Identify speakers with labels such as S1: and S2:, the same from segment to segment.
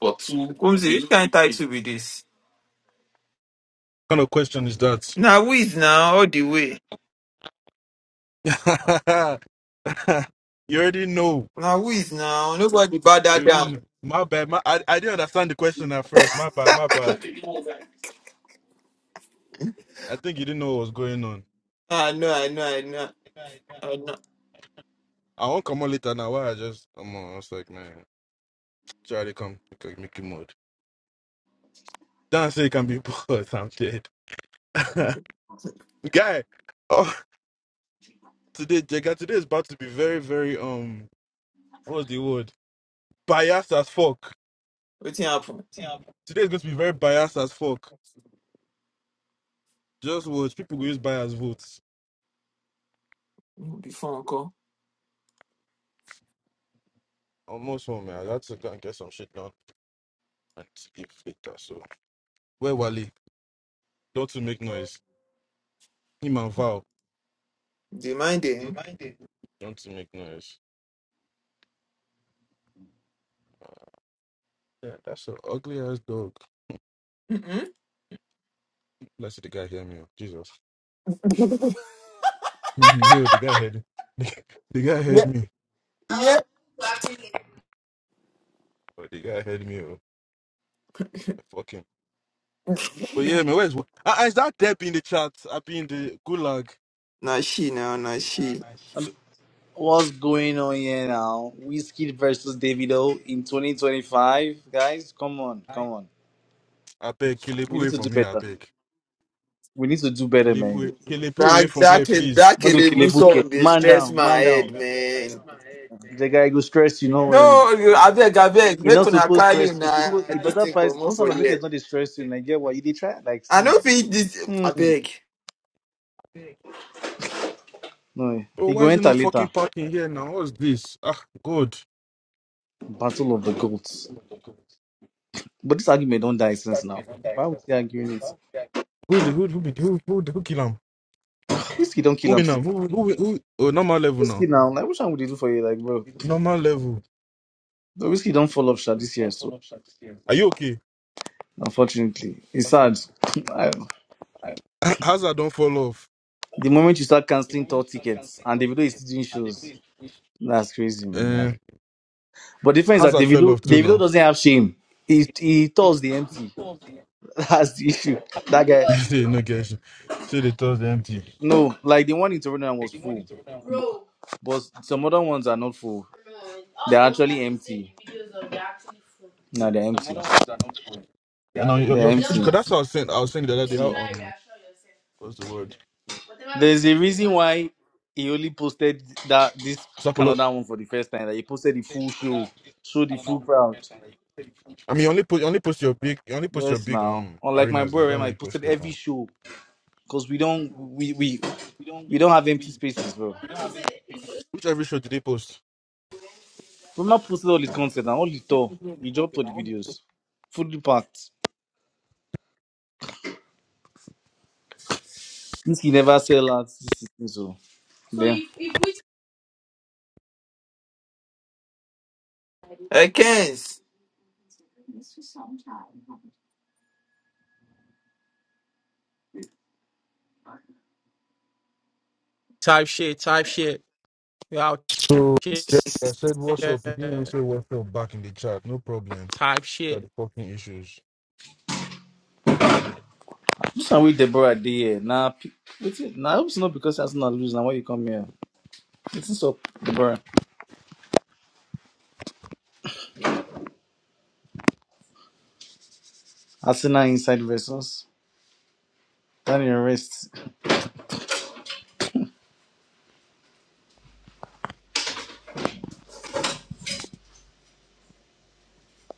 S1: But Kumzi, which kind title be this?
S2: kind of question is that?
S1: Now whiz now all the way.
S2: you already know.
S1: Now whiz now. Nobody bow
S2: You
S1: that
S2: already
S1: down.
S2: know. My bad. My, I, I didn't understand the question at first. My bad. My bad. I think you didn't know what was going on.
S1: I know, I know, I know, I know.
S2: I won't come on later now. Why I just, I'm on. I was like, man, Charlie, come. Make make it mode. Don't say you can be bored. I'm dead. Guy, oh, today, Jega, today is about to be very, very, um, what's the word? Biased as fuck.
S1: Wetin happen?
S2: Yeah. Today is going to be very biased as fuck. Just watch. People will use bias votes.
S1: Before uncle.
S2: almost home, man. I had to go and get some shit done and sleep later. So, where Wally? Don't you make noise. Him and Val.
S1: Dey mind them.
S2: Divided. Don't you make noise. Yeah, that's an ugly ass dog.
S1: Mm-mm.
S2: Let's see the guy hear me. oh. Jesus. Mhm, Yo, the guy heard the, guy
S1: Yeah,
S2: heard me.
S1: yeah.
S2: Oh, the guy heard me. Oh. Yeah, Fuck him. But yeah, man, where's uh, is that Deb in the chat? I be in the gulag.
S1: Na she now, na
S2: No,
S1: she.
S2: no, she-
S3: What's going on here now? Whiskey versus Davido in 2025, guys. Come on,
S2: I
S3: come on.
S2: I beg, Kilebu
S3: We need
S2: away
S3: to do
S2: from here. I
S3: better.
S2: beg,
S3: We need to do better, man.
S2: Kilebu, Kilebu away
S1: That
S2: from
S1: that
S2: here, please.
S1: that
S3: Not go kill a
S1: Kelebu
S3: bouquet.
S1: song dey
S3: Man
S1: stress
S3: down,
S1: my
S3: man
S1: head,
S3: down.
S1: man.
S3: The guy go stress you. No worry.
S1: No, you abeg, abeg,
S3: You
S1: make
S3: not
S1: una
S3: supposed to
S1: carry
S3: stress. You
S1: una
S3: supposed it
S1: this
S3: better
S1: thing
S3: price. No
S1: comot for
S3: sound of make is
S1: here.
S3: not dey stress you. I get what you did try. Like
S1: I
S3: see,
S1: no fit this
S3: hmm.
S1: abeg.
S3: no,
S2: Bro,
S3: he
S2: why
S3: go
S2: is there no
S3: enter
S2: fucking
S3: later.
S2: parking here now? What's this? Ah, God.
S3: Battle of the goats. But this argument don't die since now. Why would they arguing it?
S2: Who the who who be- who who, who kill him?
S3: Whiskey don't
S2: Who
S3: kill him
S2: win
S3: since.
S2: him? Who, who who Oh, normal level
S3: Whiskey
S2: now.
S3: now. Like which one would they do for you, like bro?
S2: Normal level.
S3: The whiskey don't fall off sha this year, so
S2: Are you okay?
S3: unfortunately, it's sad. I-
S2: Ha- Hazard don't fall off.
S3: the moment you start canceling tour tickets and Davido is still doing shows, that's crazy, man.
S2: Uh,
S3: Like, but the difference is that
S2: Hazard fell off
S3: Davido,
S2: too
S3: Davido
S2: now.
S3: doesn't have shame. He he tours the empty. That's the issue. That guy.
S2: Say no get you. Say they toss empty.
S3: No, like the one in Toronto was full, but some other ones are not full. They're actually empty. No, they're empty.
S2: And now your
S3: They're
S2: your
S3: empty.
S2: because that's what I was saying. I was saying the other day
S3: See.
S2: how um what's the word?
S3: There's a reason why he only posted that this
S2: Sapolo.
S3: Canada one for the first time. That he posted the full show, show the full crowd.
S2: I mean, you only post you only post your big you only post your
S3: Yes,
S2: big
S3: now
S2: um
S3: unlike my
S2: arenas now. You
S3: boy,
S2: don't
S3: Rem, I
S2: really post
S3: posted
S2: your
S3: every
S2: um.
S3: show because we don't we we we don't have empty spaces, bro.
S2: Which every show did they post?
S3: Rema posted all his content and all the tour. He dropped all the videos, fully packed. This he never sell out. This is this, so. Then
S1: I can't.
S4: Type shit, type shit. You out
S2: So
S4: shit,
S2: I said what's up. You didn't even say what's up back in the chat. No problem.
S4: type
S2: Got
S4: shit.
S2: the fucking issues.
S3: this one with Deborah dey here. Nah, pe- wetin- nah, I hope it's not because Arsenal lose. Now why you come here? It's up, Deborah. Arsenal inside versus. Stand in your rest.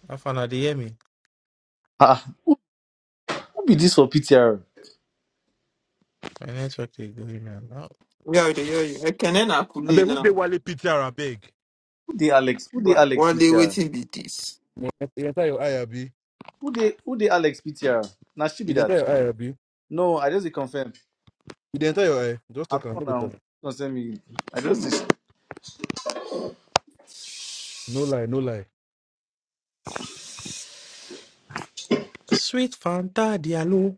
S4: I found out they hear me.
S3: Ah, who, who be this for PTR?
S4: My network they going now. No.
S1: Yeah, they hear you. I can end
S2: I
S1: Akule
S2: beg, who they
S1: now.
S2: Wale Peter? I beg.
S3: Who dey Alex? Who dey
S1: But
S3: Alex
S1: what they
S3: PTR?
S1: waiting be this?
S2: You dey enter your eye, Abi.
S3: Who dey who dey Alex PTR? Now she be
S2: You dey
S3: that.
S2: enter your eye, Abi. You
S3: No, I just dey confirm.
S2: dey enter your eye. Just
S3: I do
S2: talk am. No go tell
S3: now.
S2: am.
S3: Don't send me. I just. dey-
S2: No lie, no lie.
S4: Sweet Fanta Diallo.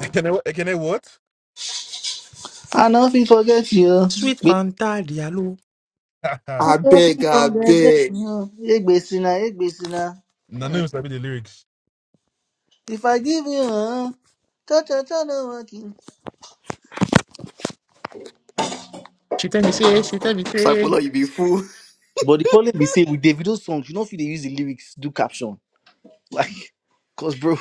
S2: Can I? Can I what?
S3: I nothing forget you.
S4: Sweet
S3: Baby,
S4: Fanta Diallo.
S2: no,
S3: I
S1: I beg,
S3: nothing
S1: I
S3: forget
S1: beg.
S3: you. Egbesina, Egbesina.
S2: no, you sabi the lyrics.
S3: If I give you, uh, cha cha cha no working.
S4: She tell me say, she tell me say.
S5: Sakula, you be fool.
S3: But the problem be say with Davido songs, you know if they use the lyrics, do caption. Like, cause bro,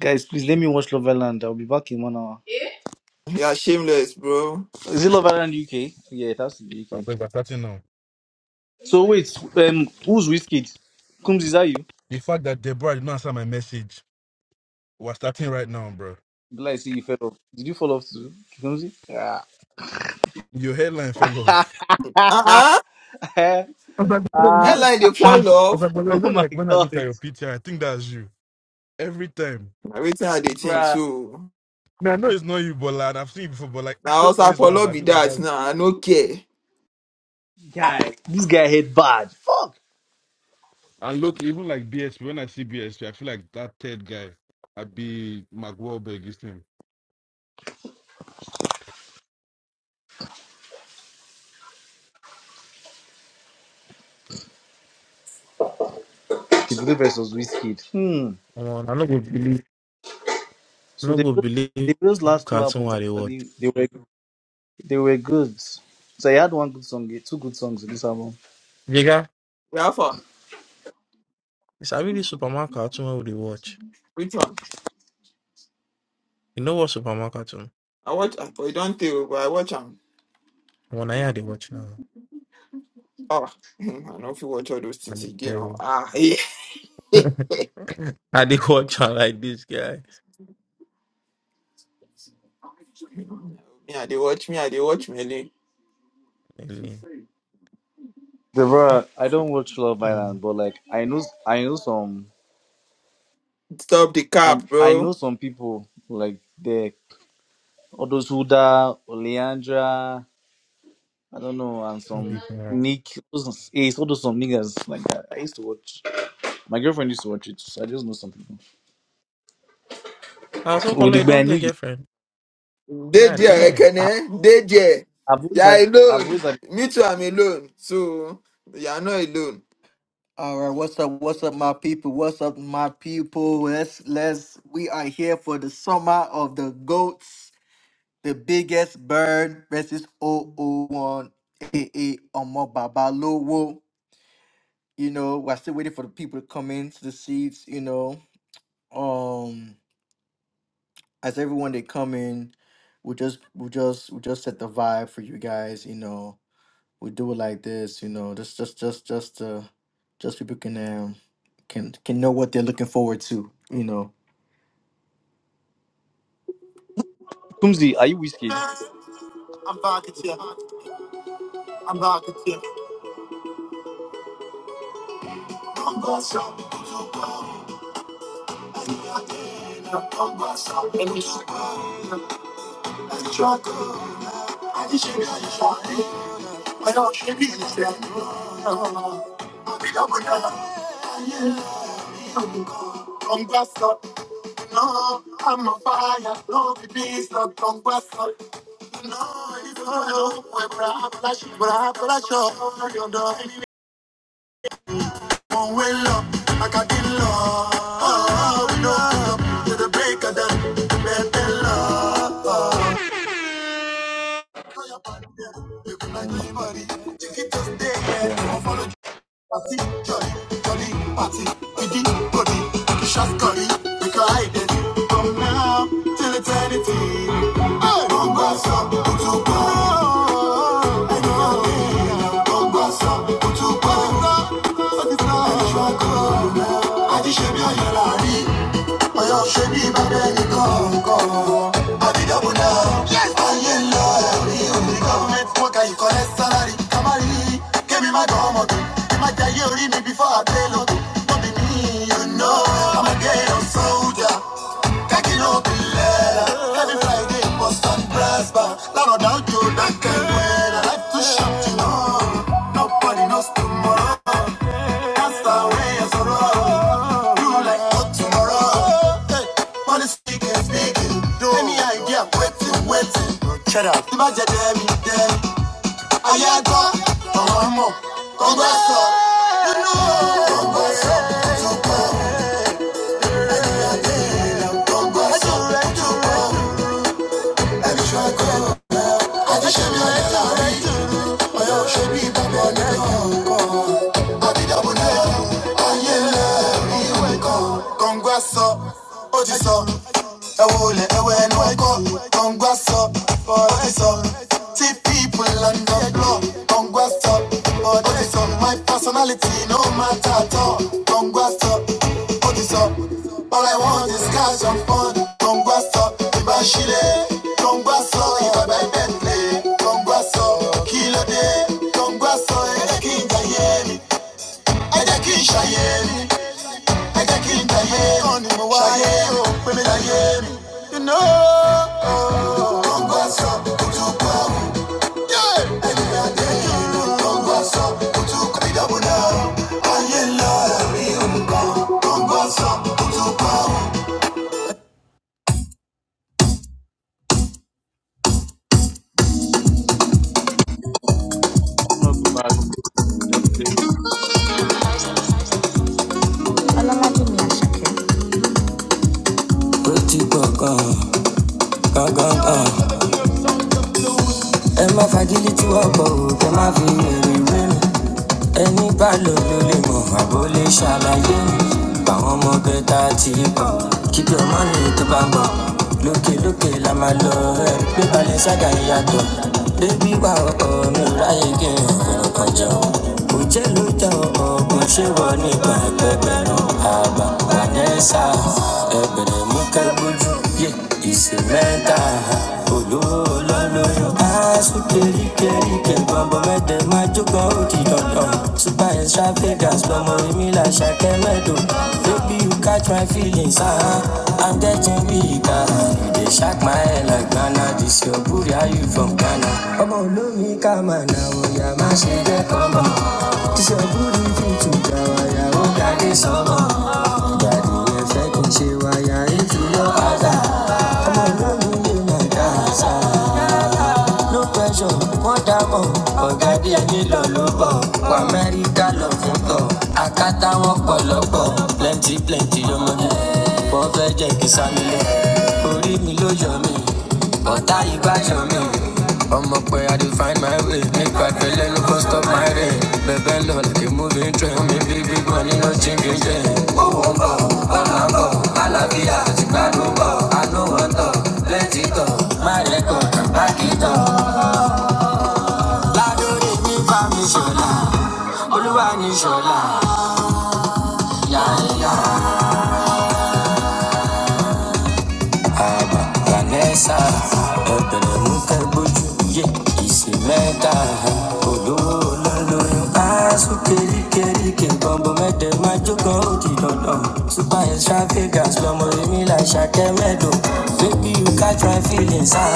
S3: guys, please let me watch Love Island. I'll be back in one hour.
S1: You are shameless, bro.
S3: Is it Love Island UK? Yeah, it has to be UK.
S2: Like, we're starting now.
S3: So wait, um, who's Whiskey? Comes is that you?
S2: The fact that Deborah did not answer my message, we're starting right now, bro.
S3: Bilal, I see you fell off. Did you fall off too, Kumsi? Yeah.
S2: Your headline fell off.
S3: ah,
S1: Uh-uh.
S2: I was like, "Brother, you
S1: Ain't
S2: know,
S1: like they
S2: you, I
S1: fall
S2: was
S1: off.
S2: like, "Brother, you
S3: oh
S2: know,
S3: my
S2: like when I look at
S3: God,
S2: your picture, I think that's you every time.
S1: I waiting how they think
S3: bruh,
S1: so.
S2: Now I know it's not you, but like, I've seen you before, but like
S1: Now
S2: I just
S1: also
S2: always laugh.
S1: Apollo
S2: I
S1: be
S2: feel like that's
S1: that now. I no care.
S3: guy, this guy hit bad. Fuck.
S2: And look, even like BSP, when I see BSP, feel like that third guy, i be Mark Wahlberg, his name.
S3: Davido versus Whiskey. Hmm.
S4: Come on, I'm not gonna believe. I'm
S3: So
S4: not
S3: the
S4: gonna believe
S3: Davido's last two
S4: cartoon
S3: albums
S4: what they watch.
S3: actually they were they were good. So he had one good song, two good songs in this album.
S4: Jega,
S1: Rafa,
S4: it's a really Superman cartoon what they watch.
S1: which one?
S4: You know what Superman cartoon?
S1: I watch I you don't tell but I watch them.
S4: When I hear they watch now.
S1: Oh I don't feel watch all those
S4: And
S1: things
S4: they
S1: again.
S4: tell
S1: oh.
S4: me.
S1: Ah yeah.
S4: I did watch her like this guy.
S1: Me, I they watch me, I they watch me.
S4: Really.
S3: The bruh, I don't watch Love Island,
S4: Come
S3: but like I know I know some.
S1: Stop the
S3: I
S1: cap,
S3: I
S1: bro.
S3: know some people like the Odos Huda, Oleandra, I don't know, and some
S4: on.
S3: Nick. Those, yeah, it's all those some niggas like that. I used to watch. My girlfriend used to watch it, so I just know some people.
S4: I also call you
S3: Odigbe, I
S4: don't
S3: know
S4: get
S3: you.
S4: girlfriend. God
S1: Deji e,
S4: damn.
S3: I,
S1: Ekene, Deji, e.
S3: I've
S1: you
S3: always
S1: are
S3: had. I've always
S1: alone.
S3: had.
S1: Me too, I'm alone. So you are not alone.
S5: All right, what's up? What's up, my people? What's up, my people? Let's let's. We are here for the summer of the goats, the biggest bird versus O O 001 AA Omo Babalowo. You know, we're still waiting for the people to come in to the seats. You know, um, as everyone they come in, we just we just we just set the vibe for you guys. You know, we do it like this, you know, just just just just uh just people can um can can know what they're looking forward to, you know.
S3: Kumzi, are you whiskey?
S5: I'm back at you. I'm back at you. i No, I'm a fire. No, the beast, no, i
S3: Come back there.
S5: Love. Party, joy, jolly, party, body, body, make it shots curry, make a hide it. From now till eternity. Hey! Bongo to kutuba. I know. Bongo to kutuba àti ṣe bí ọyọ láàrí ọyọ ṣe bí bàbá ẹni kọọkan àti dọbù náà ayé ń lọ ẹrí òní gọọmenti wọn ka ìkọlẹ sálárì kamari kébì má you know i'm a gay on soldier kaki no be every friday must on press bar lánàá dájú dákẹ́ wẹ́lá life too short you know nobody knows tomorrow. Master sorrow. You like hot tomorrow. Hey, money speaking, speaking. Any idea? Waiting, waiting. Shut up. The budget, damn, damn. Ayago, Tomo, Congrasso. You know, Congrasso, Tupo, Congrasso, Tupo. Every track, I go, I just show me a letter. I don't show me Baba, Congrats up, ó sọ. Ẹ wo lẹ̀ ẹwẹ́ ẹnu ẹ̀kọ́. Congrats up, ó ti people on the block. Congrats up, ó My personality no matter at all. Congrats All I want is cash and fun. Congrats up, ìbá ṣílẹ̀. Congrats up, ìbá bẹ́ẹ̀ bẹ́ẹ̀ lé. Congrats up, kí dé? Congrats up, ẹ̀jẹ̀ kí n jẹ yé ẹ jẹ́ kí n ṣàyè mi ẹ jẹ́ kí ní mo o pé mi láyé mi. You know, Ọgbà sọ kutu kọ ọ̀hún. Ẹni adé ìlú ọgbà sọ kutu kọ ìdààmú
S3: Not too bad. Just say.
S5: Pretty Gaga, Gaga, ẹ má fagilítì ọkọ̀ o kẹ má fi èrè rẹ́nu ẹni bá lò ló lè mọ̀ àbó lè ṣàlàyé ni báwọn ọmọ ìyàtọ̀ bébí wà ọkọ̀ bamba. n bo loke loke la maa lo e gbe bale saga iyato bebi wa oko mi o raye ki n àbá vanessa ẹ̀bẹ̀rẹ̀ mukabuju kẹ́ bójú yé ìsèmẹ́ta olówó lọ́lọ́yọ̀. Asu keri keri ken bambo mede maju ko uti dondon Super and sharp figures bambo imi la shake medo Baby you catch my feelings ah I'm getting weaker You dey shake my head like Ghana This your booty are you from Ghana Omo olumi kama na oya ma se je kombo This your booty fit to jawa ya o gade somo Daddy ye fe kin se wa ya itu yo ada Omo olumi le na dasa no pressure wọ́n dàmọ̀ ọ̀gá díẹ̀ nílò ló bọ̀ wọ amẹ́ríkà lọ fún tọ̀ àkátá wọn pọ̀ lọ́pọ̀ plenty plenty lọ́mọdé wọ́n fẹ́ jẹ́ kí sami lọ orí mi ló yọ mí ọ̀tá ìbájọ́ mi ọmọ pé i dey find my way nípa ìpele no go stop my rain bẹ̀bẹ̀ lọ like a moving train mi bí big money no changing jẹ́ owó ń bọ̀ ọ̀nà ń bọ̀ àlàáfíà àti gbàdúrà bọ̀ àánú wọn tọ̀ plenty tọ̀. Márẹ̀kọ̀ Lákìtọ̀. Ládòrè ní Fámi Ṣọlá. Olúwa ní Ṣọlá. Yàyà. Àbà Vanessa. Ẹ̀bẹ̀rẹ̀ mú kẹ́gbójú Ìsì mẹ́ta. Olówó olólóyún. Aṣọ kéríkéríkè bọ̀m̀bọ̀ mẹ́tẹ̀ máa jókòó ó di dandan. Super extravagance lọmọ èmi là ṣàkẹ́ mẹ́dọ̀. Baby you catch my feelings. ah,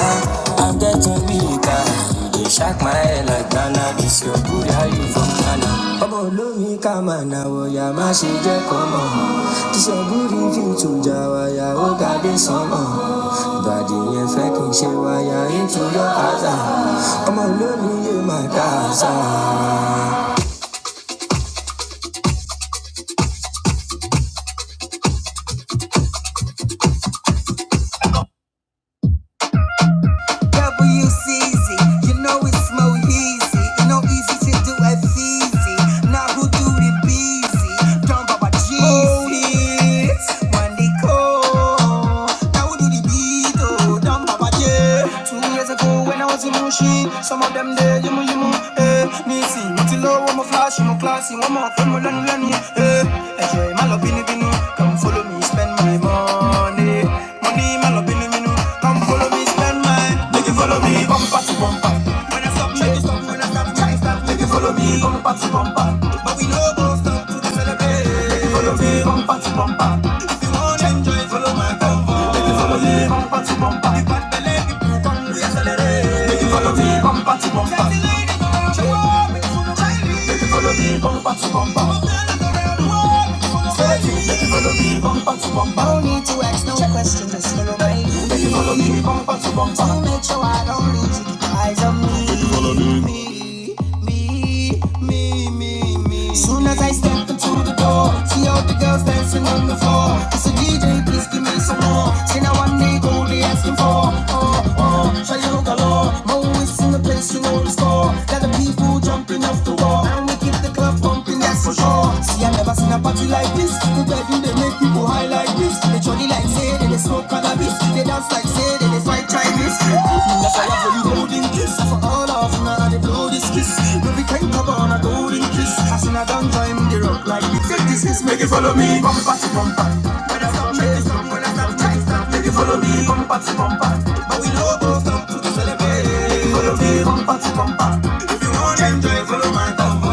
S5: I'm getting weaker. you dey shock my head like Ghana. This your good, how you from Ghana? Ọmọ olómi ká máa na wọ̀yà má ṣe jẹ́ kọ́mọ̀. This your good if you tún jà wáyà ó ga dé sánmọ̀. Ìbàdí yẹn fẹ́ kí n ṣe wáyà into your house. ah. Ọmọ olómi yé my dá WCZ, you know it's Mo Easy. You know easy to do as easy. Now who do the busy? Done by my Jesus. When they call, now who do the beat? Oh, done by my J. Two years ago when I was in Mushi, some of them there, you know, you know, eh. Nisi, Mutilo, one more flash, one more classy, one more from Lanu Lanu, eh. Enjoy my love, bini bini, come for follow me, spend my money. Money, man, up in the minute. Come follow me, spend mine. Make you follow me, bumper to bumper. When I stop, make you stop. When I stop, try stop. Make you follow me, bumper to bumper. But we no go stop to celebrate. Make you follow me, bumper to bumper. If you want to enjoy, follow my convoy. Make you follow me, bumper to bumper. If bad belly, people come, we accelerate. Make you follow me, bumper to bumper. Sexy lady, show up. Make you follow me bumper to bumper. Say it, make you follow me bumper to bumper. No need to ask no questions, just follow my Make you follow me bumper to bumper. To make sure I don't lose you, keep your eyes on me. Make you follow me. Me, me, me, me, Soon as I step into the door, see all the girls dancing on the floor. I said, DJ, please give me some more. Say now one day only asking for. Trial galore, always in the place, you know the score. Got the people jumping off the wall, and we keep the club pumping, that's for sure. See, I never seen a party like this. The bedroom they make people high like this. They jolly like say they, smoke cannabis. They dance like say they, they fight Chinese. That's why I love you holding kiss. For all of them, now they blow this kiss. But we can't cover on a golden kiss. I seen a down time they rock like this. Take this kiss, make it follow me. Bumper to bumper,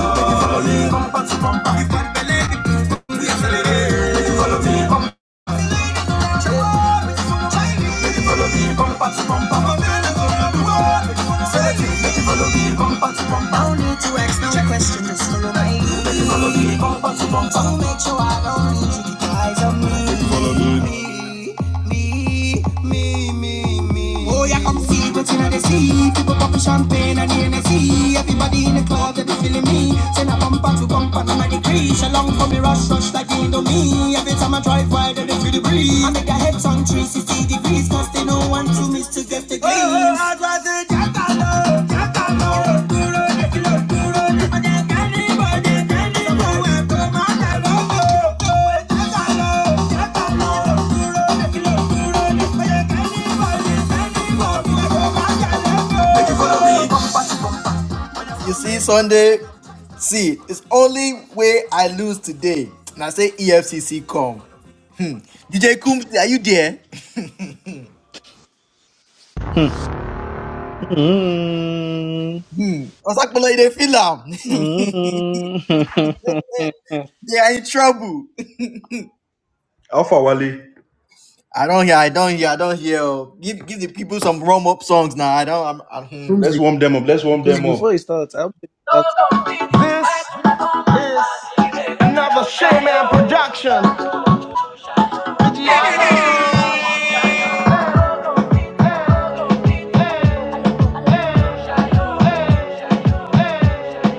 S5: make it follow me. Bumper to bumper, make it follow me. I don't need to ask no questions, just follow me, lead. So make sure I don't need you guys on me. Me, me, me, me. Oh, yeah, come see what's in the sea. People pop champagne and Hennessy. Everybody in the club, they be feeling me. Send a bumper to bumper, and I shall long for me rush, rush. I'ma try fight and it's the I make a head on 360 degrees, cause they don't want to miss to get the green. Oh, I'd rather jackalope, jackalope, duro, jackalo, duro, jackalo, cannibal, the cannibal, and come on, I love you. Oh, jackalope, jackalope, duro, jackalo, duro, jackalo, cannibal, the cannibal, and come on, I love you. follow me, you see, Sunday, see, it's only way I lose today. And I say EFCC come. Hmm. DJ Coombs, are you there?
S3: Mm,
S5: Hmm. Osakpolo, they feel am.
S3: mm.
S5: they are in trouble.
S2: Alpha Wally,
S5: I don't hear. I don't hear. I don't hear. oh. Give give the people some warm up songs now. I don't. I'm. I'm hmm.
S2: let's
S3: Kumzi,
S2: warm them up. Let's warm
S3: because
S2: them up.
S3: before it starts, I hope you start
S2: Never say me.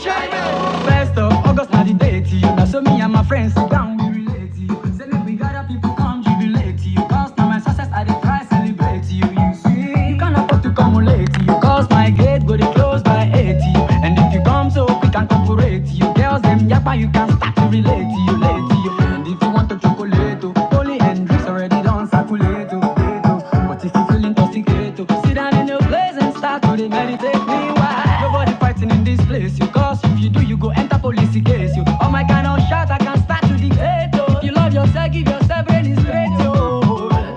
S2: First of August, na the date. You know, so me and my friends sit down, we relate to you. Say make we gather people come jubilate to you. Cause now my success, I dey try celebrate to you. You see, you can't afford to come late to you. Cause my gate go dey close by 80. And if you come so quick and corporate to you, girls them yappa, you can start to relate to you, late to you. And if you want to chocolate, oh, Holy Hendrix already done balança com o dedo, dedo. What if you feeling instigated? Sit down in your place and start to meditate. Meanwhile, nobody fighting in this place. You cause if you do, you go enter police case. You oh my kind of shot, I can start to dictate. Oh, you love yourself, give yourself brain is great. Oh,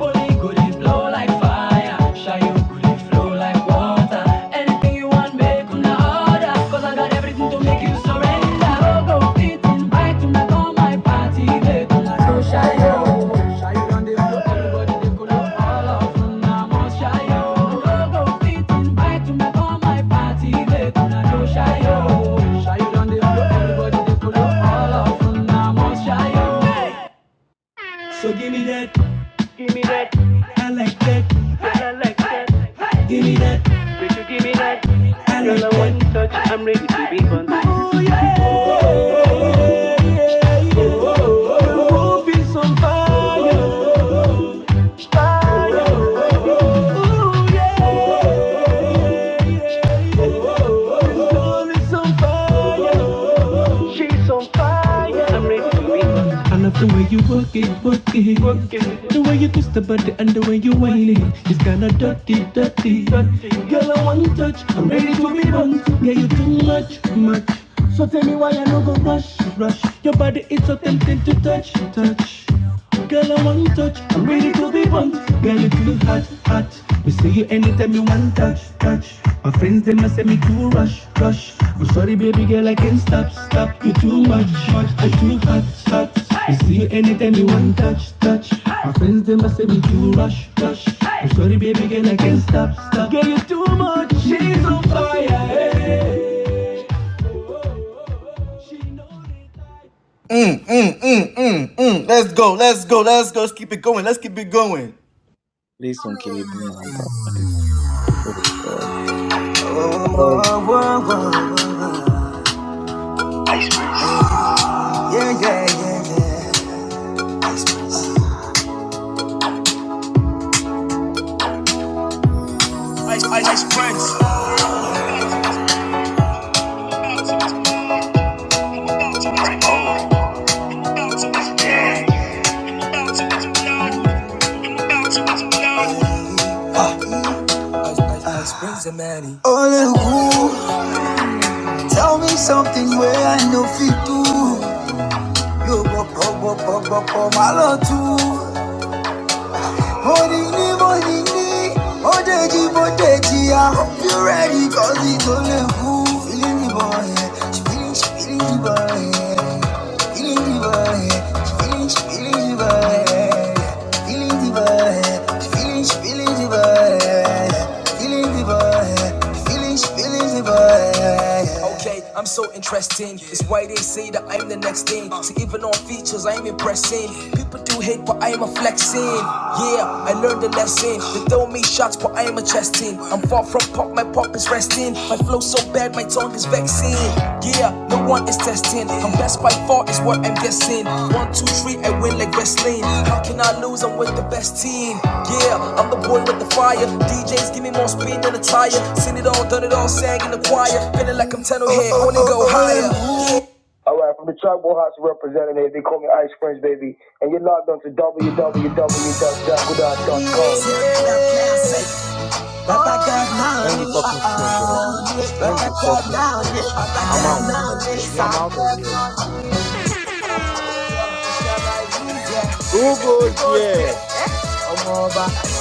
S2: Holy go dey blow like fire, shy you go dey flow like water. Anything you want, make Feel some fire. She's on fire. I'm ready to be work it, work it, work it. The way you twist the body and the way you whine it, it's kinda dirty, dirty, dirty. Girl, I wanna touch, I'm ready to be bumped. Yeah, you too much, much. So tell me why I no go rush, rush. Your body is so tempting to touch, touch. Girl, I wanna touch, I'm ready to be bumped. Girl, you too hot, hot touch. We see you anytime you want touch, touch. My friends they must say me too rush, rush. I'm sorry, baby girl, I can't stop, stop. You too much, much. I too hot, hot. We see you anytime you want touch, touch. My friends they must say me too rush, rush. I'm sorry, baby girl, I can't stop, stop. Girl, you too much. She's on fire. Hey.
S5: Mm, mm, mm, mm, mm. Let's go. Let's go. Let's go. Let's keep it going. Let's keep it going.
S3: play some Kelebu now, bro. Oh God, God!
S5: Ice, ice, ice, friends. Ọ̀pọ̀ máa lọ tú. Orini, Molini, Odeji, Bodeji. I hope you're ready, cause it's only who feeling the boy. yeah. She feeling, she feeling the boy. yeah. Feeling the boy. yeah. She feeling, she feeling the boy. yeah. Feeling the boy. yeah. She feeling, she feeling the boy. yeah. Feeling the boy. yeah. She feeling, she feeling the boy. yeah. Okay, I'm so interesting. It's why they say that I'm the next thing. See, even on features, I'm impressing. people. People do hate, but I am a flexing. Yeah, I learned a lesson. They throw me shots, but I am a chesting. I'm far from pop, my pop is resting. My flow so bad, my tongue is vexing. Yeah, no one is testing. I'm best by far, is what I'm guessing. One, two, three, I win like wrestling. How can I lose? I'm with the best team. Yeah, I'm the boy with the fire. DJs give me more spin than a tire. Seen it all, done it all, sang in the choir. Feeling like I'm 10 head, wanna go higher. All right, from the Tribal House representative, they call me Ice Prince, baby. And you're logged on to www.jackwoodhouse.com. Jesus,
S4: End the fucking stream, bro. End the fucking stream. I'm out. I'm
S5: I'm
S4: out of here.
S5: Hallelujah.
S4: Who
S5: You
S4: goes
S5: go
S4: there?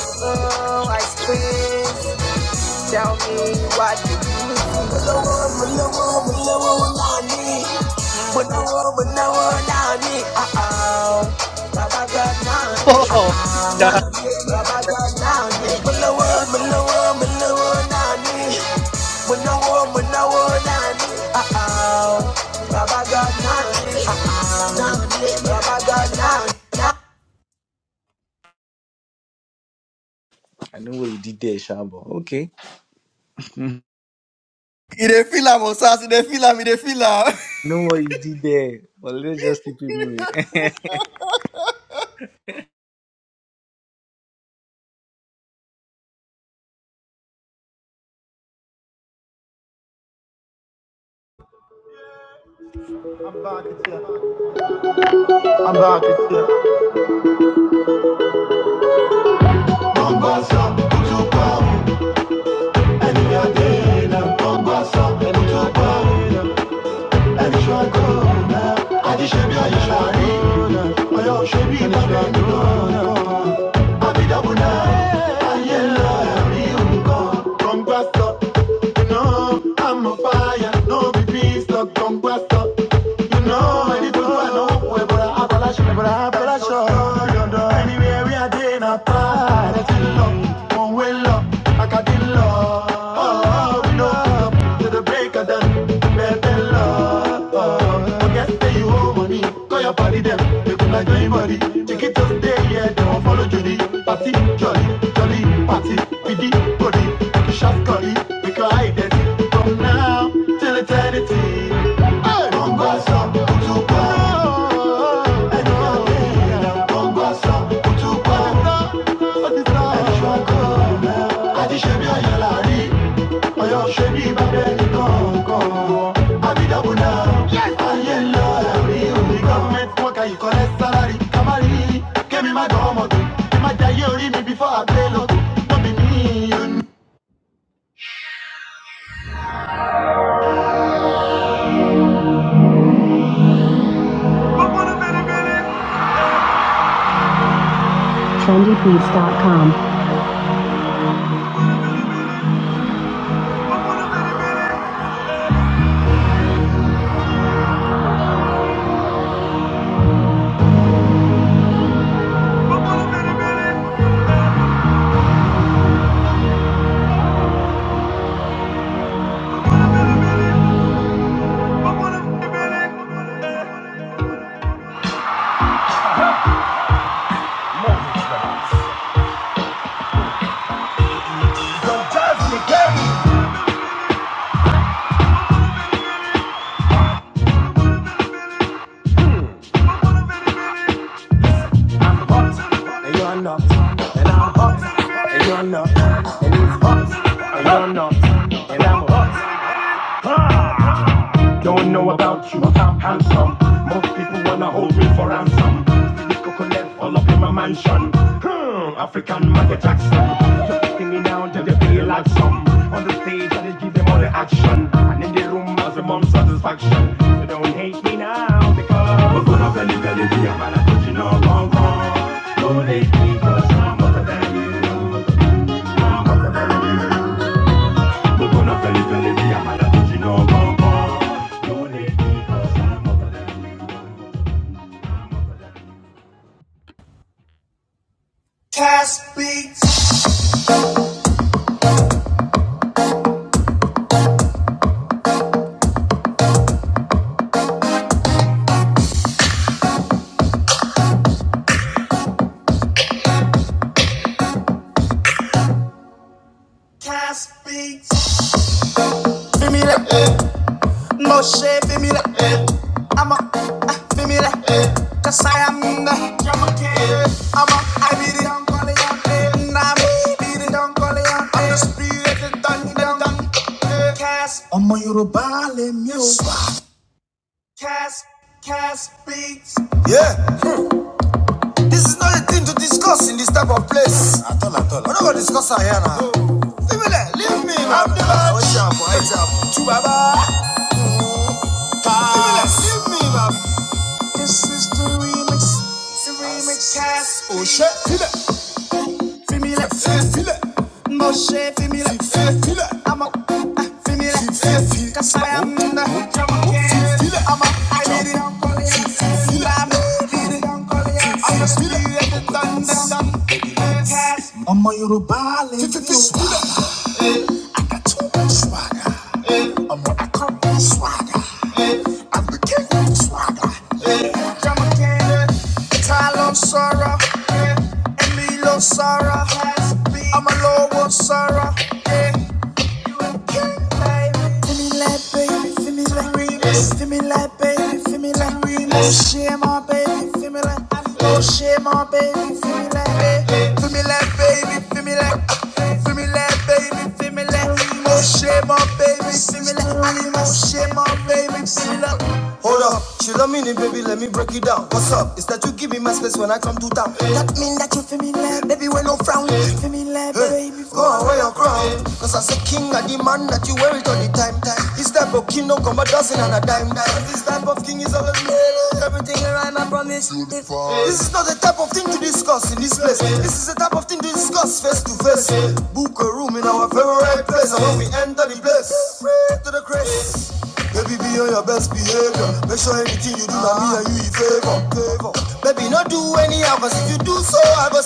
S5: Oh, Tell me what do you see? Manawa, manawa, manawa, nani?
S6: mm
S5: Manawa, manawa, nani? Uh-oh. Babaga, nani?
S3: Oh,
S5: Uh-oh.
S3: yeah.
S5: Nani, babaga, nani? Manawa, manawa, manawa, nani? Manawa, manawa, nani? Uh-oh. Babaga, nani? Uh-oh. Nani, babaga, nani?
S3: I know what you did there, Shambo. Okay,
S5: You dey feel am, Osas. You dey feel am. You dey feel am.
S3: I know what you did there. But let's just keep it moving.
S2: Bombasa, Mutupa, and the Adela, Bombasa, Mutupa, Party, love, one way love, I got in love, oh, we love to the break of dawn. Better love. Forget that you owe money. Call your party, them. They come like anybody. Take it to day yeah. They won't follow Judy. Party, jolly, jolly, party. with the body. make a shot, golly. We can hide it from now till eternity. Hey, Bongo, so, Utubo. Hey, no. Trendybeats.com. Test
S5: Cash beats. Cash beats. Feel me that, eh. Moshe, feel me that, eh. I'm a, ah, feel me that, eh. Cause I am the, I'm ai be the young calling on me. I be the young calling on me. I'm the spirit that done, done, done, eh. Cast on you, Yeah, this is not a thing to discuss in this type of place. We're not gonna discuss it here now. Leave me there, leave me, I'm the man. Watch out, watch out. To Baba. Pass. Leave me, man. Serene cast. Oh shit. feel that, Femile, femile, femile, femile. I'm a femile, femile. Cause I am the femile. I'm a femile. I'm a femile. I'm the spirit of the thunder. Swagger, swagger, swagger. It's all on sorrow. Emilio Sara. I'm a low one, Sara. Hold up, chill a minute, baby, let me break it down. What's up? Is that you give me my space when I come to town? That mean that you feel me, like, baby, when no frown. Feel me, like, baby, go away, I'm crying. Cause as a king and the man that you wear it all the time, time. This type of king don't come a dozen and a dime, dime. This type of king is always real. Everything around rhyme, I promise. This is not the type of thing to discuss in this place. This is the type of thing to discuss face to face. Book a room in our favorite place, and when we enter the place, pray to the grace. You're your best behavior. Betting you do that me and you in favor. Oh, I go say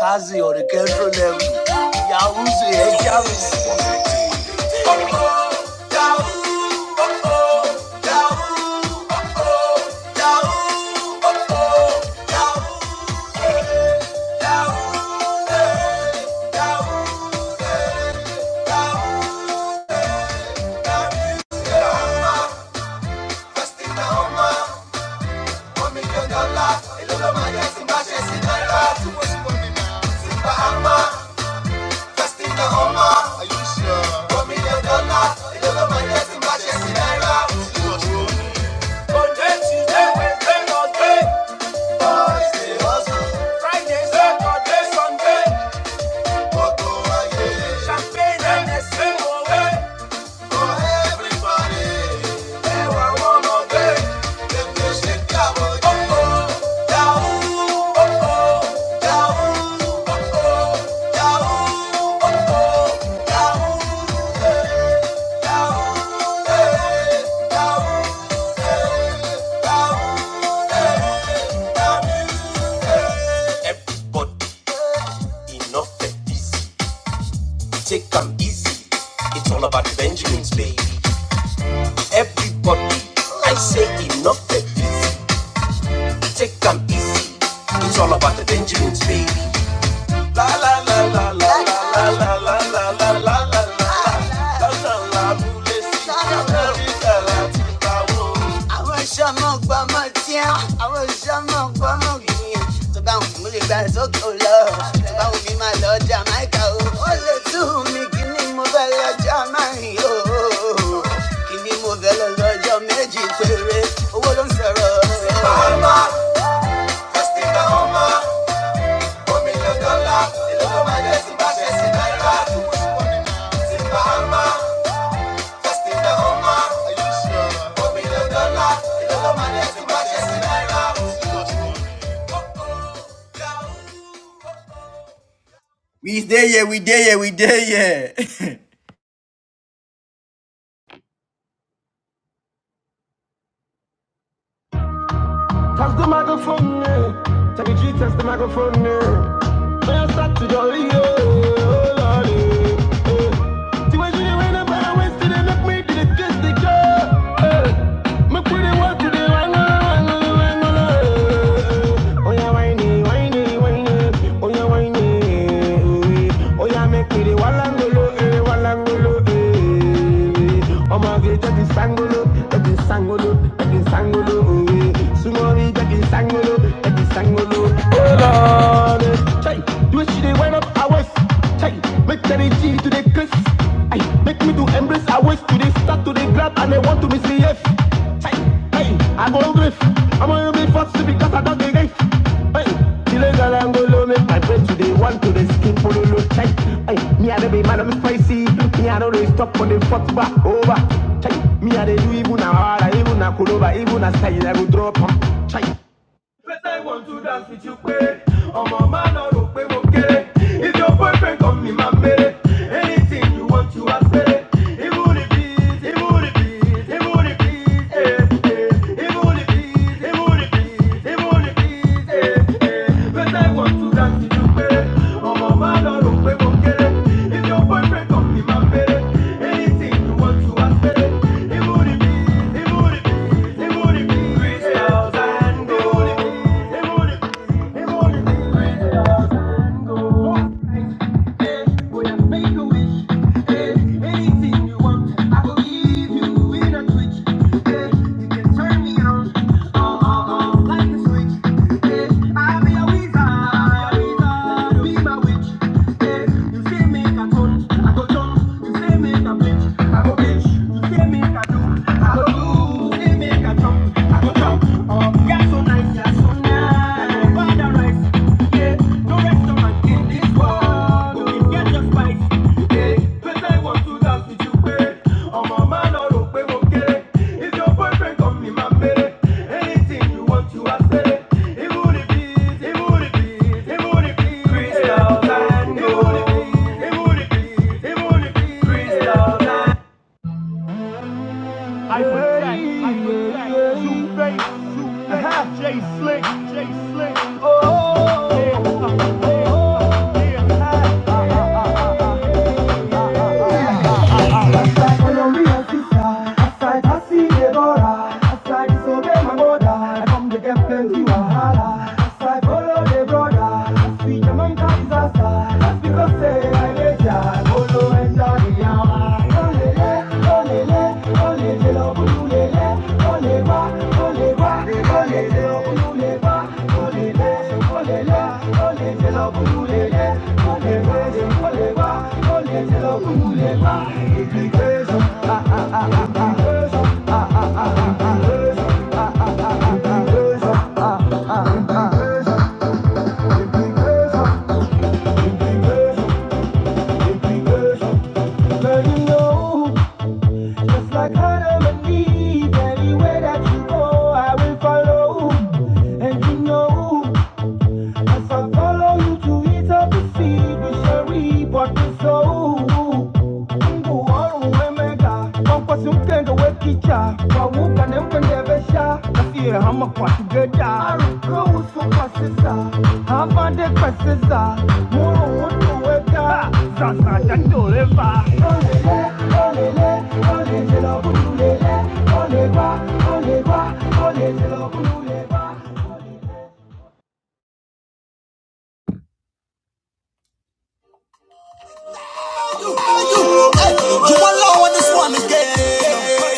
S5: Kazi on the control level. Yahoo's here, Javis. Yahoo! Festina Oma, Omi Kandola, Elolo Maya, Simba, Shesi, Naira, Tuwo, Sibo, Mimi, Bahama. sí everybody? enough and easy, take am easy, it's all about Benjamins baby. Everybody, I say enough of this. take am easy, it's all about the Benjamins baby. La la la la la la la la la la la la la la. Lọ́sàn-án lábúlé sí Amẹ́ríkà láti bá wò. Àwọn iṣẹ́ ọmọ ọgbà ọmọ tí á. Àwọn iṣẹ́ ọmọ ọgbà Tó bá wù mí lè gba ìsókè bá wù mí máa lọ Jamaica o. Ó lè tú mi kí ni mo fẹ́ lọ Jamaica o. Kí ni mo fẹ́ lọ lọ́jọ́ méjì Owó ló ń sọ̀rọ̀. Ṣé bá Ọmọ, Fẹ́sítì bá ọmọ sí sí We there, yeah, we there, yeah, we there, yeah.
S2: the microphone, yeah. Take a G, test the microphone, yeah. When I start to jolly, yeah. oh, Lordy. See when she did rain, I better wasted it. Look me, did it kiss the girl. Me put the work to the wango, wango, wango. Oh yeah, whiny, whiny, whiny. Oh yeah, whiny. Oh yeah, make me the walangolo, eh, walangolo, eh. Oh my God, that is sangolo, that is sangolo, that is sangolo, eh. Sumori, that is sangolo, that is sangolo. Oh Lord, chai, do she the wind up hours, chai, make the G to the kiss, ay, make me do I waist to the start to the grab and they want to misbehave. Hey, hey, I go grave. I'm on the big gate. Hey, the legal angolo make my bread to the one to the skin pololo check. Hey, hey, me and the big man I'm spicy. Me and always stop for the fourth back over. Check. Me and they do even a hard, even a coloba, even a style I go drop Check. Better I want to dance with you, babe. I'm a man or if your boyfriend come in my belly, anything you want to ask me. It would be, it would be. Anything yeah. No restaurant in this world. can get just I protect, I protect. Two face, two face. J slick, J slick. Oh, yeah, uh, yeah, yeah. Aside for your real sister, aside I see Deborah, aside disobey my mother, I come to get plenty wahala. Aside follow Hey, brother, see Jamaica is a star. That's because say I lay down, follow and die the hour. Olele, olele, olele, love ululele. Olewa, olewa, olele, love ululewa. Olele, olele, olele, love ululele. Olewe, olewa, olele, love ululewa. Implication, implication, implication, implication. Let you know. Just like Hannah and Eve, anywhere that you go, I will follow. And you know if I follow you to eat up the seed, we shall reap what we sow. Mungu wauwemega kwakwasi mtende wekicha kwawuka nemkendevesha kasiye hama kwatugeda arukuusu kwasisa havande kwasisa muru wutuweka sasa tandoleva olele olele olejela bululele oleba oleba olejela bululeba
S5: You alone on this one is gay.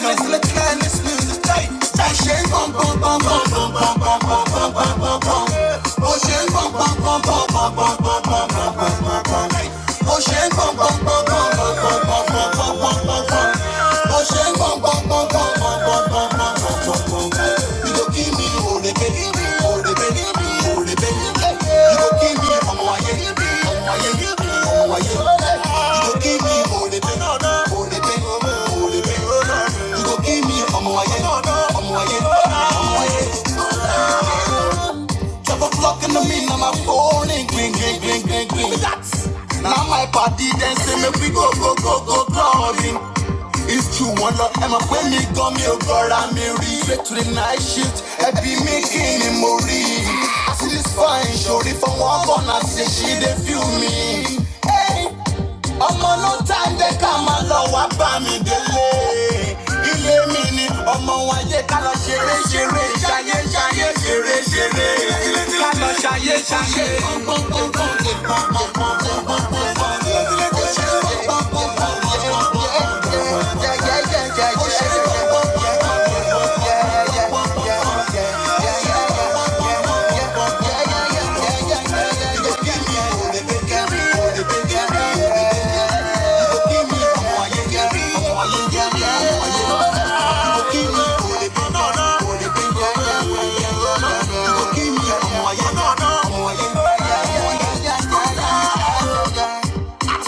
S5: Give me, I'm Twelve o'clock in the middle of my phone, ring, ring, ring, ring, ring, ring. That's now my party dancing, make we go, go, go, go, clubbing. It's true, one love, Emma, when me go, me oh God, I'm me read. Straight to the night shift, I be making him read. I see this fine shorty from one corner, say she dey feel me. Hey, I'm on no time, they come along, I buy me delay ayé mi ni ọmọ ayé ká lọ ṣeré ṣeré ṣayé ṣayé ṣeré ṣeré ká lọ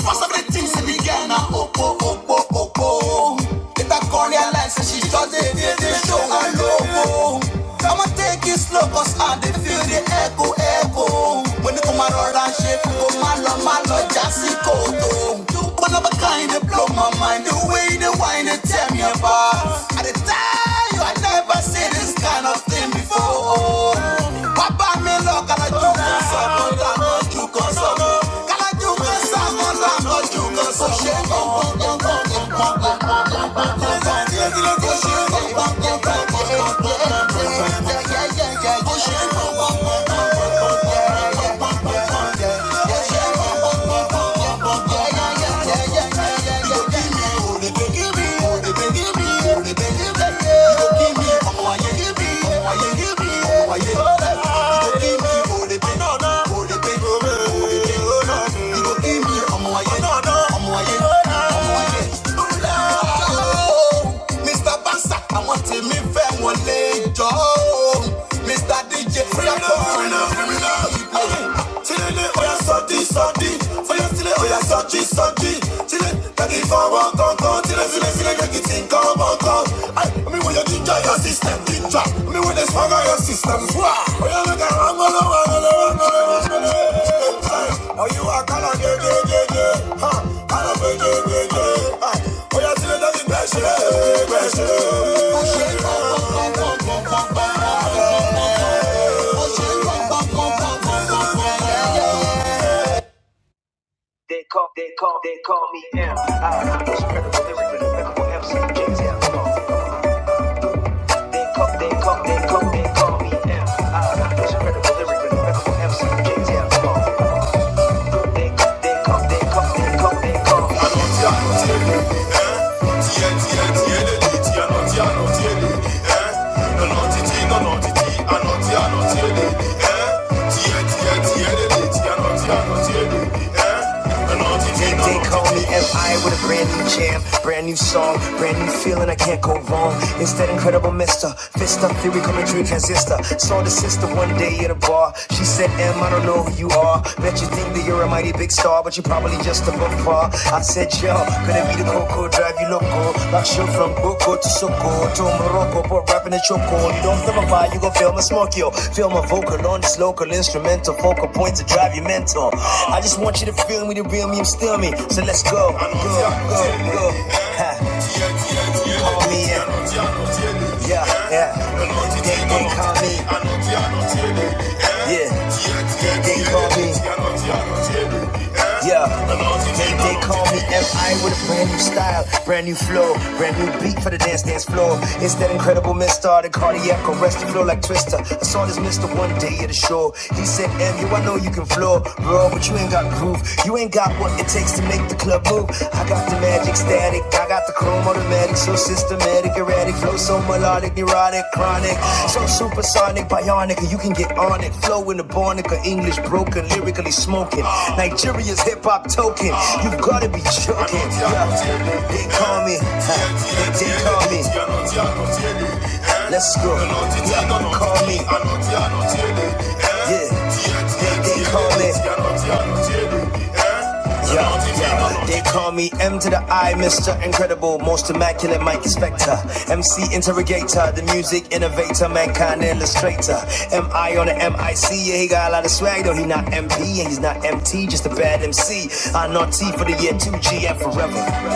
S5: For some of the things that began, I hope, oh, oh, oh, oh, oh. Later come realize that she does it feel the show alone. I'ma take it slow, cause I dey feel the echo, echo. When you come around and shake, go malo, malo, jassy, koto. You one of a kind, they blow my mind. The way they whine, they tear me apart. At the time, you I never seen this kind of thing before. Papa, me look, and I like you. so. They call, they call, they call me M. I was credible, lyrical, lyrical MC, James L. They call, they call, they call, they call me M. I was credible, lyrical, lyrical MC, James L. They call, they call, they call, they call, they call me. They, they call me M. M. jam. Brand new song, brand new feeling, I can't go wrong. It's that incredible Fist up theory coming through transistor. Saw the sister one day at a bar. She said, Em, I don't know who you are. Bet you think that you're a mighty big star, but you're probably just a book I said, Yo, could it be the Coco drive you loco? Like show from Boko to Soko to Morocco, but rapping a choco. You don't feel my vibe, you gon' feel my smoke, yo. Feel my vocal on this local instrumental, focal point to drive you mental. I just want you to feel me, to real me, and steal me. So let's go, go, go, go. Ha, Call me in. Yeah, yeah. They, they call me, yeah. They call me, yeah. They, they call me MI with a brand new style, brand new flow, brand new beat for the dance dance floor. It's that incredible mister, the cardiac arrest you flow like Twister. I saw this mister one day at the show. He said, M, you, I know you can flow, bro, but you ain't got groove. You ain't got what it takes to make the club move. I got the mad Ecstatic, I got the chrome automatic, so systematic, erratic, flow so melodic, neurotic, chronic, so supersonic, bionic, you can get on it. Flow in the Barnica, English broken, lyrically smoking. Nigeria's hip hop token, you've gotta be joking. Yeah, They call me, huh, they did call me, let's go. Yeah, call me, yeah, they did call me, Yo, yo, they call me M to the I, Mr. Incredible, most immaculate Mike Spector, MC Interrogator, the music innovator, mankind illustrator. MI on the MIC, yeah, he got a lot of swag, though he not MP and he's not MT, just a bad MC. I know T for the year 2G and forever.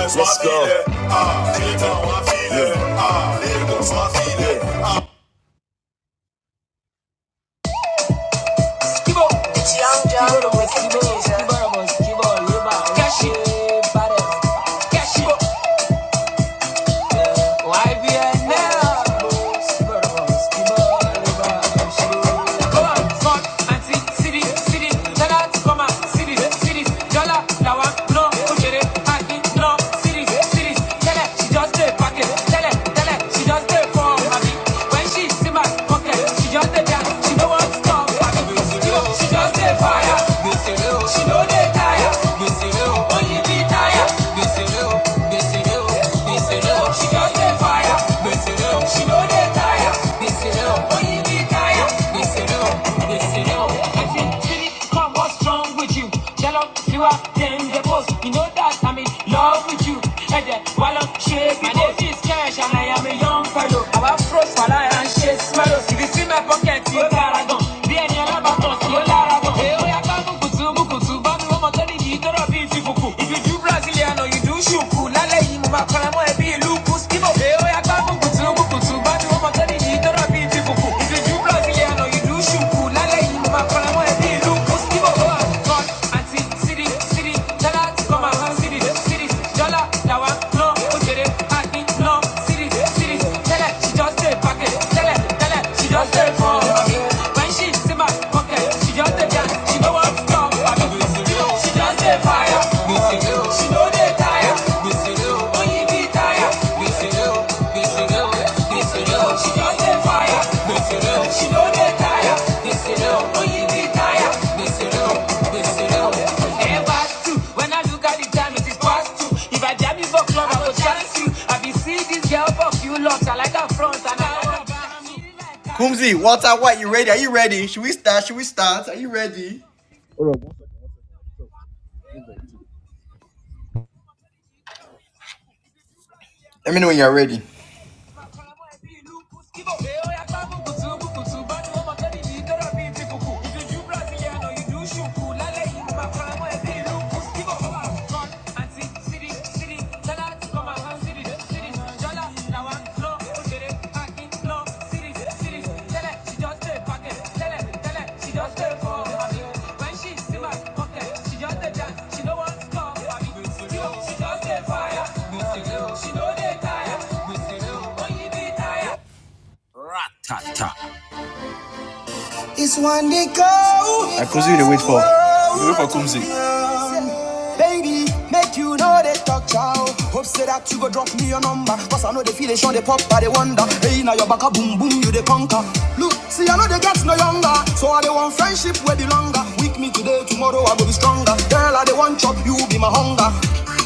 S5: Let's go. YBN now. She just dey fire, she no dey tire. This is love. If you do Brazilian or you do shuku, lálẹ́ yìí mo máa kọ́ra mọ́ ẹbí ìlú Kúsíbò. Èèyàn ó yá gbá bùkùtù bùkùtù bá Bado mama tani jitara biti buku. Ibe jubla viyano no. no. she just dey pack she just dey for me. When she see my pocket she no no Kumzi, Walter White, you ready? Are you ready? Should we start? Should we start? Are you ready? Let me know when you're ready. Come and City, city, tell her to come and hand city, city, jala, now I'm it's one day go. go. Baby, make you know they talk chow. Hope say that you go drop me your number. Cause I know they feel they show they pop, but they wonder. Hey, now your back a boom boom, you they conquer. Look, see, I know they get no younger. So I they want friendship where be longer. Weak me today, tomorrow I go be stronger. Girl, I they want chop, you be my hunger.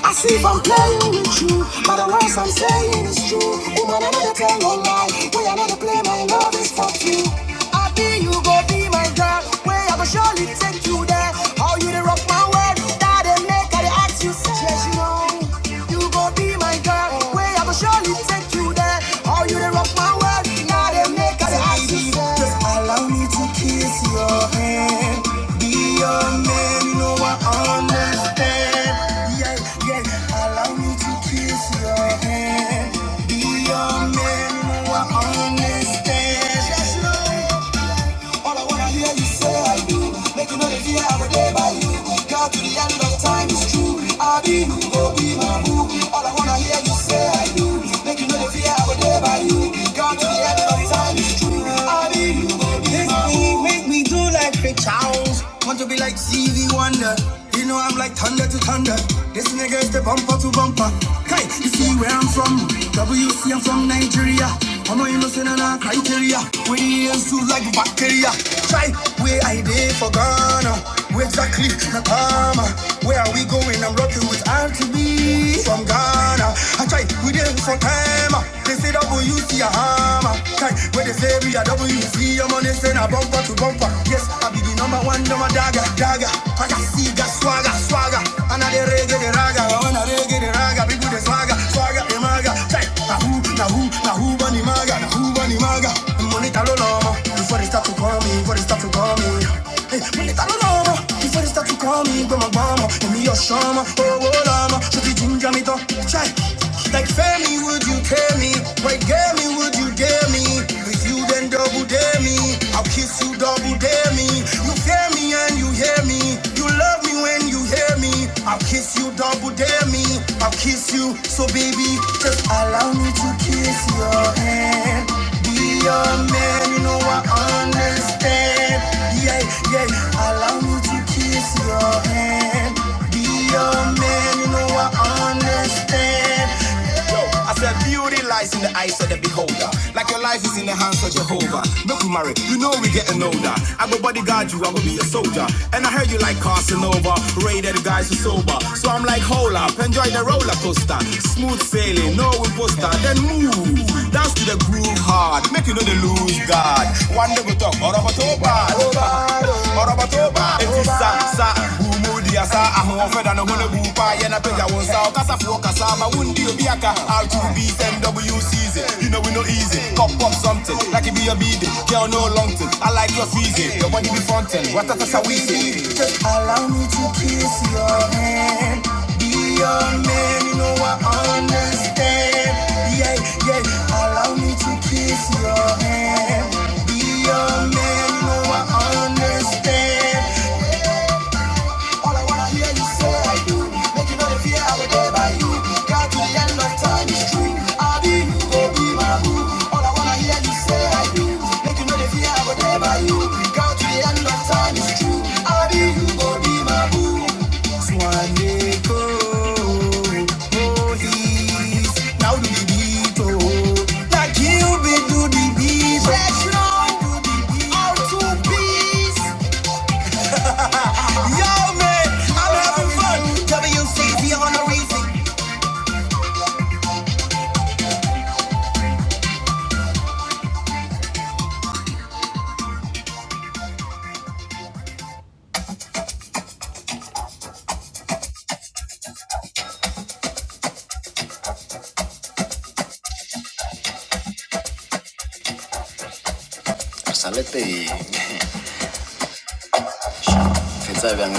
S5: I see if I'm playing with you, but the words I'm saying is true. Woman, I know they tell no lie. Way I know they play, my love is for you. I be you go be my girl. Way I go surely take you there. How you they rock my world? That they make I they ask you. say. Yes, you know. You go be my girl. Way I go surely take you there. How you they rock my world? Now they make I they ask you. say. He make me do like Ray Charles. Want to be like Stevie Wonder. You know I'm like thunder to thunder. This nigga is the bumper to bumper. Hey, you see where I'm from? WC, I'm from Nigeria. I'm not innocent on our criteria. We ain't so like bacteria. Try where I did for Ghana. Where exactly Nakama? Where are we going? I'm rocking with R to be from Ghana. I try Kai, we dey with some hammer. They say WC a hammer. Kai, where they say we a WC, your money send a bumper to bumper. Yes, I be the number one, number dagger, dagger. I got see, got swagger, swagger. And I reggae the raga, and I reggae the raga. People the swagger, swagger the maga. Kai, na who, na who, na who bunny maga, na who bunny maga. Money talo lomo, before they start to call me, before they start to call me mi tá no lama. Before they start to call me Goma Goma, and me your shama, oh oh lama. Should be ginger me though, chai. Like Femi, would you care me? Wait, get me, would you dare me? With you then double dare me. I'll kiss you double dare me. You fear me and you hear me. You love me when you hear me. I'll kiss you double dare me. I'll kiss you, so baby, Allow me to kiss your hand. Be your man, you know I understand. Yeah, yeah. Allow me to kiss your hand. Be your man, you know I understand. Yo, I said beauty lies in the eyes of the beholder. Like your life is in the hands of Jehovah. Make we marry, you know we getting older. I go bodyguard you, I will be your soldier. And I heard you like Casanova, rated guys who sober. So I'm like, hold up, enjoy the roller coaster. Smooth sailing, no imposter, then move. Dance to the groove hard, make you know the lose guard. One day we talk, Oroba Toba, Oroba Toba, Oroba Toba, Oroba Toba, Wudi asa ahun ofe da no gole bupa ye na peja won sa kasa fu kasa ma wundi obi aka all to be ten WCZ you know we no easy cup up something like it be your bid girl no long thing I like your feezy your body be fountain what that is a weezy and that's all is true I be you go be my boo Swaneko oh he's now do the beat oh like you be do the beat fresh on do the beat all two beats. Salete y faites avec un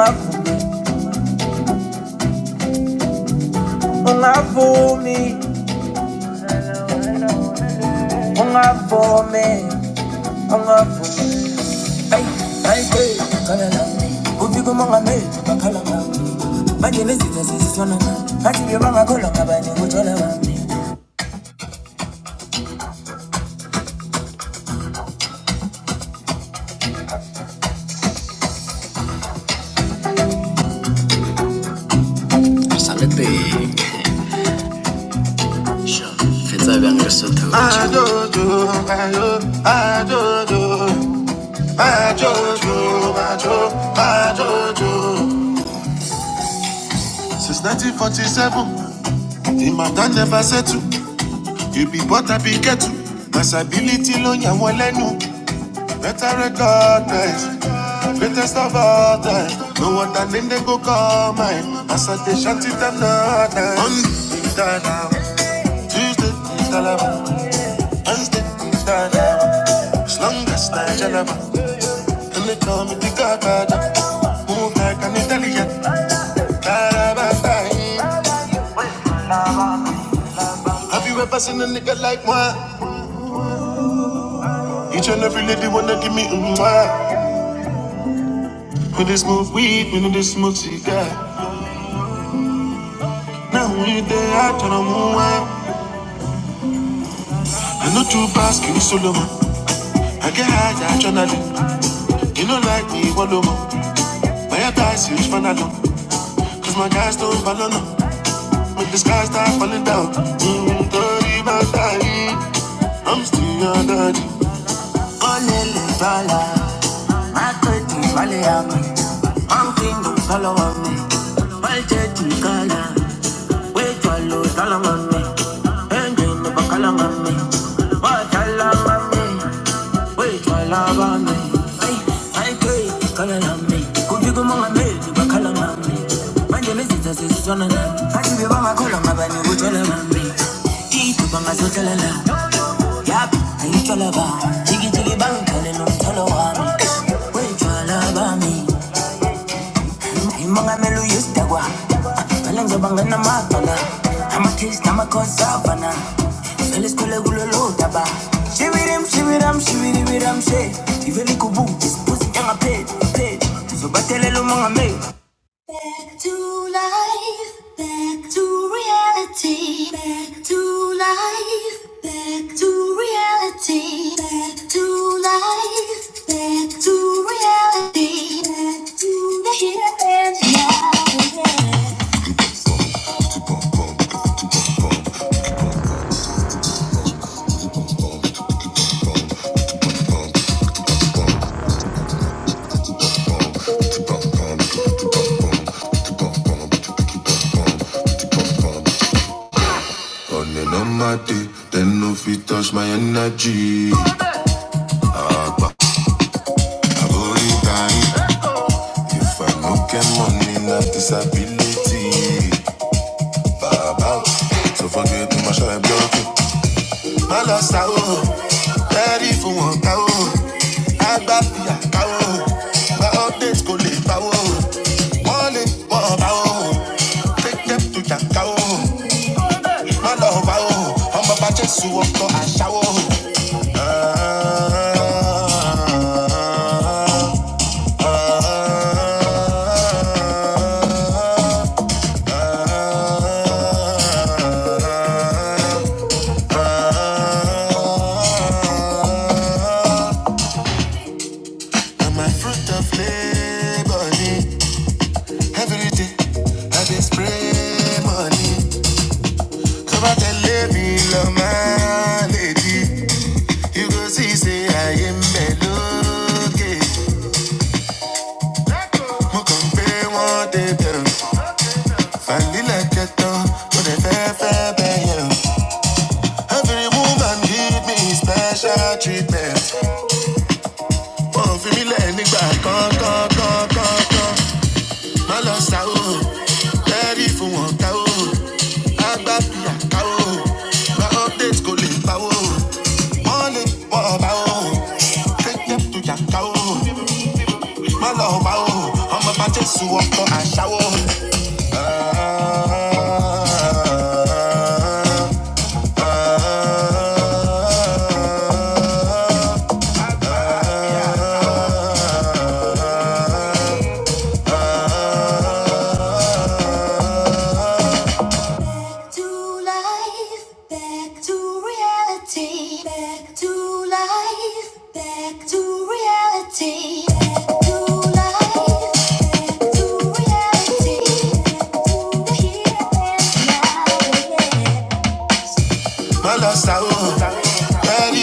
S5: afu, un afu me. talent. ungavu- ungavu- ungavumi ungavumi ungavumi ayi ayi ke khala nami ufike umongameli bakhala ngami manje nezitha sezisona ngami ngathi nje bangakholwa ngabani kuthola bami Adodo, alo, adodo, My Jojo, my Jo, my Jojo. Since 1947, the matter never settle. You be but I be get to. Masability lo yan wọn lẹ́nu. Better record nice, greatest of all time. No other name they go call mine. As I dey shanty them no time. Monday, Dada, Tuesday, Dada, Wednesday, Dada. As long as I jalaba, and they call me the Godfather. Move like an Italian. Have you ever seen a nigga like one? Each and every lady wanna give me a mwah. When they smoke weed, when they smoke cigar. Now we there, I turn on one. I know two bars give me solo man. I get high, I try not to. You not like me, what do man? My advice is find out. Cause my guys don't follow now. When the sky start falling down. Mm, I'm still your daddy. Colonel Vala, ma curtain valley up. I'm king of Solomon, my church in Ghana. Wait for Lord Solomon, and in the Bacalamon, what I love on me. Wait for love on me. I pray to Calamon, could you go on me. a maid to Bacalamon? My name is Jesus, it's Jonathan. I give you my column, my bunny, which I love on me. Keep up on my sotelana. Yap, I need your love, ah. Jiggy jiggy bang, girl, you know i you what When you love, ah, me, I am a mellow, you stag, wah. Ah, my lungs I'm a taste, I'm a cause of an, ah. Feel it's cool, I will load, ah, bah. Shimmy a boot, this pussy, young, I paid, paid. So, but tell a little man, I made. Running on my day, then no fit touch my energy. I time. If I no get money, na disability. Baba, so forget my shy block. My loss out, ready for one cow. I got the cow. My updates go live power. One in one power. Take them to the cow. My love out. I'm a batch of sugar, I shower. Ah, ah, ah. Uh, I'm a fruit of labor. Every day I dey spray money. Come out and my lady. You go see, say I am melody. Mo kàn pé wọ́n dé bẹ̀rù. Vanilla jẹ̀tọ̀, mo dẹ̀ fẹ́ fẹ́ Every woman give me special treatment. Wọ́n fi mí lẹ̀ nígbà kọ́kọ́kọ́kọ́. Má come come come. bẹ́ẹ̀rì fún wọn ká o. Àgbà fìyà ká o, gba update kò lè pa o. Wọ́n lè wọ̀ ọ̀bá o, kéjẹ́ tó yà ká o. Má lọ wá o, ọmọ bá Jésù to walk o. a shower. Bọ́lọ́sà o, bẹ́ẹ̀rì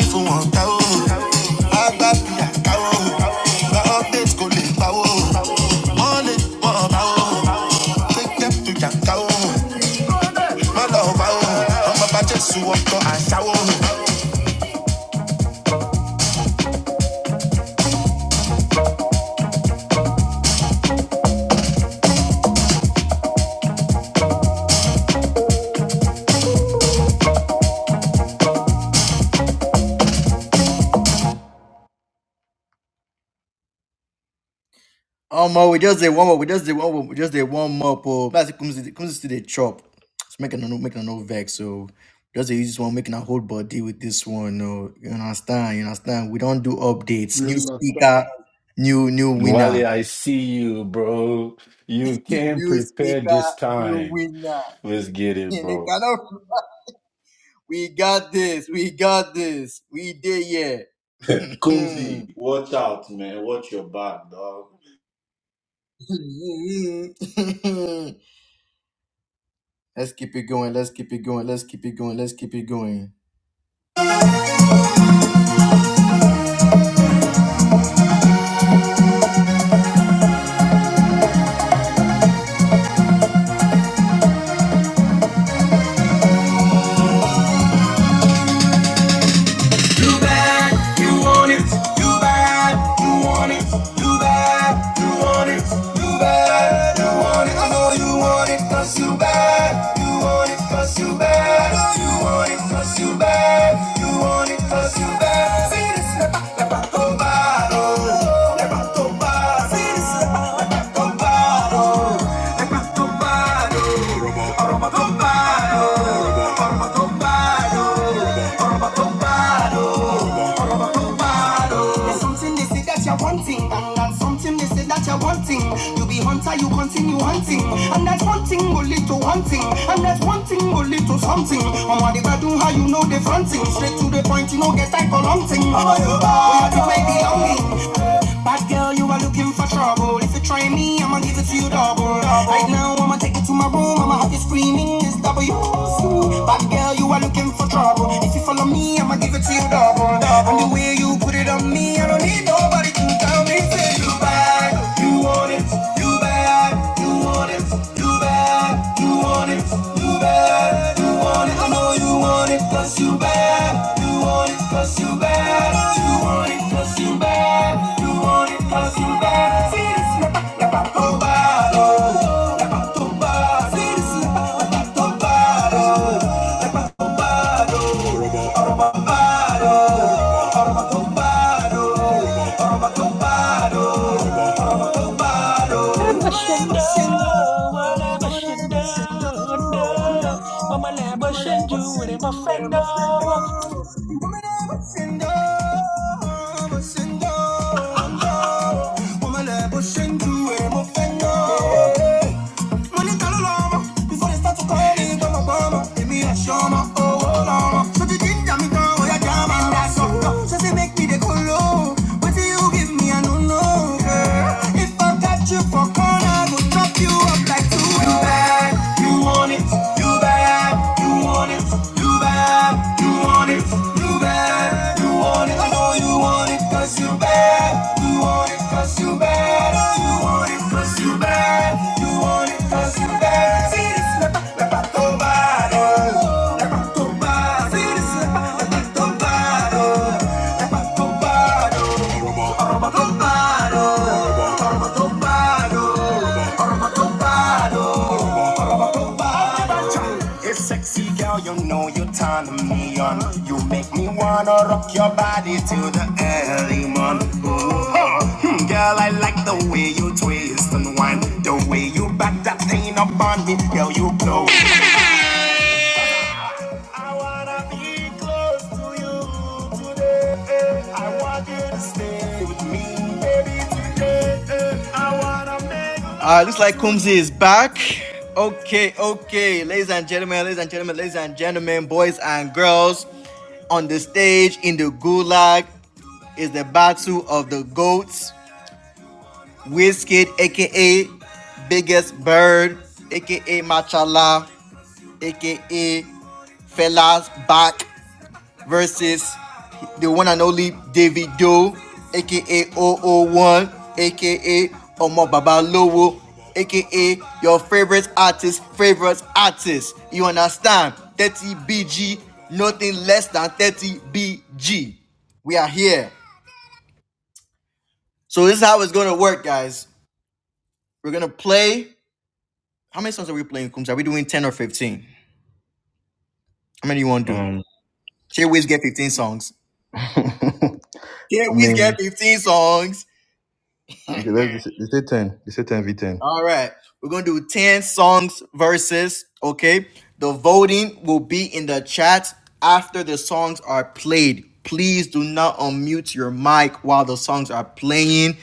S5: Um, oh, more, we just did one more. We just did one more. We just did one more. Oh, but it comes comes to the chop. It's making a no making a no vex. So just dey use this one, making a whole body with this one. No, you understand? You understand? We don't do updates.
S6: We
S5: New
S6: understand.
S5: speaker, new new
S7: Wally,
S5: winner.
S7: I see you, bro. You came
S5: new
S7: prepared this
S5: speaker, new
S7: time.
S5: winner.
S7: Let's get it,
S5: And they
S7: bro.
S5: cannot. We got this. We got this. We did yeah.
S7: Kumzi, watch out, man. Watch your back, dog.
S5: Let's keep it going. Let's keep it going. Let's keep it going. Let's keep it going. Arma Tombado, arma tombado, There's something they say that you're wanting, and that's something they say that you're wanting. You be hunter, you continue hunting, and that one thing will lead to one thing, and that one thing will lead to something. And what they do, how you know they fronting, straight to the point, you know get type of long thing. Oh, you bad, you may be longing, Bad girl, you are looking for trouble. If you try me, I'ma give it to you double. Right now, I'ma take you to my room. I'ma have you screaming. It's double Bad girl, you are looking for trouble. If you follow me, I'ma give it to you double. And the way you put it on me, I don't need nobody to tell me. Say you bad, you want it, you bad, you want it. You bad, you want it, you bad, you want it. I know you want it, cause you bad, you want it, cause you bad, you want it, cause you bad, you want it, cause you bad. See this, la pa, la pa, to bad, oh, la pa, to Nobody. Woman
S8: Bashendo,
S5: ever say no.
S8: What
S5: Woman
S8: Labashanda,
S5: I'm
S8: walabashanda,
S5: no. No.
S8: unda,
S5: Woman ever
S8: wamalabashandu,
S5: say no. Woman ever say
S8: remafendo.
S5: no. Woman ever say no. Ever say no. No. Woman ever say no. Ever no. Oh, oh, So Oh, yeah, No, you like bad You want it You bad You want it You bad You want it You bad You want it I know you want it you bad You want it you bad Oh, you want it you bad You want it Rock your body till the early morning. Oh, hmm, girl, I like the way you twist and wind. The way you back that thing up on me, girl, you blow. I wanna be close to you today. Eh, I want you to stay with me, baby, today. Eh, I wanna make. Ah, Uh, looks like Kumzi is back. Okay, okay, ladies and gentlemen, ladies and gentlemen, ladies and gentlemen, boys and girls, on the stage in the gulag is the battle of the goats. Wizkid, aka Biggest Bird, aka Machala, aka Fellas Back, versus the one and only David Doe, aka O O One, aka Omo Baba Lowo, aka your favorite artist, favorite artist. You understand? 30 BG, nothing less than 30 BG. We are here. So this is how it's gonna work, guys. We're gonna play. How many songs are we playing, Coombs? Are we doing 10 or 15? How many do you wanna do? Here Wiz get 15 songs. Here Wiz get 15 songs. All right. We're going to do 10 songs verses. Okay. The voting will be in the chat after the songs are played. Please do not unmute your mic while the songs are playing.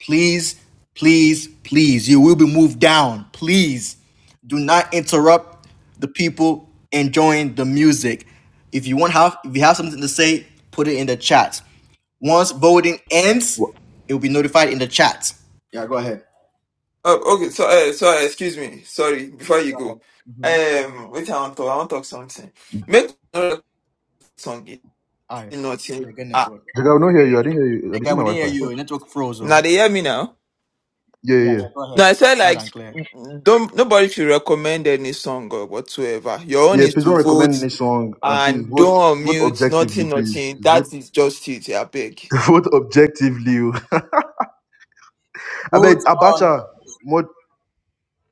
S5: Please, please, please. You will be moved down. Please do not interrupt the people enjoying the music. If you want have if you have something to say, put it in the chat. Once voting ends, it will be notified in the chat. Yeah, go ahead.
S1: Oh, okay. So, uh, so uh, excuse me. Sorry. Before you
S5: Go
S1: go,
S5: ahead. Mhm.
S1: um, wait. I want to. I want to talk something. Make another song. it-
S5: Aye, it's
S1: Nothing.
S5: a good
S1: Ah,
S5: network. Okay, we didn't hear you. Your Network froze.
S1: now
S5: Oh.
S1: they hear me now.
S5: Yeah, yeah, go
S1: No,
S5: ahead.
S1: I said
S5: Loud
S1: like,
S5: and clear.
S1: don't nobody should recommend any song or whatsoever. Your own is to vote and don't mute. Nothing. Nothing. That is just it. I beg.
S2: Vote objectively. I
S5: Both
S2: beg
S5: on.
S2: Abacha, mod,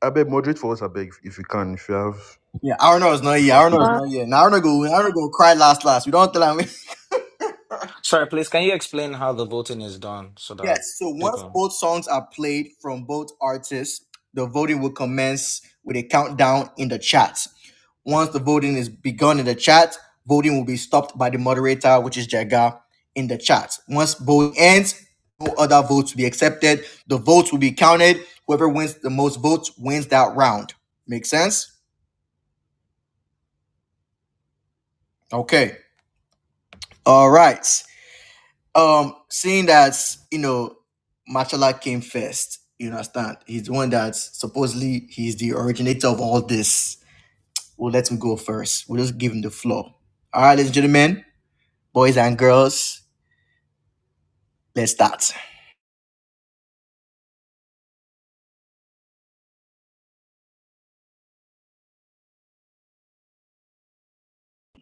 S2: I beg moderate for us. I beg if you can, if you have,
S5: Yeah, Arno is not
S2: if
S5: here.
S2: I
S5: Arno is
S1: Ah,
S5: not here. Now Arno go. Arno go cry last last. We don't tell him.
S8: Sorry, please, can you explain how the voting is done so that
S5: Yes. So once
S8: people?
S5: both songs are played from both artists, the voting will commence with a countdown in the chat. Once the voting is begun in the chat, voting will be stopped by the moderator, which is Jaga, in the chat. Once voting ends, no other votes will be accepted. The votes will be counted. Whoever wins the most votes wins that round. Make sense? Okay. All right. Um, seeing that you know Machala came first, you understand? He's the one that supposedly he's the originator of all this. We'll let him go first. We'll just give him the floor. All right, ladies and gentlemen, boys and girls, let's start.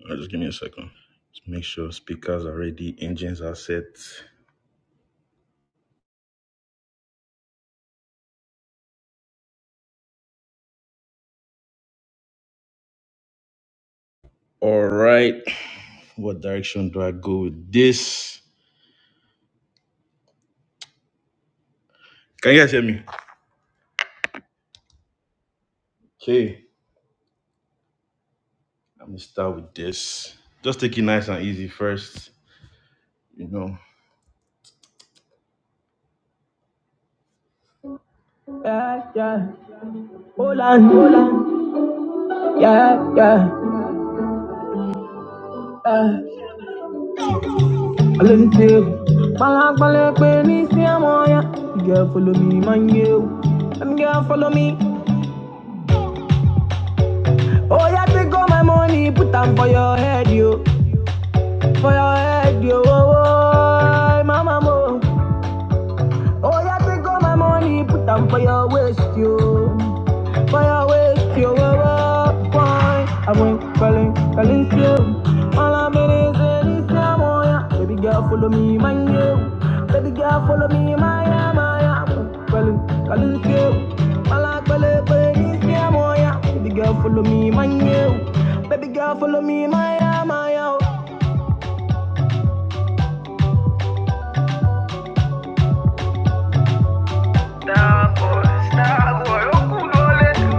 S2: Uh, just give me a second. Just make sure speakers are ready, engines are set. land. Mo take all my money, put am for your waist yo. Fire waves to your wine. I went calling, calling you. All I'm in is in moya. Baby girl, follow me, my you. Baby girl, follow me, my yeah, yeah. I went calling, calling you. All I call it, but moya. Baby girl, follow me, my you. Baby girl, follow me, my yeah, my yeah. Star boy, star boy, oh, cool, all it.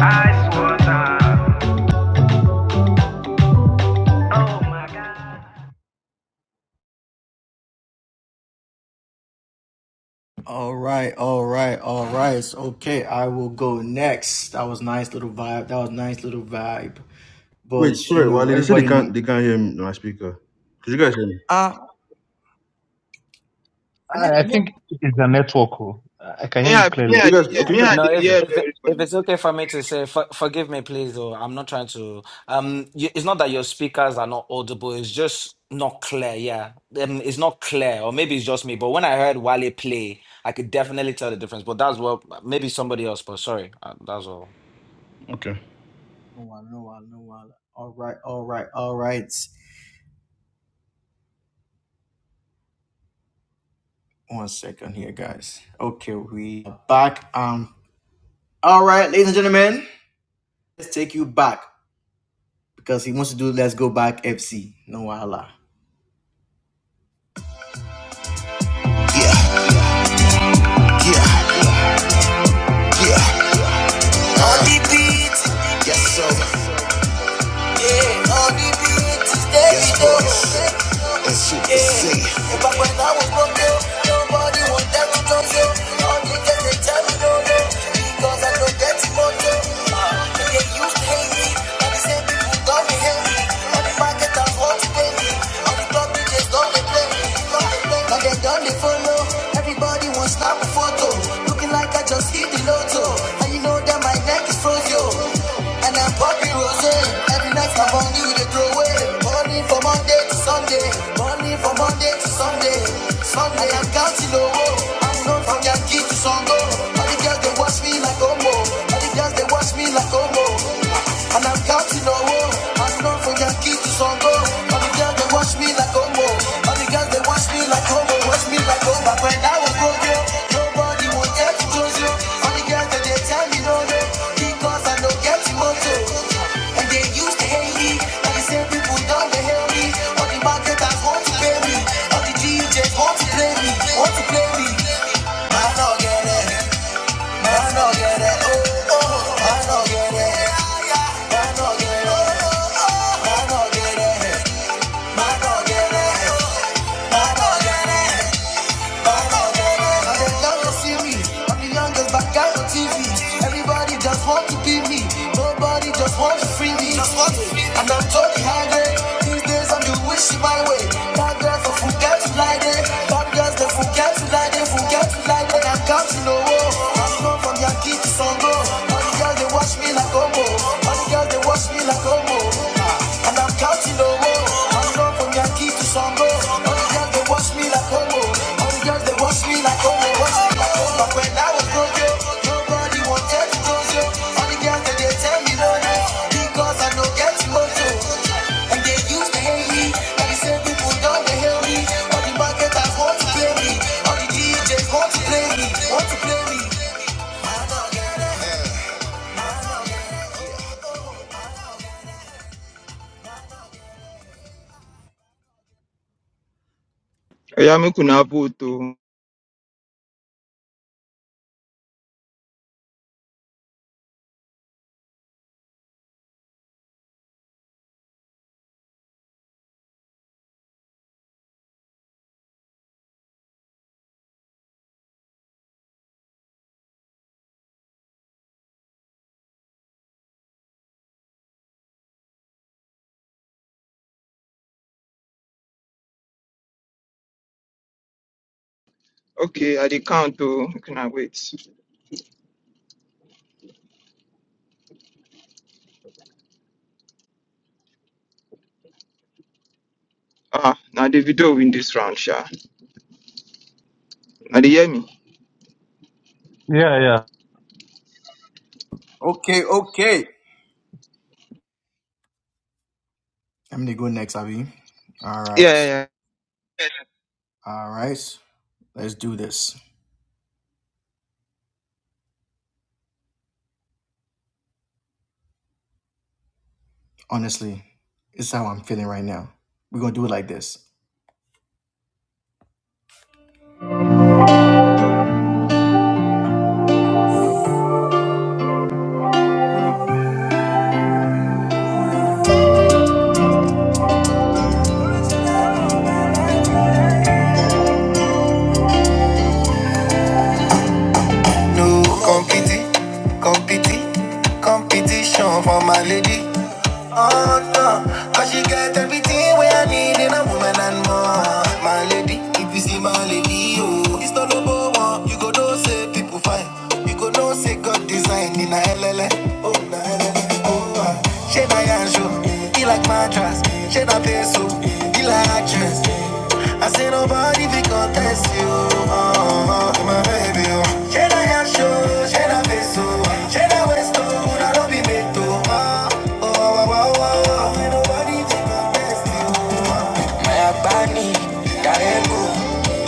S2: I swear, nah. Oh my God.
S5: All right, all right, all right. Okay, I will go next. That was nice little vibe. That was nice little vibe.
S2: Wait,
S5: But you
S2: sorry,
S5: know,
S2: Wally. They said they
S5: everybody know.
S2: can't. They can't hear my speaker. Could you guys hear me?
S9: I, I think it is a network. oh. I can hear
S1: Me,
S9: you
S1: I me,
S9: clearly.
S2: You
S1: I dey,
S2: guys,
S1: hear,
S2: okay? You
S1: me,
S2: guys,
S1: I dey
S8: No, if
S1: hear
S8: if it-
S1: very well.
S8: if it's okay for me to say, for, forgive me, please. Though I'm not trying to. Um, you, it's not that your speakers are not audible. It's just not clear. Yeah, um, it's not clear, or maybe it's just me. But when I heard Wale play, I could definitely tell the difference. But that's what maybe somebody else. But sorry, uh, that's all.
S5: No one, no one, no one. All right, all right, all right. One second here, guys. Okay, we are back. Um, all right, ladies and gentlemen, let's take you back because he wants to do Let's Go Back FC. No wala. So, yes, boys, and shit to see. Yeah. Nobody would ever so no, no, because I don't get money. Everybody will snap a photo, looking like I just hit the lotto. And you know that my neck is frozen, and I'm popping rose. Every night my money they throw away. Money from Monday to Sunday, money from Monday to Sunday. Sunday I'm counting low. I'm known from Yankee to Songo. All the girls they watch me like Omo. All the girls they watch me like Omo. And I'm counting on woe. I'm known for Yankee to Songo. All the girls they watch me like Omo. All the girls they watch me like Omo. Watch me like Omo. When I was broke, yo, nobody would get to close yo. All the girls that they tell me no, no. Because I don't get to moto. And they used to hate me. Now the same people don't they hate me. All the marketers want to pay me. All the DJs want to play me. Want to play me. I don't get it. Now they love to see me. I'm the youngest black guy on TV. Everybody just want to be me. Nobody just want to free me. Just want me. And I'm totally hiding. These days I'm the wishy my way. Bad girls for forget to lie there. Bad girls they forget to lie there. Forget to lie there. I'm counting no war. I'm not from Yankee to Songo. All the girls they watch me like Omo. All the girls they watch me like Omo. And I'm counting no more. I'm gone from Yankee to Songo. All the girls, they watch me like homo. All the girls, they watch me like homo. Watch me like homo. But when I was broke, nobody wanted to go yo. All the girls, they, they tell me no, no. Because I don't get to also. And they used to hate me. Now the same people don't they hate me. All the marketers want to play me. All the DJs want to play me. Want to play me.
S1: Yeah, me kuna vote. oh. Okay, I dey count. Oh, me kuna wait. Ah, na Davido win this round, sha. Na dey hear me.
S9: Yeah, yeah.
S5: Okay, okay. I'm gonna go next, Abby. All
S1: Yeah,
S5: right.
S1: yeah, yeah.
S5: All right, let's do this. Honestly, it's how I'm feeling right now. We're gonna do it like this. No compete, compete, competitive. Where I need in a woman and more. My lady, if you see my lady, oh, it's not a people fight. You could know say God design in a L L. Oh, na LLA. Oh, ah. Shade I show. He like my dress. Shade peso. He like dress. I say nobody be contest you. Oh, oh, my baby. Oh. Shena ya show, shena peso, shena westo, na no be meto. Oh, oh, oh, oh, oh. oh. I say nobody be contest you. Mayabani, Darego,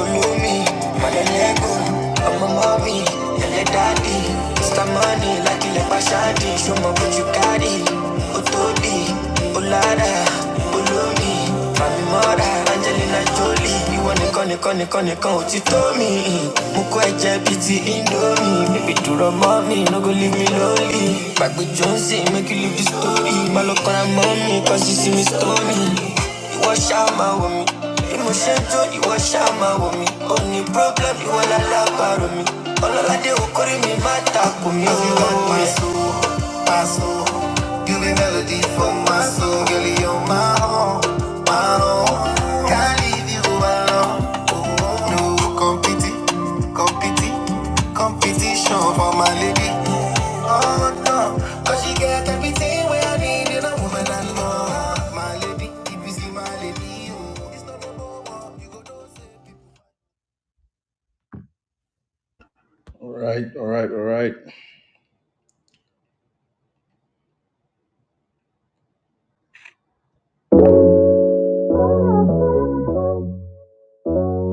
S5: Ulumi, Manelego, I'm a mommy, and daddy. It's the money, like a bashadi, show my what you got it. Utodi, Ulada, Ulumi, Mami Mora, Angelina Jolie. You wanna call it, call it, call it, call you told me. Jonesy, make me stormy. you wash out my with me. Emotion too, you wash out my with me. Only problem, you all allow part of me. All of that they call me matter for me. Oh, you want my soul my soul. You be melody for my soul. Girl, you're my own, my own. Can't leave you alone. Oh, no competi, competi, competition for my lady. Oh, no. Cause she got everything where I need in a woman I know. My lady, if you see my lady, oh, it's not no You go don't say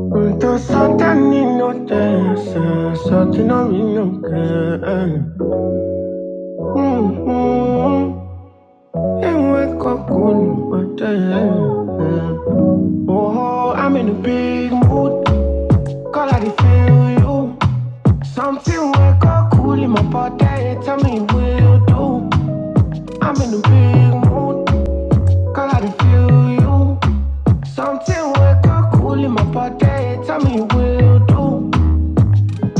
S2: Okay. Unto Satan in no dance, Satan on me no can. Mhm. And wake Oh, I'm in a big mood. Call I dey feel you. Something wake up cool in my body. Tell me what you do. I'm in a big mood. Call I dey feel you. Something we got cool in my pocket. Tell me will do.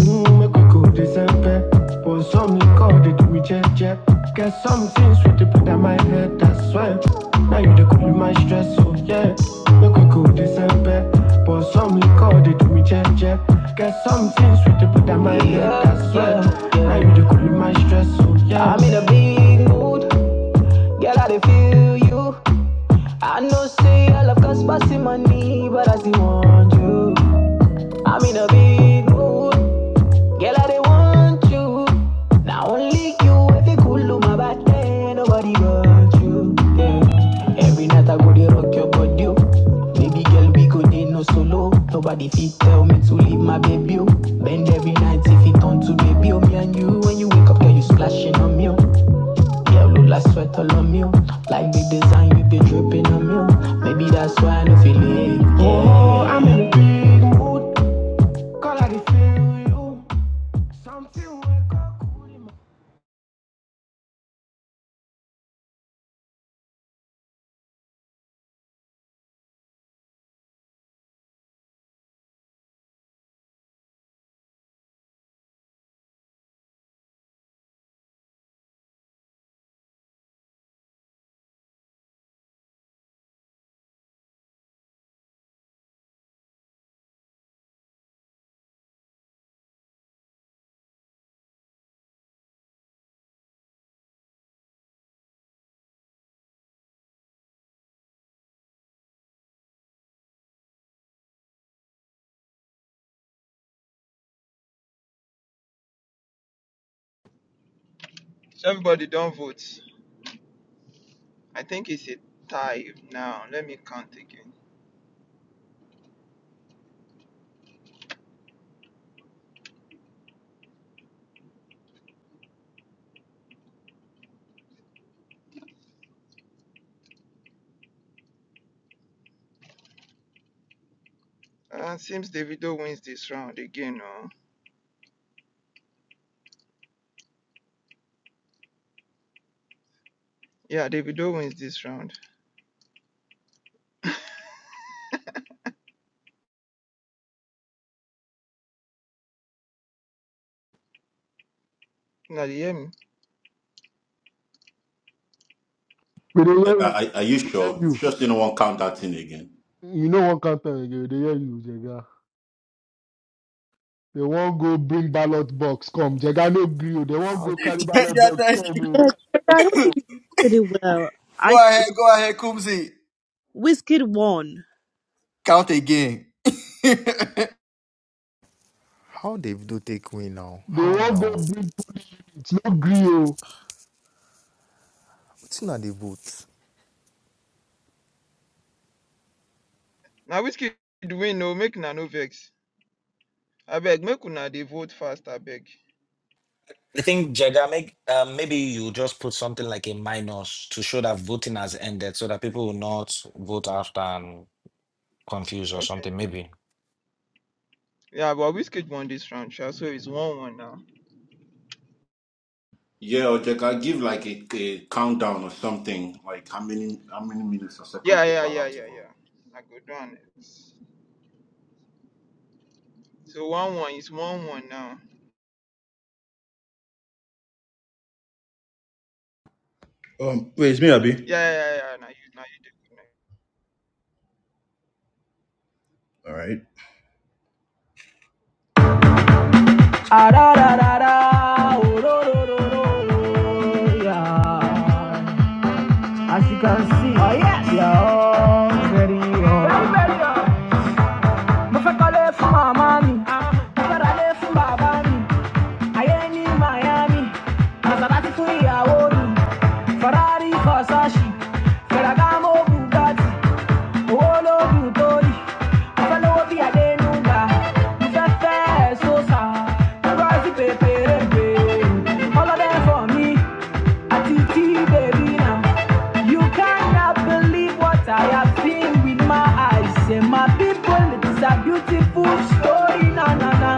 S2: Mm, make we go December. But some they call it we check. check. Get some things with the put in my head, that's why. Now you the cool in my stress, so yeah. Make we go December. But some they call it we check. check. Get some things with the put in my head, that's why. Now you the cool in my stress, so yeah. I'm in a big mood, girl, I dey feel you. I know say I love Caspasi money, but I still want you. I'm in a big mood, girl, I they want you. Now only you, if you cool on my back, then nobody but you. Yeah. Every night I go to rock your body, oh. baby girl, we go there no solo. Nobody fit tell me to leave my baby. oh. Bend every night if it on to baby, oh me and you. When you wake up, girl, you splashing on me. oh. Look like sweat all on me, oh. like big design you be dripping on me. oh. Maybe that's why I no feel it. Yeah. Oh, I'm in a mood, call I feel you. Something wake
S1: So everybody don't vote. I think it's a tie now. Let me count again. Uh, seems Davido wins this round again. Oh, yeah, Davido wins this round. Now dey hear me.
S6: We dey hear you.
S7: Are, are you
S6: We dey hear
S7: sure? You
S6: you.
S7: Sure, you don't want to count that thing again.
S6: You know one count time again. We dey hear you, Jega. They won't go bring ballot box. Come, Jega no gree. oh. They won't
S10: How
S6: go carry ballot
S5: yeah,
S6: box.
S5: thank
S6: Come,
S5: you.
S6: oh.
S11: Yeah, but I don't think he did it well.
S5: Go
S11: I
S5: ahead,
S11: it's
S5: go ahead, Kumsi.
S11: Wizkid won.
S5: Count again.
S10: how they do take win now?
S6: They
S10: How
S6: won't go
S10: now?
S6: bring points. No gree. Oh.
S10: It's not the vote.
S1: Now whiskey win. No, make na no vex. I beg, make una dey vote fast. I beg.
S8: I think Jega, make um, maybe you just put something like a minus to show that voting has ended, so that people will not vote after and confused or
S1: Okay.
S8: something. Maybe
S1: Yeah, but whiskey won this round, sha. So it's one one now.
S7: Yeah, or Jack, I give like a, a countdown or something, like how many how many minutes or seconds
S1: Yeah, yeah,
S7: people are
S1: yeah,
S7: allowed to
S1: yeah,
S7: vote.
S1: yeah. I go down it. So one one is one one now.
S2: Um, wait, it's me, Abi.
S1: Yeah, yeah, yeah. yeah. Now you, now you do. it now.
S2: All right. Ah, da, da, da, da. Oh, ro, ro, ro, ro, ro, yeah. As you can see, oh yes, yeah, oh, very, oh. Very, very, oh. Mafakalefu mamani, mafaralefu babani, ayé ní Miami, Maserati fún ìyàwó mi, Ferrari Versace, Ferragamo Bugatti owó lóògùn kórì mo fẹ́ lówó bí adénúgà mo fẹ́ fẹ́ sọ́sà lọ́wọ́ sí pépérépé ọlọ́dẹ fọ̀ mí àti tí bèbí náà. You cannot believe what I have seen with my eyes. And my people, it is a beautiful story. Na na na.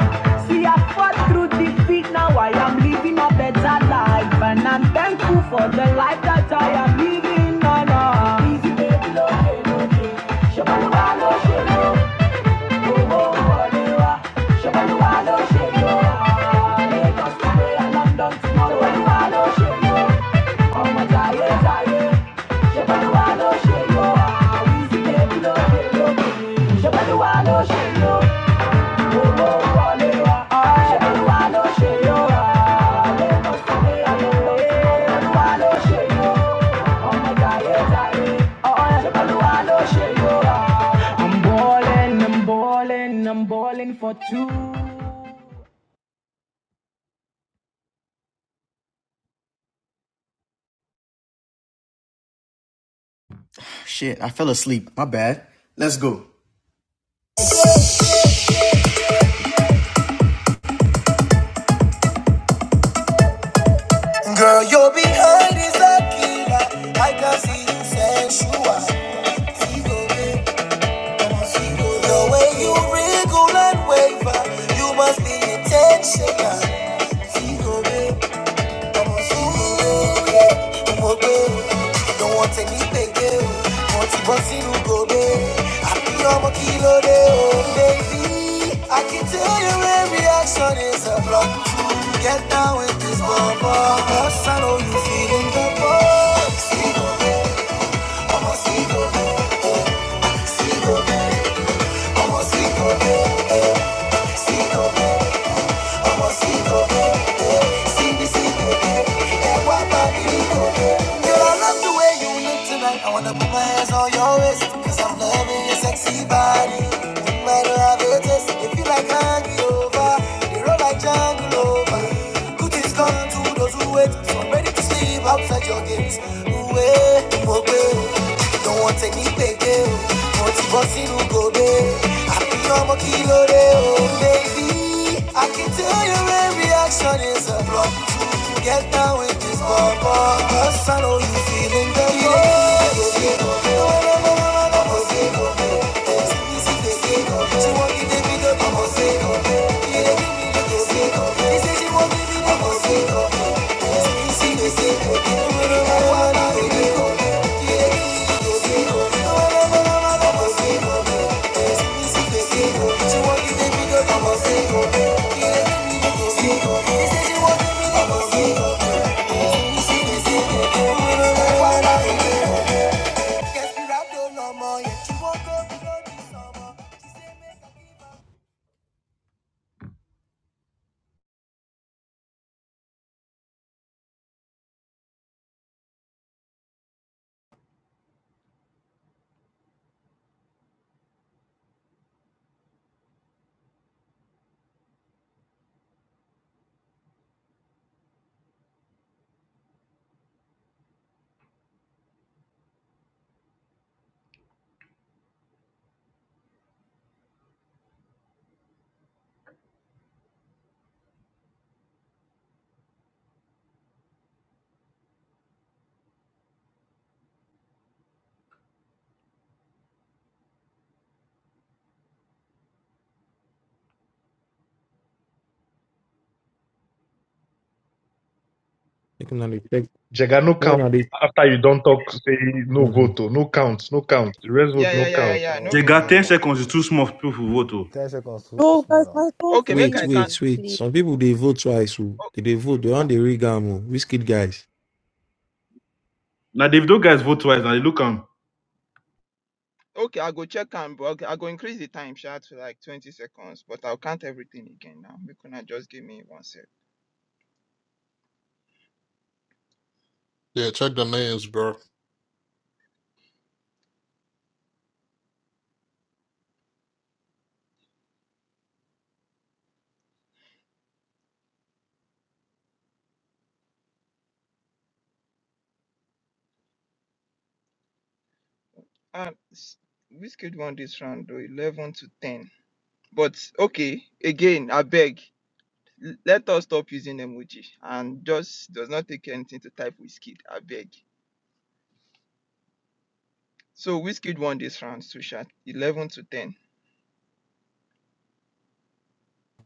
S2: See, I fought through defeat. Now I am living a better life, and I'm thankful for the life that I am living. Na na. Easy, baby. Shabaluwa lo ṣe yóò rà lẹ́yìn àlọ́ ìwà ló ṣe yóò.
S5: Shit, I fell asleep. My bad. Let's go. Girl, you're behind is a killer. I can see you sensual. Figure it, come on, figure it. The way you wriggle and waver, you must be intentional. Figure it, I can tell your reaction is a block. Get down with this bubble. Cause I know you feeling the ball. See, go, there, I'm a see, go, there. see, go, there, I'm a see, go, there. see, go, there. ọmọ sí gòkè síbi sí gòkè ẹwà bàbí gòkè. Girl, I love the way you look tonight. I wanna put my hands on your waist. i I'm loving your sexy body. No matter how it it feel like hangover. You roll like Django. Good things come to those who wait. So I'm ready to sleep outside your gates. oh, Don't want any payday. Want to bust in go Happy I'm a kilo day, oh baby. I can tell your reaction is a block. Get down with this bubble. Cause I know you feeling the love.
S4: You can only take
S9: Jega, no
S4: you
S9: count.
S4: know this.
S9: After you don't talk, say no
S4: Mm-hmm.
S9: vote, oh, no count, no count. The rest vote,
S1: Yeah, yeah,
S9: no
S1: yeah, yeah,
S9: count.
S1: yeah.
S10: No,
S1: No go
S10: no,
S1: counter.
S10: no. 10 seconds too, too
S11: No,
S10: small
S11: guys,
S10: now.
S11: my phone
S1: Okay, make
S4: Wait,
S1: I can.
S4: wait,
S11: freezes,
S4: wait.
S11: please.
S4: Some people they vote twice. Oh. They, they vote. They want the regamo. Whiskey guys.
S1: Okay, I go check and but okay, I go increase the time sha to like twenty seconds, but I'll count everything again now. Make una just give me one sec.
S12: Yeah, check the names, bro.
S1: And which kid won this round though? Eleven to ten. But okay, again, I beg. L- let us stop using emoji and just does not take anything to type Wizkid, I beg. So Wizkid won this round, Sushat, 11 to 10.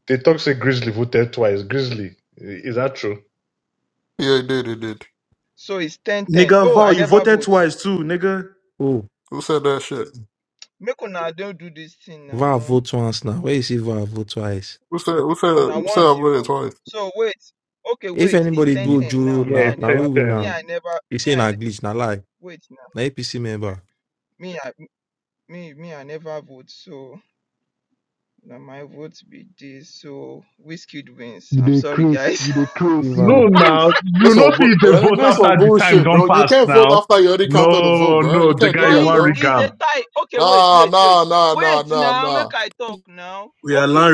S9: They talk say Grizzly voted twice. Grizzly, i- is that true?
S12: Yeah, he did. He did.
S1: So it's 10 10.
S2: Nigga,
S1: Oh,
S2: Val,
S1: I
S2: you
S1: never
S2: voted
S1: vote.
S2: twice too, nigga.
S4: Oh,
S12: Who said that shit?
S1: Make una don't do this thing
S4: VAR
S1: now.
S4: vote once now. Where you see VAR vote twice?
S12: Who said? Who said?
S1: Now
S12: Who said
S1: once
S12: I
S1: he
S12: voted
S1: vote.
S12: twice?
S1: So wait. Okay,
S4: If
S1: wait. It's
S4: anybody
S1: 10
S9: Y-
S4: do
S1: 10
S4: Juro
S1: now. Me,
S9: Yeah,
S4: now,
S1: I
S9: it's
S1: never.
S4: now
S9: same
S4: we win
S1: Me,
S4: now.
S1: I never.
S4: You
S1: Me,
S4: say
S1: I
S4: na
S1: ne-
S4: glitch, na lie,
S1: wait now.
S4: na APC member.
S1: Me, I me me I never vote. So now my vote be this. So Wizkid wins.
S6: You
S1: I'm
S6: dey
S1: sorry,
S6: craze.
S1: guys.
S6: You dey craze. You dey
S9: No,
S4: Ivan.
S9: now
S6: craze.
S9: you
S12: That's
S9: know
S12: on.
S9: see
S12: bu-
S9: the
S12: uh,
S9: vote
S12: That's
S9: after
S12: on
S9: the time
S12: bullshit,
S9: don't
S12: bro. You
S9: pass
S12: can't vote
S9: now.
S12: after you already counted the vote,
S9: No,
S12: bro.
S9: no,
S12: You
S9: the
S12: can't do
S9: you
S1: But
S12: that,
S1: it's
S9: want
S12: bro.
S1: it's a
S9: regam.
S1: tie. Okay, wait,
S12: Nah,
S1: wait, wait.
S12: nah, nah, nah,
S1: Wait
S12: nah,
S1: now,
S12: nah.
S1: make I talk now.
S2: Yeah,
S1: Okay.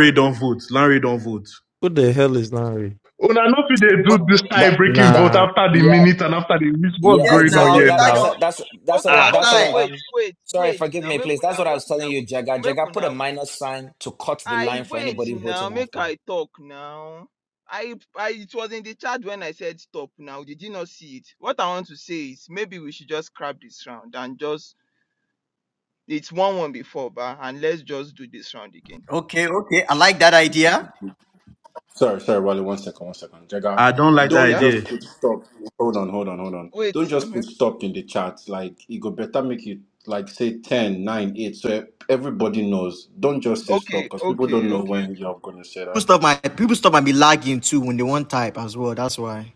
S2: Lan- don't vote.
S4: Who the hell is Larry?
S9: Una no fit dey do this tie
S8: That
S9: breaking vote
S8: that
S4: Nah.
S9: after the
S8: yeah
S9: minute and after the week. What's
S8: yeah
S9: going on
S1: Okay,
S8: exactly.
S9: here
S8: That that's
S9: now?
S8: a, that's that's what
S1: okay,
S8: I,
S9: Ah,
S8: that's what
S1: okay,
S8: I,
S1: wait,
S8: um.
S1: wait,
S8: Sorry,
S1: wait
S8: forgive
S1: now,
S8: me,
S1: make
S8: please. That's what
S1: una,
S8: I
S1: make
S8: was
S1: una,
S8: telling you, Jagger.
S1: make
S8: Jagger, put a
S1: una.
S8: minus sign to cut the
S1: I
S8: line for
S1: wait
S8: anybody
S1: now,
S8: voting
S1: make
S8: after.
S1: I talk now. I, I, it was in the chat when I said stop now. Did you not see it? What I want to say is maybe we should just scrap this round and just, it's 1 1 before, but, and let's just do this round again.
S5: Okay, yeah.
S7: Sorry, sorry, Wally. One second, one second. Jagger, don't
S1: Yeah?
S7: just put stop. Hold on, hold on, hold on.
S1: Wait.
S7: Don't just
S1: Okay,
S7: put stop in the chat. Like, it go better make you, like, say ten, nine, 8, so e- everybody knows. Don't just say stop
S1: okay,
S7: because people
S1: okay, okay,
S7: don't know when you're going to say
S5: People
S7: that.
S5: stop my people stop might be lagging too when they want type as well. That's why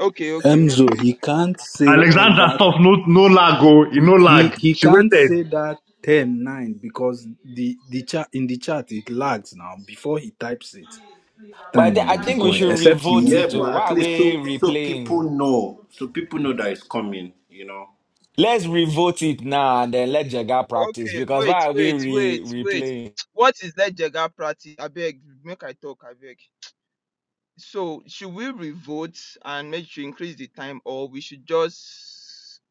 S1: okay, okay,
S13: Emzo, he can't say all
S9: Alexandra,
S13: that.
S9: stuff No, no lag, oh, you no
S13: He
S9: lag.
S13: he
S9: She
S13: can't
S9: waited.
S13: say that 10 9 because the the chat in the chat it lags now. Before he types it,
S8: But I,
S13: time
S8: thi- I
S13: will be
S8: think we
S13: going.
S8: should
S13: Except he
S8: revote
S7: Yeah,
S13: wants
S8: it.
S13: to.
S8: Too.
S7: but at
S8: Why are
S7: least
S8: we
S7: so so people
S8: replaying?
S7: know. So people know that it's coming, you know.
S8: Let's revote it now and then let Jagger practice
S1: Okay,
S8: because
S1: wait,
S8: why are we
S1: wait,
S8: re
S1: wait, wait.
S8: replaying?
S1: What is let Jega practice? I beg, make I talk, I beg. So, should we revote and make sure increase the time, or we should just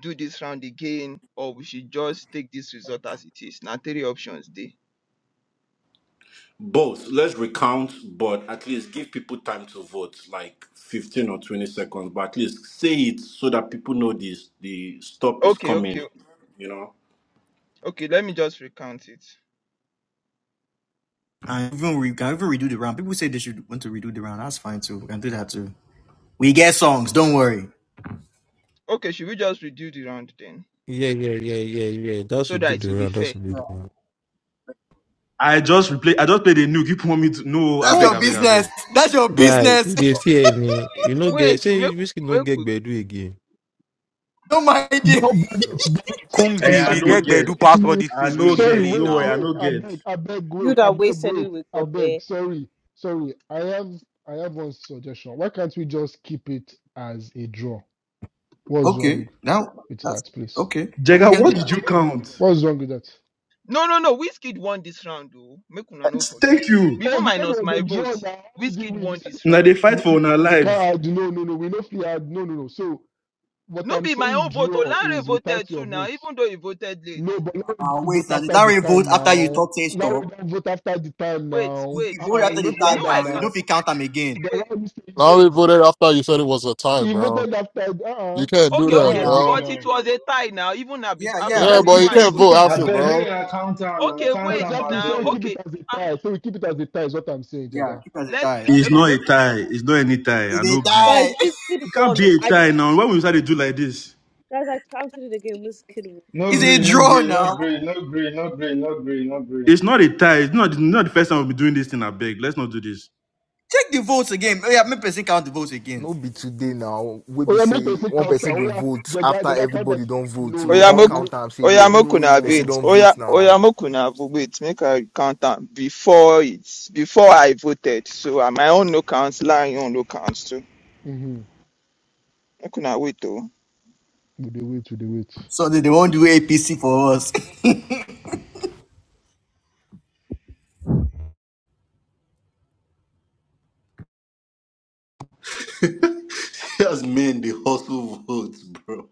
S1: do this round again, or we should just take this result as it is? Now, three options dey.
S7: Both. Let's recount, but at least give people time to vote, like 15 or 20 seconds. But at least say it so that people know this the stop is
S1: Okay,
S7: coming
S1: okay,
S7: you know.
S1: okay. Let me just recount it.
S5: we get songs. Don't worry.
S1: Okay, should we just redo the round then,
S4: Yeah, yeah, yeah, yeah, yeah. That's
S1: so
S4: what you do
S1: that it
S4: the
S1: will be
S4: round. That's
S1: fair?
S4: what you do the round.
S2: I just replay. I just played a nuke. You want me to? No, I
S5: That's
S2: beg,
S11: Yes,
S5: your
S2: I beg, I beg.
S5: business. That's your
S4: Guy,
S5: business.
S4: if they see any, you know, get
S1: Wait, make
S4: say whiskey no
S1: we- make we
S4: get bedu again.
S5: Don't mind it.
S6: No, wait,
S10: So
S6: wait. Sorry,
S14: Kumzi, we
S6: sorry.
S14: get Bedu
S6: Wait,
S14: pass all
S6: me.
S14: these things where you dey
S6: Sorry,
S14: play
S6: wait, wait.
S14: now.
S6: I beg, I beg,
S11: you
S6: wait, I
S11: that
S6: beg,
S11: wasted it
S6: wait,
S11: with
S6: I beg.
S11: Gobert.
S6: Sorry, sorry. I have, I have one suggestion. Why can't we just keep it as a draw? What's
S5: Okay,
S6: wrong
S5: now
S6: with
S5: that's
S6: that, please?
S5: okay. We can do that.
S6: What's wrong with that?
S1: No, no, no. Wizkid won this round, though. Make una no forget.
S6: Oh,
S1: Even
S6: you said it
S1: minus
S6: was a
S1: my vote,
S6: draw now. How did you
S1: Wizkid
S6: win? You
S1: won
S6: said
S1: this
S2: Now
S1: round.
S2: they
S6: no,
S2: fight for
S6: no,
S2: our
S6: no, we
S2: lives.
S6: can't add. No, no, no, we no free add. No, no, no. So what
S1: No
S6: I'm
S1: be my
S6: saying,
S1: own vote.
S6: draw
S1: Olare
S6: is
S1: voted
S6: without
S1: too
S6: your
S1: now,
S6: vote.
S1: even though he voted late.
S6: No, but now we
S5: Uh,
S6: don't
S5: wait,
S6: vote
S5: now
S6: after the
S5: Larry vote
S6: time
S5: after you
S6: now.
S5: talk say
S6: Now
S5: stop.
S6: we don't vote after the time
S1: Wait,
S5: You,
S6: now.
S1: wait,
S5: you vote
S6: Uh-uh,
S1: wait.
S6: you
S5: after
S6: know
S5: the
S6: if you
S1: You
S5: tie
S6: add
S1: know
S6: them
S1: I
S5: now. You
S1: can't.
S5: don't
S6: now.
S5: fit
S1: w-
S5: count them again.
S6: Then
S1: Wait,
S6: why you stay
S12: I only
S6: stop?
S1: wait.
S12: voted after you said it was a tie,
S6: He
S12: bro.
S6: voted after. Uh-uh,
S12: You can't do
S6: you
S1: Okay,
S5: No,
S12: that,
S6: can't
S1: okay.
S6: add
S5: now.
S6: it
S12: bro.
S1: But it
S6: now.
S1: was a tie now, even na bef-
S5: Yeah,
S1: after
S5: yeah.
S1: I-
S12: Yeah,
S5: We'll
S12: bro.
S5: keep.
S6: Exactly.
S1: before
S12: You
S1: I
S6: So we
S12: can't
S1: voted.
S6: keep
S12: vote
S6: it.
S1: And,
S15: I
S12: after,
S15: beg,
S1: yeah.
S15: make
S12: bro.
S15: I count am, I
S1: okay,
S15: count
S1: wait
S15: am, I
S6: Exactly. So
S1: now.
S6: we
S15: beg.
S6: keep it
S1: Okay.
S6: as a
S1: Ah,
S6: tie. So we keep it as a tie. Is what I'm saying,
S5: Yeah,
S6: Jega.
S5: keep as a
S1: let's
S5: tie.
S1: keep.
S5: That's
S2: It's
S5: fine.
S1: Okay,
S2: not a tie. It's not any tie. I no agree.
S11: Guys, Wizkid
S2: It can't
S11: won.
S2: be a
S11: I just
S2: tie now. Why we decided to do like this?
S11: guys, I counted it again. Wizkid won.
S5: It's
S15: No
S5: a
S15: green, no
S5: draw
S15: green, no
S5: now.
S15: green, no green, no green, no green, no green, no green.
S2: It's not a tie. It's not, not the first time we'll be doing this thing. I beg. Let's not do this.
S5: Check the votes again. Oh, Yeah, make person count the votes again.
S10: no be today now. We be
S6: Oh yeah, make
S10: say
S6: person
S10: one
S6: counter.
S10: person
S6: Oh
S10: go
S6: yeah,
S10: vote
S6: Jaga
S10: after
S6: Jaga counter.
S10: everybody don't vote.
S6: No
S10: We
S6: now
S10: can't
S6: we
S1: Oyamoku,
S6: no
S10: count time say yeah,
S6: no
S1: Oyamoku na
S10: person
S6: now.
S1: wait.
S10: don't
S1: Oya,
S10: vote now.
S1: Oyamoku na wait. Make I count am before it, before I voted. So uh, my own no counts, lying own no counts too.
S6: Mm-hmm.
S1: Make una wait oh.
S6: We dey wait, we dey wait.
S5: So they, they won't do APC for us.
S7: Just men they hustle votes, bro.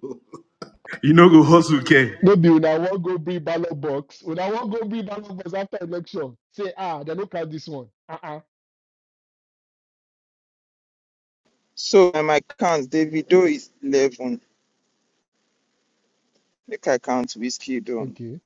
S2: You know, go hustle, okay?
S6: No be una wan go bring ballot box. Una wan go bring ballot box after election. Say ah, they no count this one. Uh-uh.
S1: So uh, my count, Davido is eleven. Make I count whiskey don.
S6: Okay.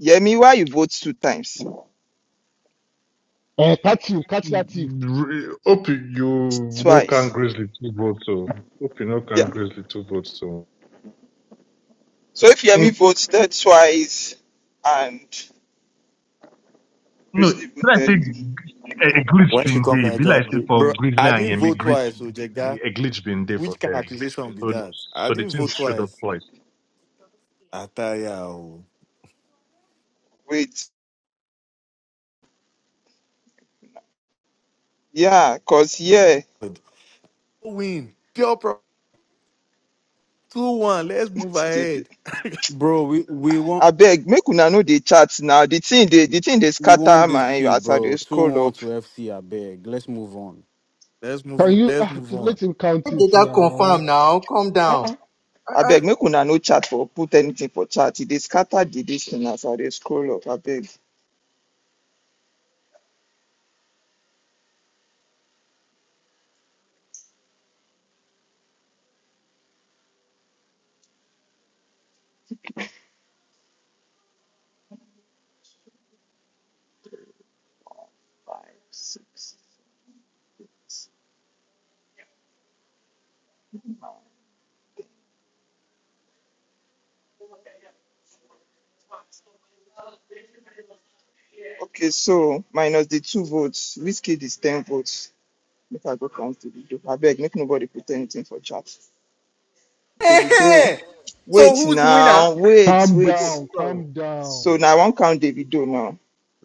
S1: Yemi, why you vote two times?
S6: Eh, catch him, catch that thief.
S9: R- Hope you no can
S1: Twice.
S9: grizzly two votes, so hope you no can
S1: Yeah.
S9: grizzly two votes, so.
S1: So if
S9: In,
S1: Yemi voted twice and
S9: no, be
S1: Grizzly
S9: like
S1: voted,
S9: say a, a glitch
S16: When she
S9: been
S16: come
S9: there. Be
S16: Nigeria,
S9: like say
S16: be-
S9: for
S16: bro,
S9: grizzly
S16: I
S9: and
S16: didn't
S9: Yemi,
S16: vote twice, so Jega.
S9: glitch, a glitch been there for
S16: Which kind of
S9: them.
S16: accusation be
S9: So, th-
S16: that? I
S9: so the
S16: didn't
S9: team
S16: vote
S9: showed up
S16: twice.
S9: twice.
S16: Ataya, oh.
S1: wait. Yeah, cause yeah.
S16: But win, pure pro, two one. Let's move ahead.
S14: Bro, we, we want
S1: I beg, make una no dey chat now. The thing dey the thing dey
S14: we
S1: scatter
S14: want this
S1: my
S14: shit,
S1: as I dey
S14: bro. 2
S1: scroll
S14: 1
S1: up.
S14: to FC, I beg. Let's move on.
S16: Let's move.
S6: Can
S16: On.
S6: you
S16: Let's
S6: ah,
S16: move
S6: just
S16: on.
S6: let him count
S5: they
S6: it
S5: got
S6: now?
S5: confirmed now. Calm down.
S6: Uh-uh.
S1: I beg, make una no chat for put anything for chat. E scatter the this thing as I dey scroll up. I beg. Okay, so minus the two votes, Whiskey is ten votes. Make I go count the video. I beg, make nobody put anything for chat. David Davido. Wait
S5: Who's the winner?
S1: now, wait,
S6: Calm
S1: wait.
S6: down, calm down.
S1: So now I won't count Davido now.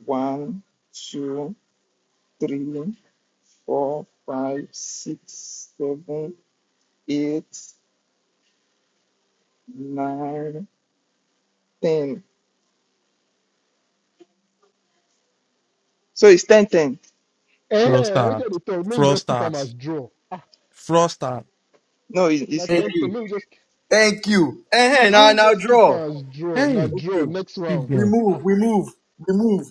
S1: One, two, three. four, five, six, seven, eight, nine, ten. So it's ten, ten.
S6: Eh, eh, let me
S4: Frostars,
S6: tell you the talk. Make we just keep him as
S4: frostars,
S6: draw. Ah,
S4: frostars.
S1: No, it's,
S6: na
S1: it's
S5: Thank
S6: ten to.
S5: you.
S6: Make we just,
S5: Thank you. Eh, eh, now
S4: Uh-uh.
S6: make we
S5: now
S6: just keep him
S5: draw.
S6: as draw. Na
S4: Hey,
S6: draw
S5: Okay.
S6: next
S4: keep
S6: round.
S5: We
S4: going.
S6: Ah,
S5: move, we move, we move.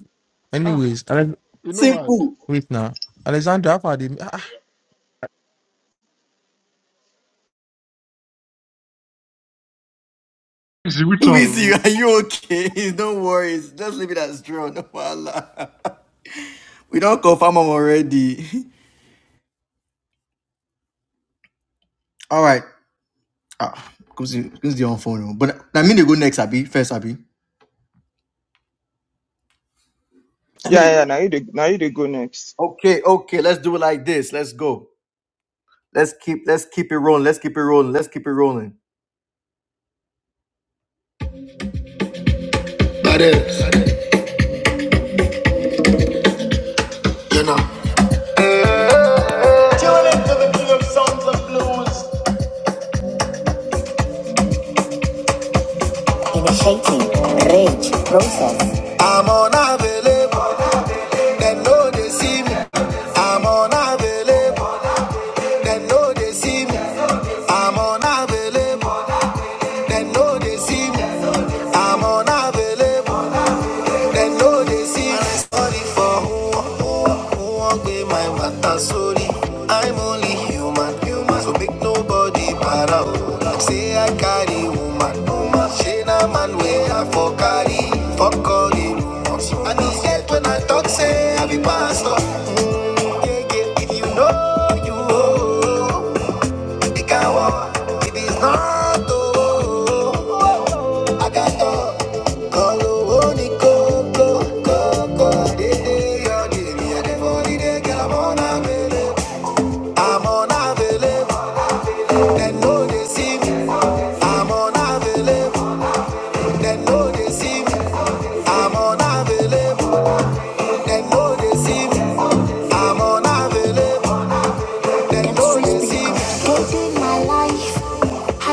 S6: Ah,
S4: Anyways, Ale-
S6: you know her.
S5: Simple.
S4: wait now. Alexandra, how they? Ah.
S9: See which one?
S5: Weezy, are you okay? Don't worry. Just leave it as drawn. Voila. We don't confirm am already. All right. Ah, comes the comes the on phone. oh. But I mean they go next, Abby. First, Abby.
S1: yeah, yeah. Now you dey- now you dey go next.
S5: Okay, okay. Let's do it like this. Let's go. Let's keep let's keep it rolling. Let's keep it rolling. Let's keep it rolling. I'm unavailable. They know they see me. I'm unavailable. They know they see me. I'm unavailable. They know they see me. I'm unavailable. They know they see me. Sorry for who, who, who won't pay my matter. Sorry, I'm only human. human. So make nobody para. oh. Say I carry woman. woman. She na man where I for carry. Fuck all the rumors. And it's yet when I talk say I be pastor. Mm, yeah, yeah. If you know you, oh, oh, oh. If it is not, oh, oh, oh, oh. I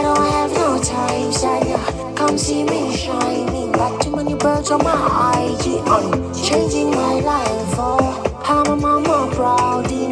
S5: don't have no time, so I don't see what to bring in my life.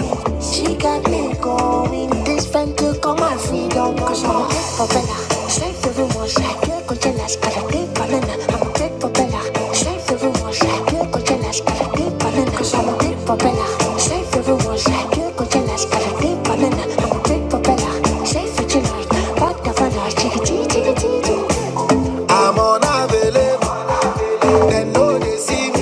S5: You got me going. This friend took all my freedom. Cause I'm a dick for Bella. Save everyone, shake your containers. Gotta deep banana. I'm a dick for Bella. Save everyone, shake your containers. Gotta deep banana. Cause I'm a dick for Bella. Save everyone, shake your containers. Gotta deep banana. I'm a dick for Bella. Save it tonight. Back the fun, I take it, take it, I'm on Avila, no deceive.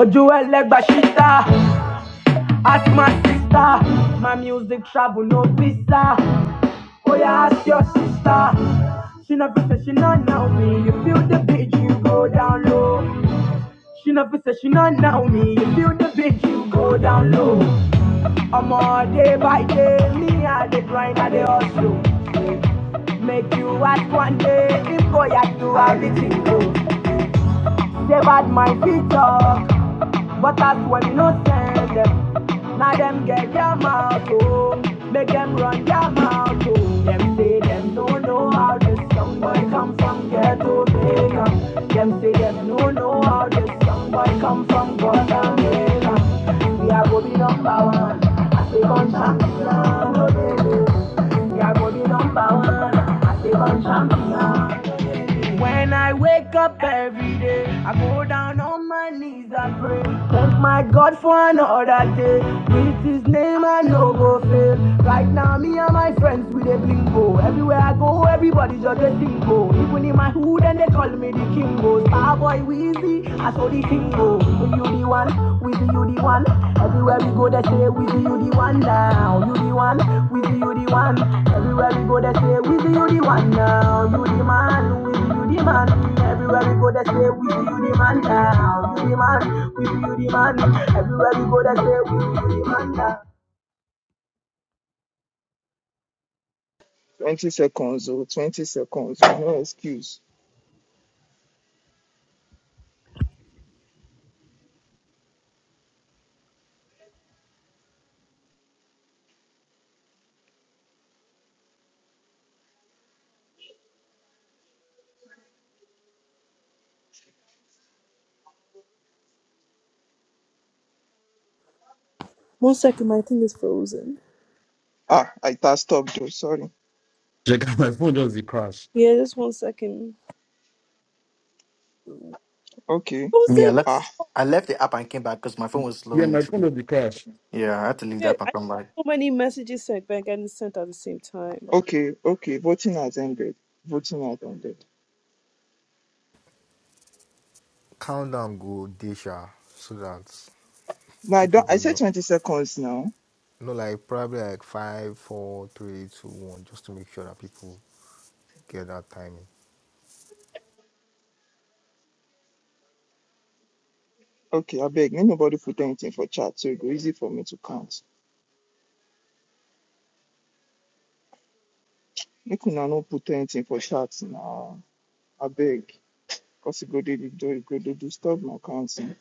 S2: ojú ẹlẹgbà Ask my sister, my music travel no visa. Oh yeah, ask your sister. She never said she not know me. You feel the beat, you go down low. She never said she not know me. You feel the beat, you go down low. I'm all day by day, me I the grind, I the hustle. Make you ask one day, if go ya do everything go. They bad my feet up, but that's when we no send them. Now them get their mouth, oh, make them run their mouth, oh. Them say them don't know how this young boy come from ghetto Jamaica. Them say them don't know how this young boy come from Guatemala. We are go be number one, I say gun champion, oh baby. We are go be number one. I say I'm champion. When I wake up every day, I go down on my knees and pray. Thank my God for another day. With His name, I no go fail. Right now, me and my friends we dey blingo. Everywhere I go, everybody just dey single. Even in my hood, and they call me the Kingo. Starboy, Weezy. I saw the thing go, we you the one, we the you the one. Everywhere we go, they say we the you the one now. You the one, we the you the one. Everywhere we go, they say we the you the one now. You the man, we the you the man. Everywhere we go, they say we the you the man now. You the man, we the you the man. Everywhere we go, they say we the you the man now.
S1: Twenty seconds or twenty seconds. oh, No excuse.
S11: One second, my thing is frozen.
S1: Ah, I tapped stop though. Sorry.
S11: Yeah, just one second.
S1: Okay.
S11: Who
S5: Me, I
S11: said?
S5: left,
S1: Ah,
S5: I left the app and came back because my phone was slowing. Yeah, I had to leave the
S11: Yeah,
S5: app and
S11: I
S5: come back.
S11: so many messages sent back and sent at the same time.
S1: okay, okay. Voting has ended. Voting has ended.
S10: Count them go desha so that
S1: Now I
S10: people
S1: don't. I
S10: go
S1: said
S10: know.
S1: twenty seconds now.
S10: No, like probably like five, four, three, two, one, just to make sure that people get that timing.
S1: Okay, I beg. Make nobody put anything for chat, so it go easy for me to count. Make una no put anything for chat now. I beg. Cause it go dey do- it go dey disturb my counting.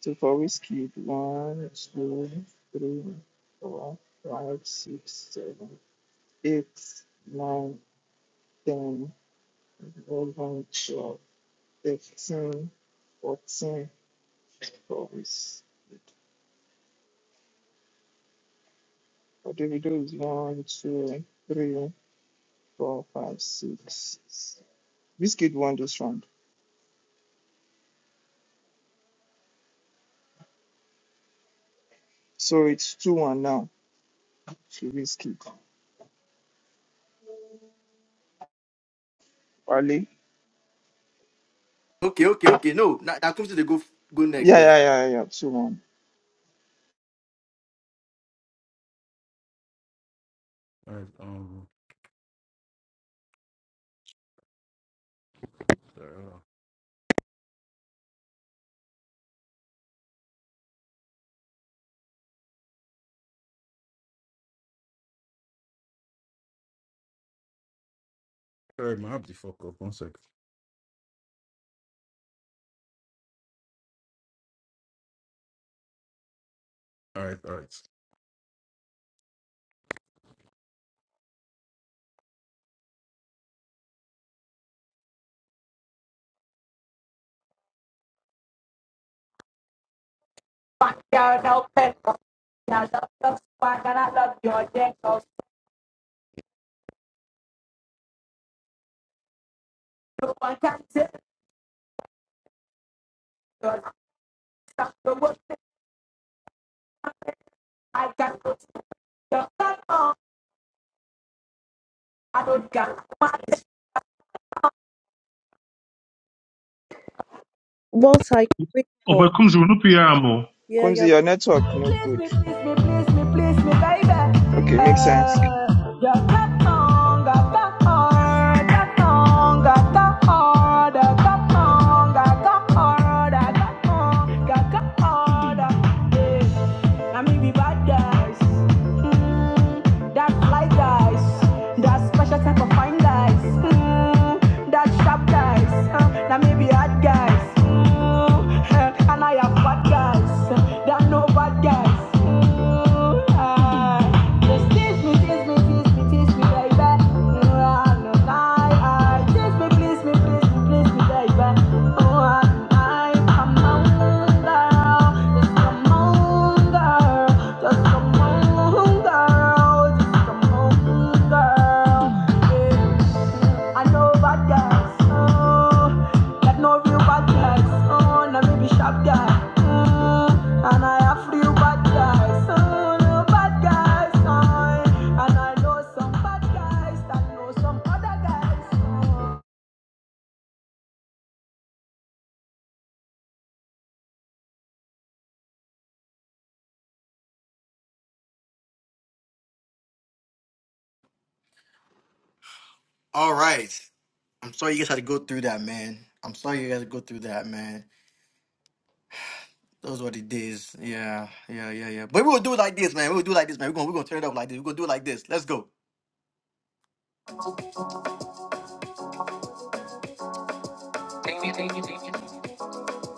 S1: So for we keep one, two, three, four, five, six, seven, eight, nine, ten, eleven, twelve, thirteen, fourteen. For we. For Davido is one, two, three, four, five, six. Biscuit won this round. So it's two one now to Biscuit. Wale.
S5: Okay, okay, okay. No, now that comes to the go go next
S1: Yeah, yeah,
S5: first.
S1: yeah, yeah, two one.
S2: All right, um, sorry, my app the fuck up. One sec. All right, all right.
S11: Multi
S9: Oh, but
S11: grateful.
S9: comes will not be here. Now
S11: Yeah,
S1: Kumzi,
S11: yeah.
S1: your network no
S2: Please
S1: good.
S2: me, please me, please me, please me, baby.
S1: Okay, makes
S2: Uh,
S1: sense.
S2: your cat on, got the heart, got on, got the heart, uh, got on, got the heart, uh, got on, got the heart, uh, yeah be bad guys. Mm, that fly guys. That special type of fine guys. Mm, that sharp guys. Uh, that may be hard guys. Mm, eh, and I have bad guys. That no bad guys. Just come on, girl. Just come on, girl. Just come on. I oh, like no oh, mm, oh, no oh, oh.
S5: All right. I'm sorry you guys had to go through that, man. I'm sorry you guys had to go through that, man. Those were the days. Yeah, yeah, yeah, yeah. But we'll do it like this, man. We'll do it like this, man. We're gonna we're gonna turn it up like this. We're gonna do it like this. Let's go.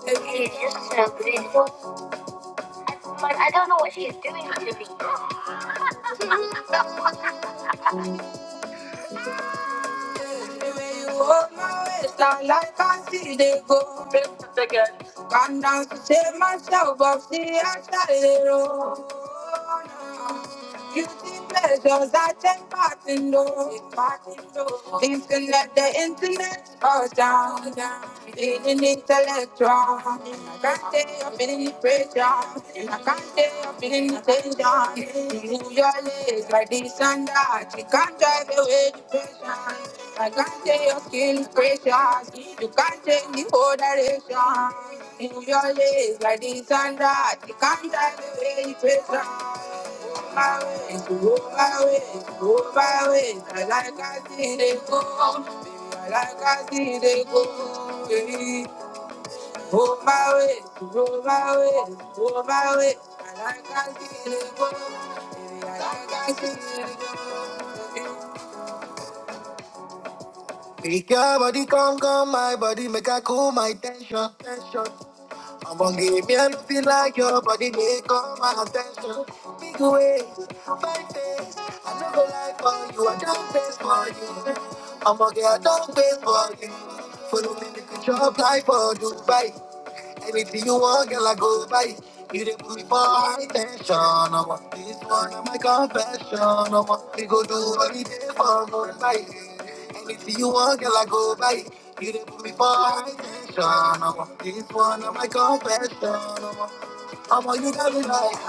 S5: She's just so good. But I don't know what she's doing to me. The way you hold my waistline like I see they go. Gone down to save myself off the outside road. Guilty pleasures I take back in door. Things can let the internet fall down. Feeling intellectual. I can't take up feeling the pressure. I can't take up feeling the tension. You move your legs like this and that. You can't drive away depression. I can't take your skin is precious. You can't take the whole direction. In your ways, like this and that, you can't drive away the praise from my ways. You go my ways, you go my ways. I like I see they go, baby. I like I see they go, baby. Go my ways, you go my ways, you go my ways. I like I see they go, baby. I like I see they go. baby. Make your body come, come, my body, make I cool my tension. I'm gonna give me and feel like your body make all my attention. Face, face, I never like all you need fight before. Now my confession, I'm all you got me like.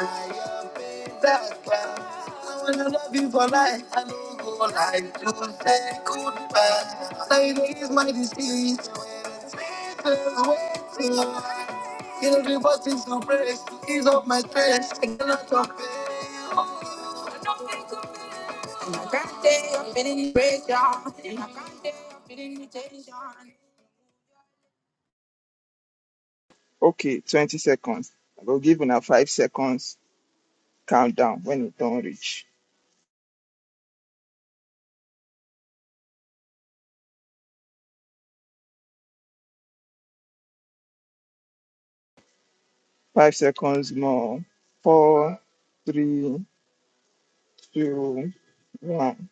S5: That's I wanna love you for life. I don't go like to say goodbye. Say this my disease. This is waiting. You know the buttons to press, ease up my stress. I cannot stop it.
S1: Okay, 20 seconds. I will give una five seconds countdown when it don't reach. Five seconds more. Four, three, two, one.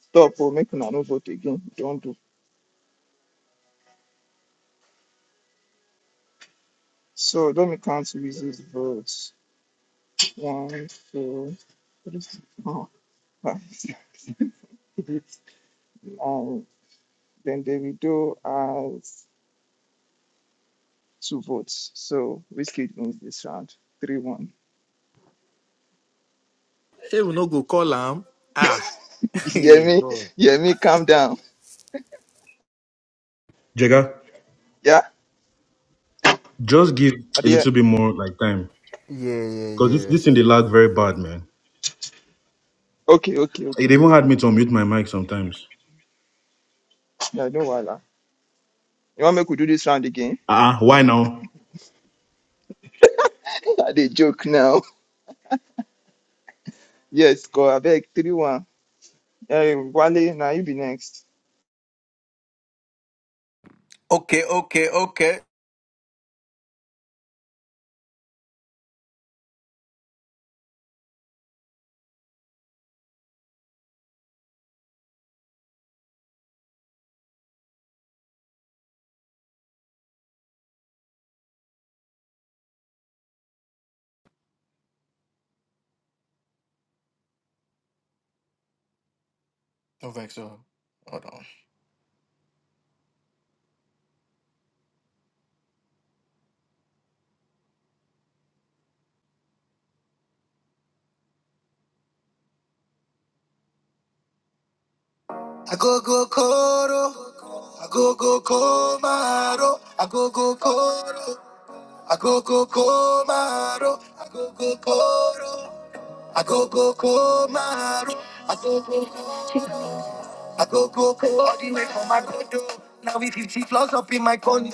S1: Stop or make una no vote again. Don't do. So let me count Lizzie's votes. One, two, three, four, five, six, nine. Then they will do as two votes. So whiskey wins this round. Three one.
S16: She will not go call him. Ah,
S1: You hear
S16: hey
S1: me.
S16: God.
S1: Yemi, me. calm down.
S2: Jega,
S1: Yeah.
S2: just give a
S1: Adia,
S2: little bit more like time,
S10: Yeah, yeah,
S2: cause this
S10: yeah.
S2: this thing they lag very bad, man.
S1: okay, okay,
S2: It
S1: okay.
S2: even had me to unmute my mic sometimes.
S1: Yeah, no wala. You want me to do this round again?
S2: Ah, uh-uh, why now?
S1: they joke now. Yes, go abeg three one. Eh, Wale, now you be next.
S5: Okay, okay, okay. No Vexo. Hold on. I go go ko, I go go komaro, I go go koro, I go go komaro, I go go koro, I go go komaro, I go go ko, I go go ko, all the way from my condo. Now we 50 floors up in my condo,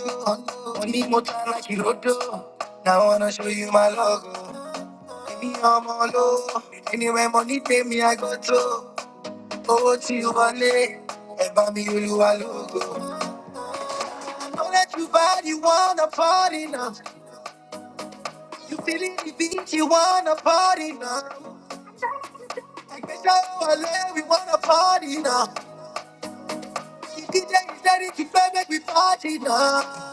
S5: only motor like Hirodo. Now I wanna show you my logo, give me all my low. Anywhere money pay me, I go to. Owó tí o wọlé, ẹ bá mi olúwa lógo. Know that you body wanna party now. You feeling the beat, you wanna party now. Like the show I live, we wanna party now. The DJ is ready to play, make we party now.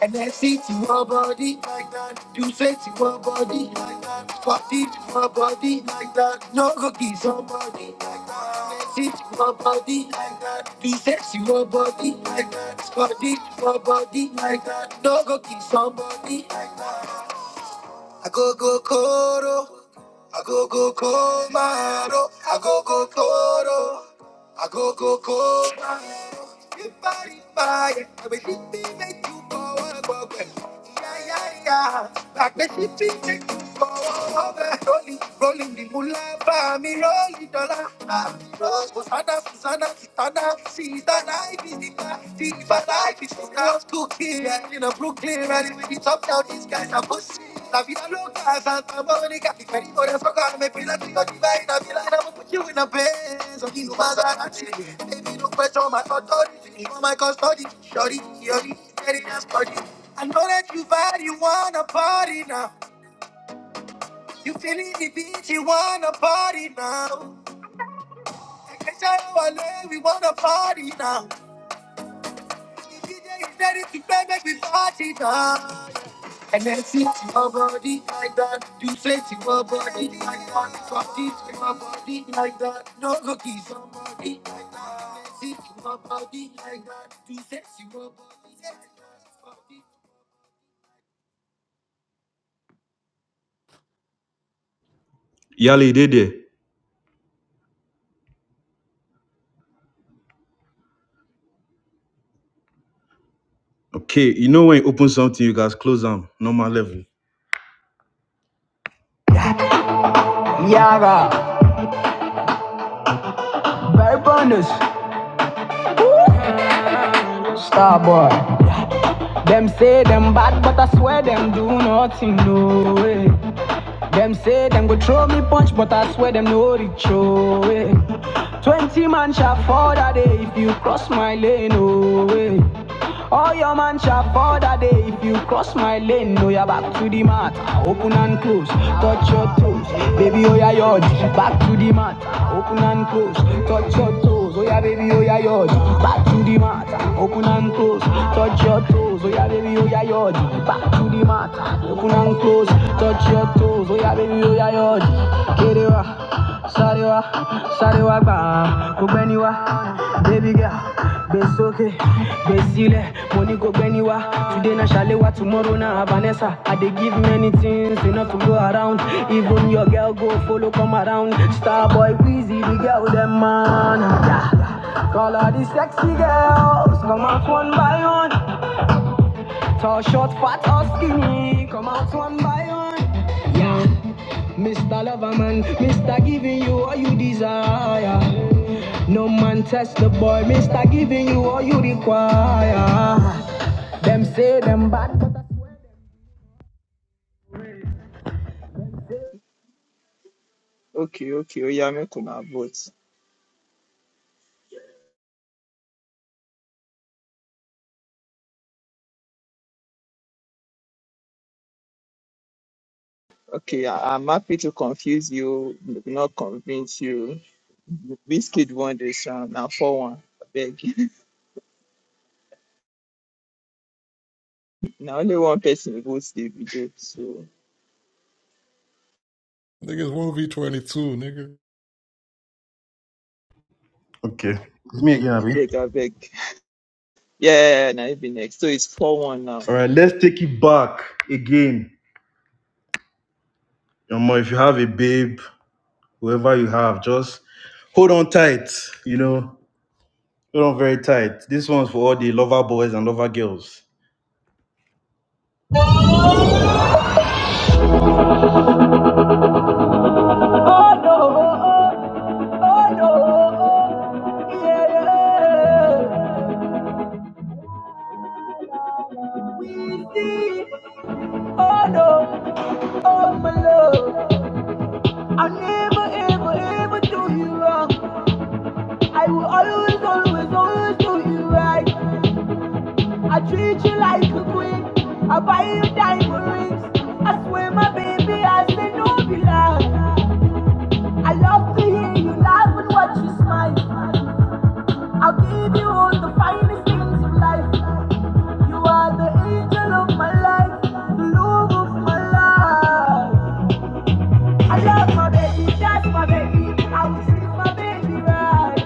S5: And then see to her body like that. Do say to her body like that. Party to her body like that. No cookies, somebody like that. And then see to her body like that. Do say to her body. I go go, you body fire. I will make you go. Make you go. Ah. Sana, sana, see that life is deep, but life is tough to And you know, maybe these guys are pussy. La vida loca, they got to go divide. I be like, I'ma put you in a question on my authority. You're just party. I know that you find a party now. Bitch, you party now. It's all over, we wanna party now. DJ is ready to play, make me party now. Energy your body like that. You say to your body like that. Coffee to your body like that. No cookies, somebody like that. Energy your body like that. You say to your body like that. Coffee-
S2: Yali, did there. Okay, you know when you open something, you guys close them. Normal level. Yara, very bonus, star boy. Them say them bad, but I swear them do nothing, no way. Them say them go throw me punch, but I swear them no reach, oh way. Twenty man shall fall that day if you cross my lane, oh way. All your man shall fall that day if you cross my lane, no, you're back to the mat. open and close, touch your toes. Baby, oh yeah, yod. Back to the mat. Open and close. Touch your toes. Oh yeah, baby, oh yeah, yod. Back to the mat. Open and close. Touch your toes. Oh yeah, baby, oh yeah, yod. Back to the mat. Open and close. Touch your toes. Oh yeah, baby, oh yeah, yod. Kerewa. sarewa, sarewa, Sorry, wa. Ba. Kubeni Baby girl. Besoke, Besile, money go anywhere. Today na Shalewa, tomorrow na Vanessa. I dey give many things enough to go around. Even your girl go follow come around. Star boy Weezy, the girl them man. Yeah. Call all the sexy girls, come off one by one. Tall, short, fat or skinny, come out one by one. Yeah, Mr. Loverman, Mr. Giving you all you desire. No man test the boy, Mr. Giving you all you require. Them say them bad, but
S1: Okay, okay. Oh yeah, make una vote. Okay, I, I'm happy to confuse you, not convince you. Biscuit won this round. Now four one. Abeg. now only one person votes the video, so
S12: Niggas one v twenty two, nigga.
S2: Okay. It's me again, Abby.
S1: abeg, abeg. Yeah, now you be next. So it's four one now.
S2: All
S1: Oh
S2: right, let's take it back again. Omo, if you have a babe, whoever you have, just hold on tight, you know, hold on very tight. This one's for all the lover boys and lover girls. Oh no, oh no, yeah, yeah. We see, oh no, oh my love. I never, ever, ever do you wrong. I will always, always, always do you right. I treat you like a queen. I buy you diamond rings. I swear, my baby, I say no be lie. I love to hear you laugh and watch you smile. I'll give you all the finest things of life. You are the angel of my life, the love of my life. I love my baby, that's my baby. I will treat my baby right.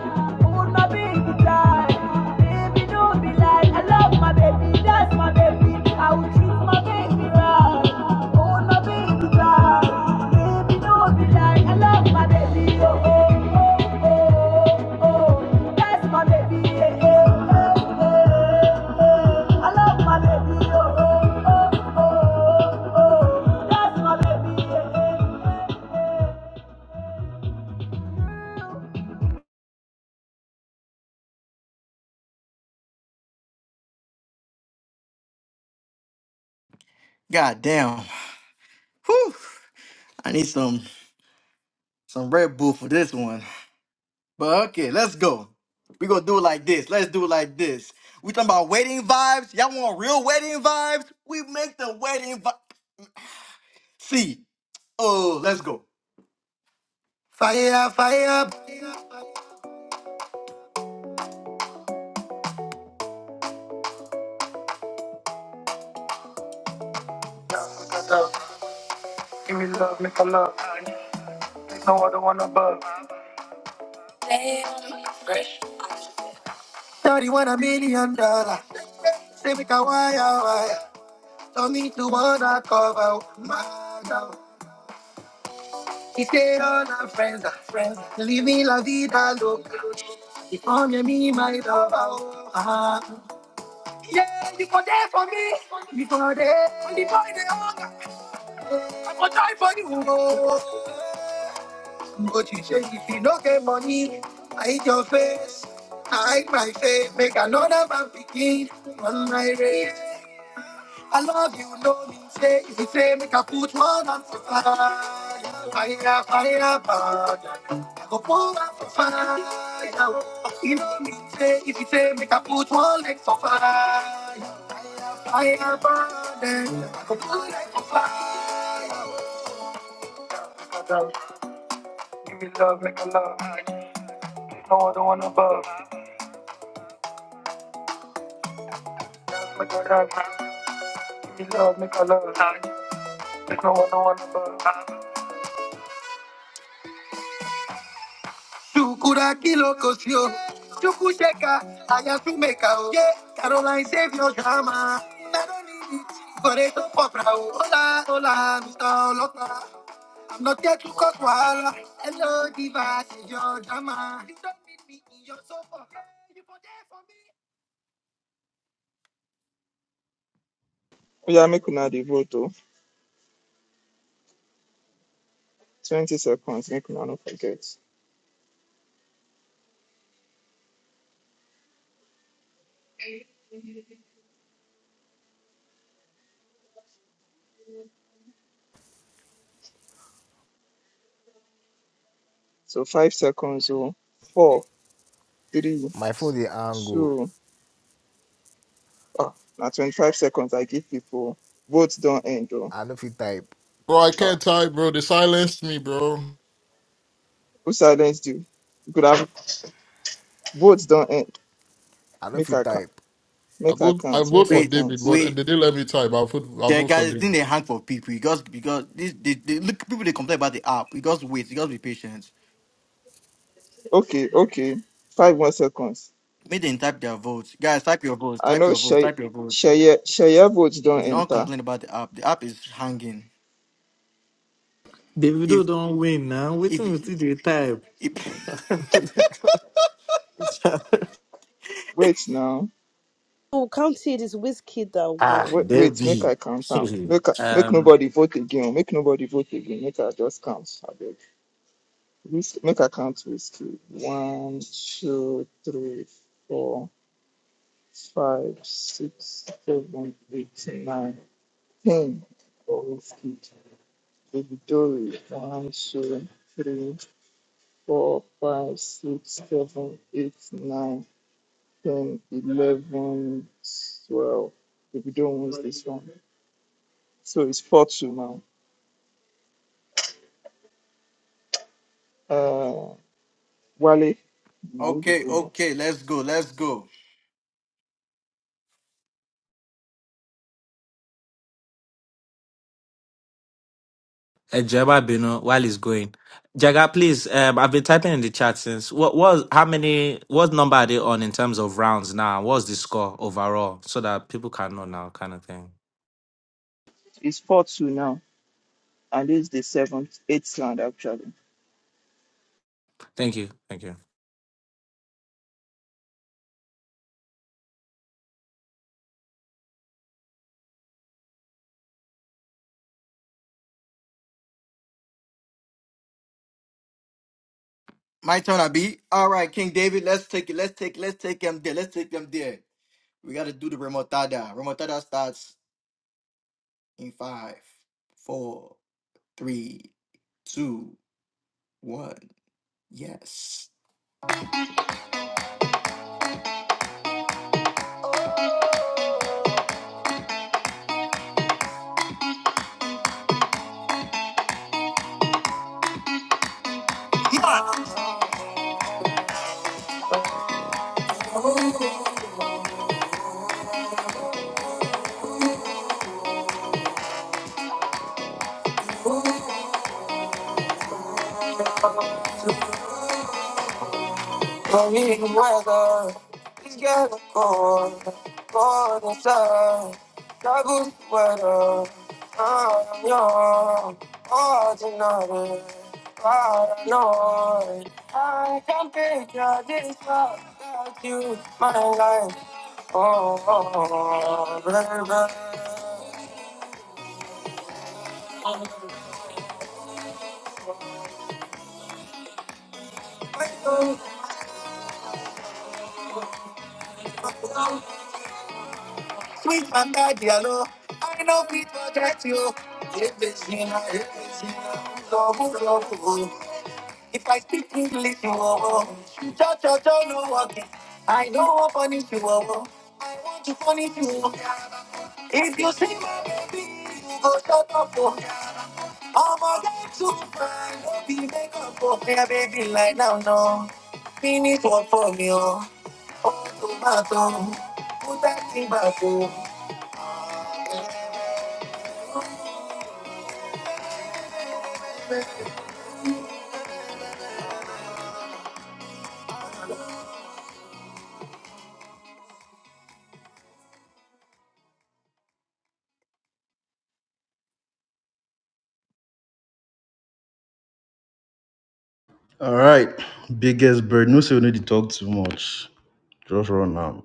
S2: Hold my baby tight. Baby, don't be like I love my baby, that's my baby. I will treat my baby right. Hold my baby tight. Baby, don't be like I love my baby. Oh, oh, oh, oh, oh. That's my baby. Yeah, yeah, yeah, yeah. yeah. I love my baby. Oh, oh, oh, oh, oh. That's my baby. Yeah, yeah.
S5: God damn. Whew. I need some some Red Bull for this one. But okay, let's go. We gonna do it like this. Let's do it like this. We talking about wedding vibes. Y'all want real wedding vibes? We make the wedding vibe. See. Oh, let's go. Oh, give me my love. Yeah, you go there for money. Only boy they owe. She say if you no get money.
S1: yeah, make una the vote. Oh. Twenty seconds. Make una no forget. So five seconds. So four, three,
S10: My phone the angle.
S1: two. Ah, now twenty-five seconds. I give people. Votes don't end. Oh,
S10: I don't feel type.
S12: Bro, I
S1: ah,
S12: can't tie, bro. They silenced me, bro.
S1: who silenced you? You could have votes don't end.
S10: I don't
S1: Make
S10: feel
S1: I count.
S10: type.
S12: I
S1: Make I
S12: vote. I
S1: count.
S12: vote
S1: Make
S12: for
S1: I
S5: Wait,
S1: count.
S12: David, but they
S5: wait.
S12: didn't let me tie. I vote. I
S5: There
S12: vote for
S5: guys didn't
S12: David.
S5: they hang for people because because this they, they look people they complain about the app. You just wait, you just be patient.
S1: Okay, okay. Five more seconds.
S5: Make them type their votes. Guys, type your votes,
S1: I
S5: type
S1: know
S5: your votes,
S1: Shay
S5: type your votes.
S1: Shaye Shaye votes don't
S5: Because don't
S1: enter.
S5: complain about the app. The app is hanging.
S16: Davido
S5: If
S16: don't win now. Waiting with
S5: if
S16: the type.
S5: if
S1: Wait now.
S11: Oh, counted is Wizkid that
S16: ah,
S11: won.
S1: Wait, wait, make I
S16: Debbie.
S1: count now. Make I- make
S8: Um,
S1: nobody vote again. oh, Make nobody vote again. Make I just count. Miss- Make I count with you. One, two, three, four, five, six, seven, eight, nine, ten. For whiskey. Baby Dory. One, two, three, four, five, six, seven, eight, nine, ten, eleven, twelve. Baby Dory wins this one. So it's four two now. Uh, Wale. Now you the
S5: okay, okay,
S1: bonus.
S5: let's go, let's go.
S8: Ejeba Bino, while he's going. Jaga, please. Um, I've been typing in the chat since. What was how many? What number are they on in terms of rounds now? What's the score overall, so that people can know now, kind of thing.
S1: It's four two now, and this is the seventh, eighth round actually.
S8: Thank you, thank you.
S5: My turn, I be. All right, King David, let's take it. Let's take let's take them there. Let's take them there. We gotta do the remontada. Remontada starts. in five, four, three, two, one. Yes. I weather, it's getting cold, cold inside, double sweater, I'm young, all tonight. I know, sweet man got yellow, I know people protect you, if it's in a, if it's in a, double trouble. If I speak English, you will. Cha cha cha, no walking. I know what punish you will. Want to punish you. oh. If you see my baby, you go shut up. Oh. I'm a guy too fine. Don't be make up for me, baby. Like now, no. Finish work for me, oh. Oh, tomato.
S2: Right. Gesbert, no talk too much. Just run now.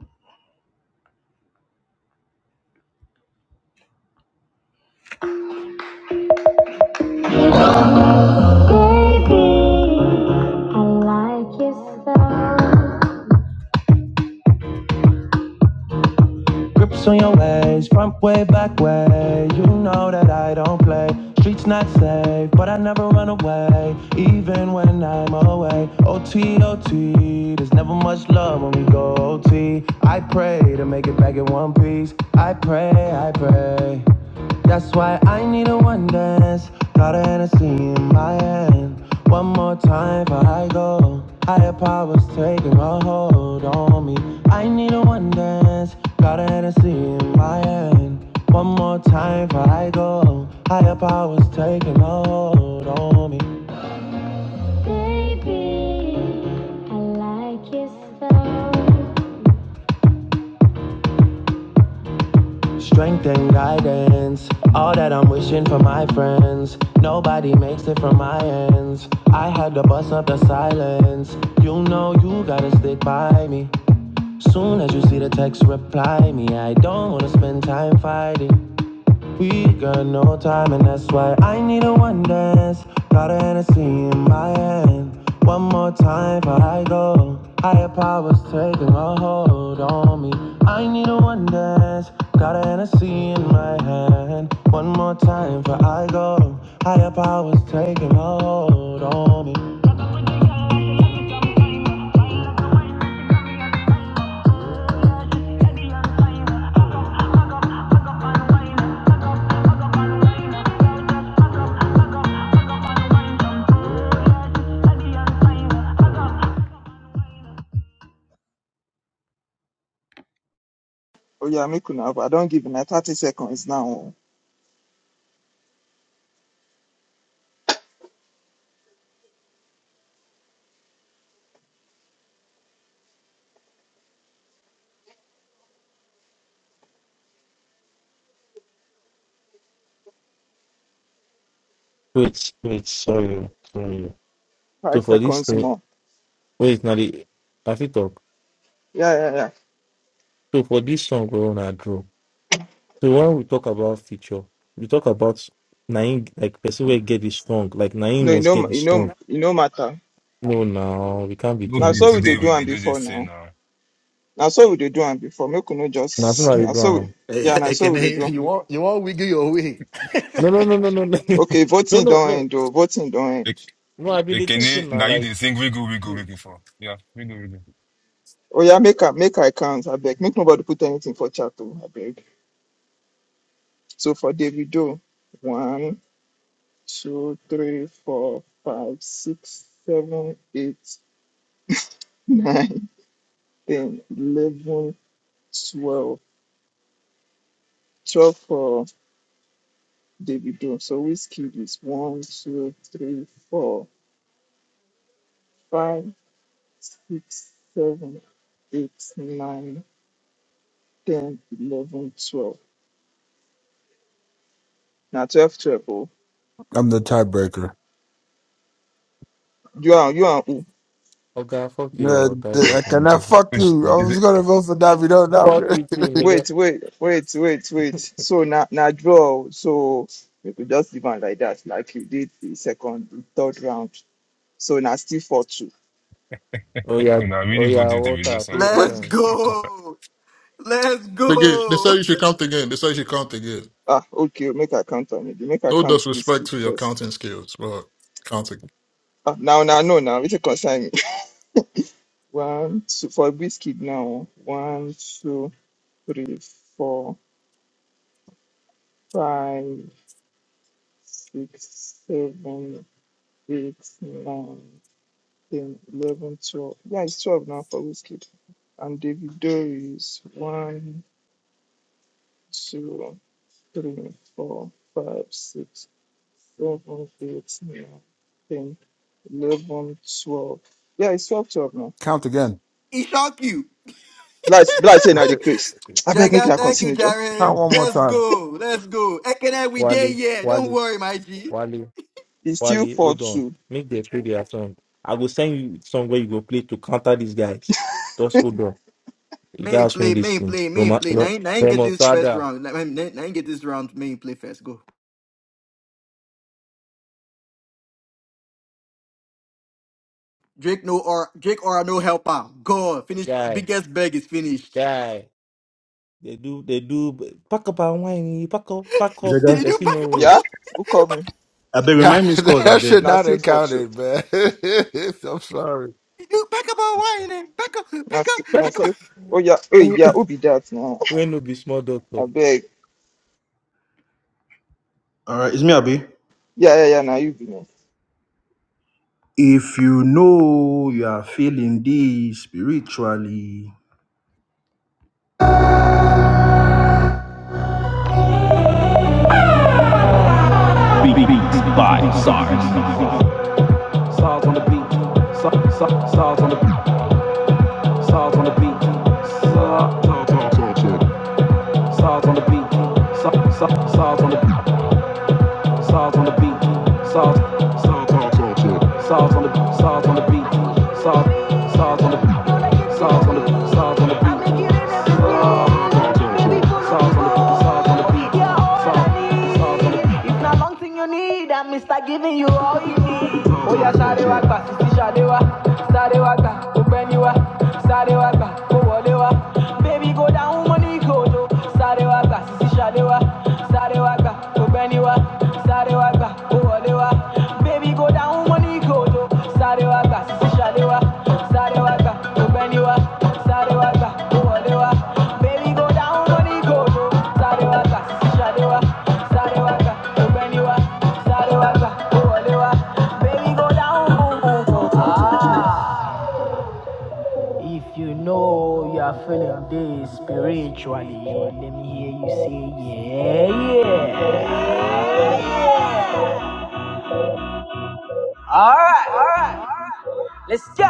S2: Grips on your ways, front way, back way. You know that I don't play. Streets not safe, but I never run away. Even when I'm away. O T O T. there's never much love when we go O T. I pray to make it back in one piece. I pray, I pray. That's why I need a one dance. Got a Hennessy in my hand. One more time before I go. Higher powers taking a hold on me. I need a one dance. Got a Hennessy in my hand. One more time before I go. Higher powers taking a hold on me. Baby, I like your style. Strength and guidance, all that I'm wishing for my friends. Nobody makes it from my ends. I had to bust up the silence. You know you gotta stick by me. Soon as you see the text, reply me. I don't wanna spend time fighting. We got no time, and that's why I need a one dance. Got an Hennessy in my hand. One more time before I go. Higher powers taking a hold on me. I need a one dance. Got an Hennessy in my hand. One more time before I go. Higher powers taking a hold on me.
S1: Oh yeah, make una I don't give na thirty seconds now. oh.
S4: Wait, wait. Sorry, sorry.
S1: Five
S4: So for this
S1: seconds
S4: thing,
S1: more.
S4: wait now. The I fit talk.
S1: Yeah, yeah, yeah.
S4: So for this song we wanna draw. So when we talk about feature, we talk about Naim like person will get this song. Like Naim
S1: No, you
S4: was
S1: know,
S4: get
S1: you
S4: this song.
S1: know, you know matter.
S4: No, now we can't be
S17: No
S1: Now
S4: doing
S17: be
S1: so
S4: this
S1: we dey
S17: today
S4: now.
S1: do
S17: we
S1: am
S17: they do
S1: before
S17: this thing
S1: now.
S17: now.
S1: Now so we dey do am before. Make no
S4: Nothing
S1: just
S4: like
S1: now so we
S4: Abraham.
S16: Hey,
S1: yeah, now
S16: hey,
S1: so
S16: can
S1: we
S16: I,
S1: dey do.
S16: you want you want wiggle your way?
S4: No, no, no, no, no, no,
S1: Okay,
S4: no,
S1: voting
S4: no,
S1: don't
S4: no.
S1: end oh, voting don't
S17: Like,
S1: end.
S4: No, I've been dating since
S17: Ekene,
S4: now.
S17: now you
S4: Like,
S17: they sing wiggle wiggle wiggle for. Yeah, wiggle wiggle.
S1: Oh yeah, make a make I count, I beg. Make nobody put anything for chat oh, I beg. So for Davido, one, two, three, four, five, six, seven, eight, nine, ten, eleven, twelve. 12 for Davido. So Whiskey is 1, 2, three, four, five, six, seven, eight, nine, ten, eleven, twelve. Now 12, 12. Oh.
S18: I'm the tiebreaker.
S1: You are, you are. oh.
S4: okay, fuck
S18: Uh,
S4: your
S18: I
S4: tiebreaker. and
S18: cannot
S4: shit.
S18: fuck
S17: Which
S4: That's
S18: you. I
S4: me.
S17: is
S18: was
S17: it?
S18: gonna vote for Davido. Now,
S4: Fuck you too, nigga.
S1: Wait, wait, wait, wait, wait. So now, now draw. oh. So we could just leave on like that, like you did the second, the third round. So now still 4, 2.
S4: Oh yeah,
S17: You know, I
S4: oh
S17: really
S4: yeah.
S17: voted the video
S4: Walter,
S17: song.
S4: play your
S18: what?
S4: song.
S17: Which,
S12: Again, they say you should count again. They say you should count again.
S1: Ah, okay, make a count on it. Make a
S12: No
S1: count
S12: disrespect
S1: Whiskey
S12: to your
S1: first.
S12: counting skills, but counting.
S1: Ah, now, now, no, now, it's a concern. One, two, for Wizkid now. One, two, three, four, five, six, seven, eight, nine, ten, eleven, twelve. Yeah, it's twelve now for Wizkid. And David is One, two, three, four, five, six, seven, eight, nine, ten, eleven, twelve. Yeah, it's twelve, twelve now.
S18: Count again.
S5: He shock you.
S1: Like, like saying I
S18: Count
S1: decrease. I beg, make
S5: Jagger,
S1: that
S5: thank you,
S1: continue, Joe.
S5: Jared.
S18: one more
S5: Let's
S18: time.
S5: go. Let's go. Ekene, we there,
S4: Wally,
S5: yeah. Don't
S4: Wally,
S5: worry, my G.
S4: Wally,
S1: It's still
S4: Wally.
S1: four,
S4: Hold on.
S1: two.
S4: Make the play their song. I will send you song where you go play to counter these guys. Just hold on. You
S5: Main
S4: guys win
S5: play,
S4: this
S5: main
S4: thing.
S5: play, main
S4: Roma,
S5: play. Now, now ain't get
S4: Remo,
S5: this first
S4: Tada.
S5: round. Now, now ain't get this round main play first. Go. Drake no or Drake or no helper. Go. Finish.
S4: guy,
S5: Biggest bag is finished.
S4: guy. They do, they do. but Pack up and whine. Pack up, pack up.
S5: you do
S4: There's
S5: back
S4: no
S5: up on
S4: way.
S1: Yeah?
S5: one.
S1: Who called me?
S5: Back,
S2: I beg,
S18: God,
S2: remind me scores, I
S18: that should
S2: beg.
S1: Now
S18: not
S1: still
S18: have
S1: four two.
S18: counted, man. I'm sorry.
S5: you do back up on one. and Back up.
S1: Now
S5: Back
S1: still,
S5: up.
S1: na
S5: Back
S4: Pack
S5: up.
S4: up.
S1: still. Oh yeah, oh yeah, who be that now?
S4: when no be small doctor.
S1: I beg.
S2: All right, it's me, Abi.
S1: Yeah, yeah, yeah. Now you be now.
S2: If you know you are feeling this spiritually, I make it in every Baby, full of people. not one thing you need, I'm Mr. Giving you all you need. Oh, yeah, Shadewa, Sisi Shadewa, Sadewa, Ubeniwa, Sadewa, Owolewa. Baby, go down, money, go, Sadewa, Sisi Shadewa, Sadewa, Ubeniwa sáré wá gbà ó wọlé wá bébí go down money go do sáré wá gbà sísí ṣàlé wá sáré wá gbà ó gbẹ́ni wá sáré wá gbà ó wọlé wá bébí go down money go do sáré wá gbà sísí ṣàlé wá sáré wá gbà ó gbẹ́ni wá sáré wá gbà ó wọlé wá bébí go down boom boom boom. Ah. If you know you are feeling this spiritually, let me hear you say, yeah, yeah. yeah. All right, all right, let's go.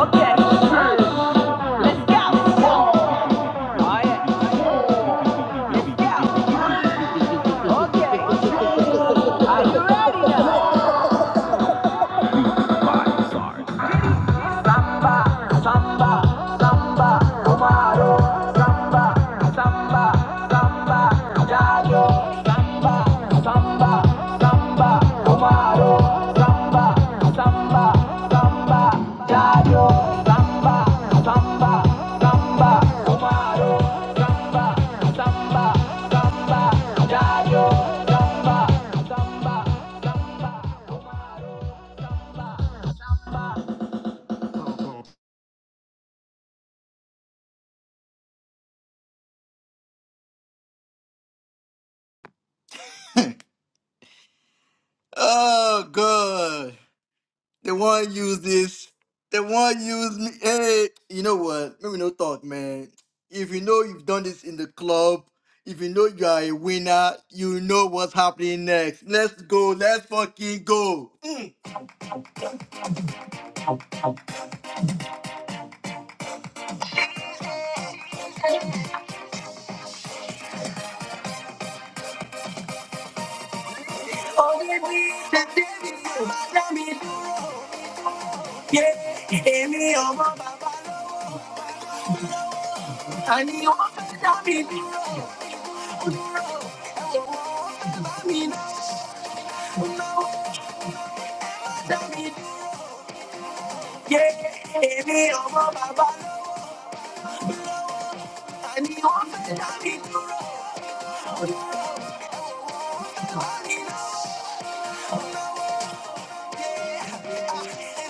S2: Okay, let's go. All right, let's go. Okay, are you ready now?
S5: Oh god. They want use this. They want use me. Hey, you know what? Let me no talk, man. If you know you've done this in the club, if you know you are a winner, you know what's happening next. Let's go. Let's fucking go. You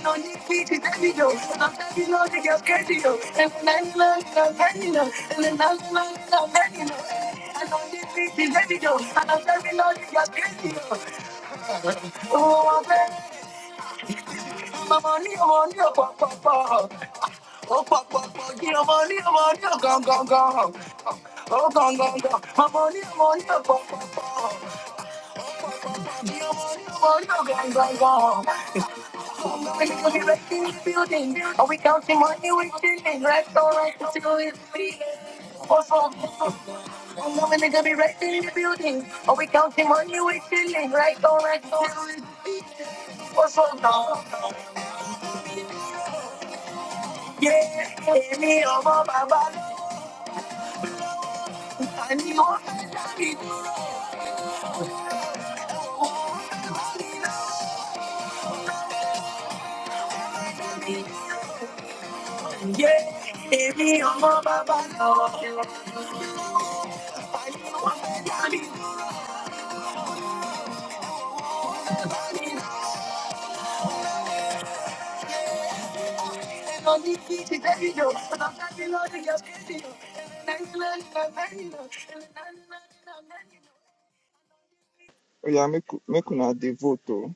S5: know, you see, she's happy, yo. Sometimes you know, they get crazy, yo. And when I love, I'm happy, yo. And then I love, I'm happy, yo. I know you see, she's happy, yo. And I'm happy, yo, they get crazy, yo. Money, money, your money, gong, gong, gong. Oh, gong, gong, gong. My money, your money, gong, gong. Yeah, èmi ọmọ bàbá lọ. Yeah, èmi ọmọ bàbá lọ. Lọ ní kí ti tẹ́lẹ̀ jọ. Ọ̀nà tẹ́lẹ̀ lọ́dún yẹn kéde jọ. Give me your baba, baba. I don't need to teach you, tell you, yo. But I'm not the Lord, you're crazy, yo. And I'm not the Lord, you're crazy, yo. And I'm not the Lord, you're crazy, yo.
S1: Oh yeah, make make una dey vote oh.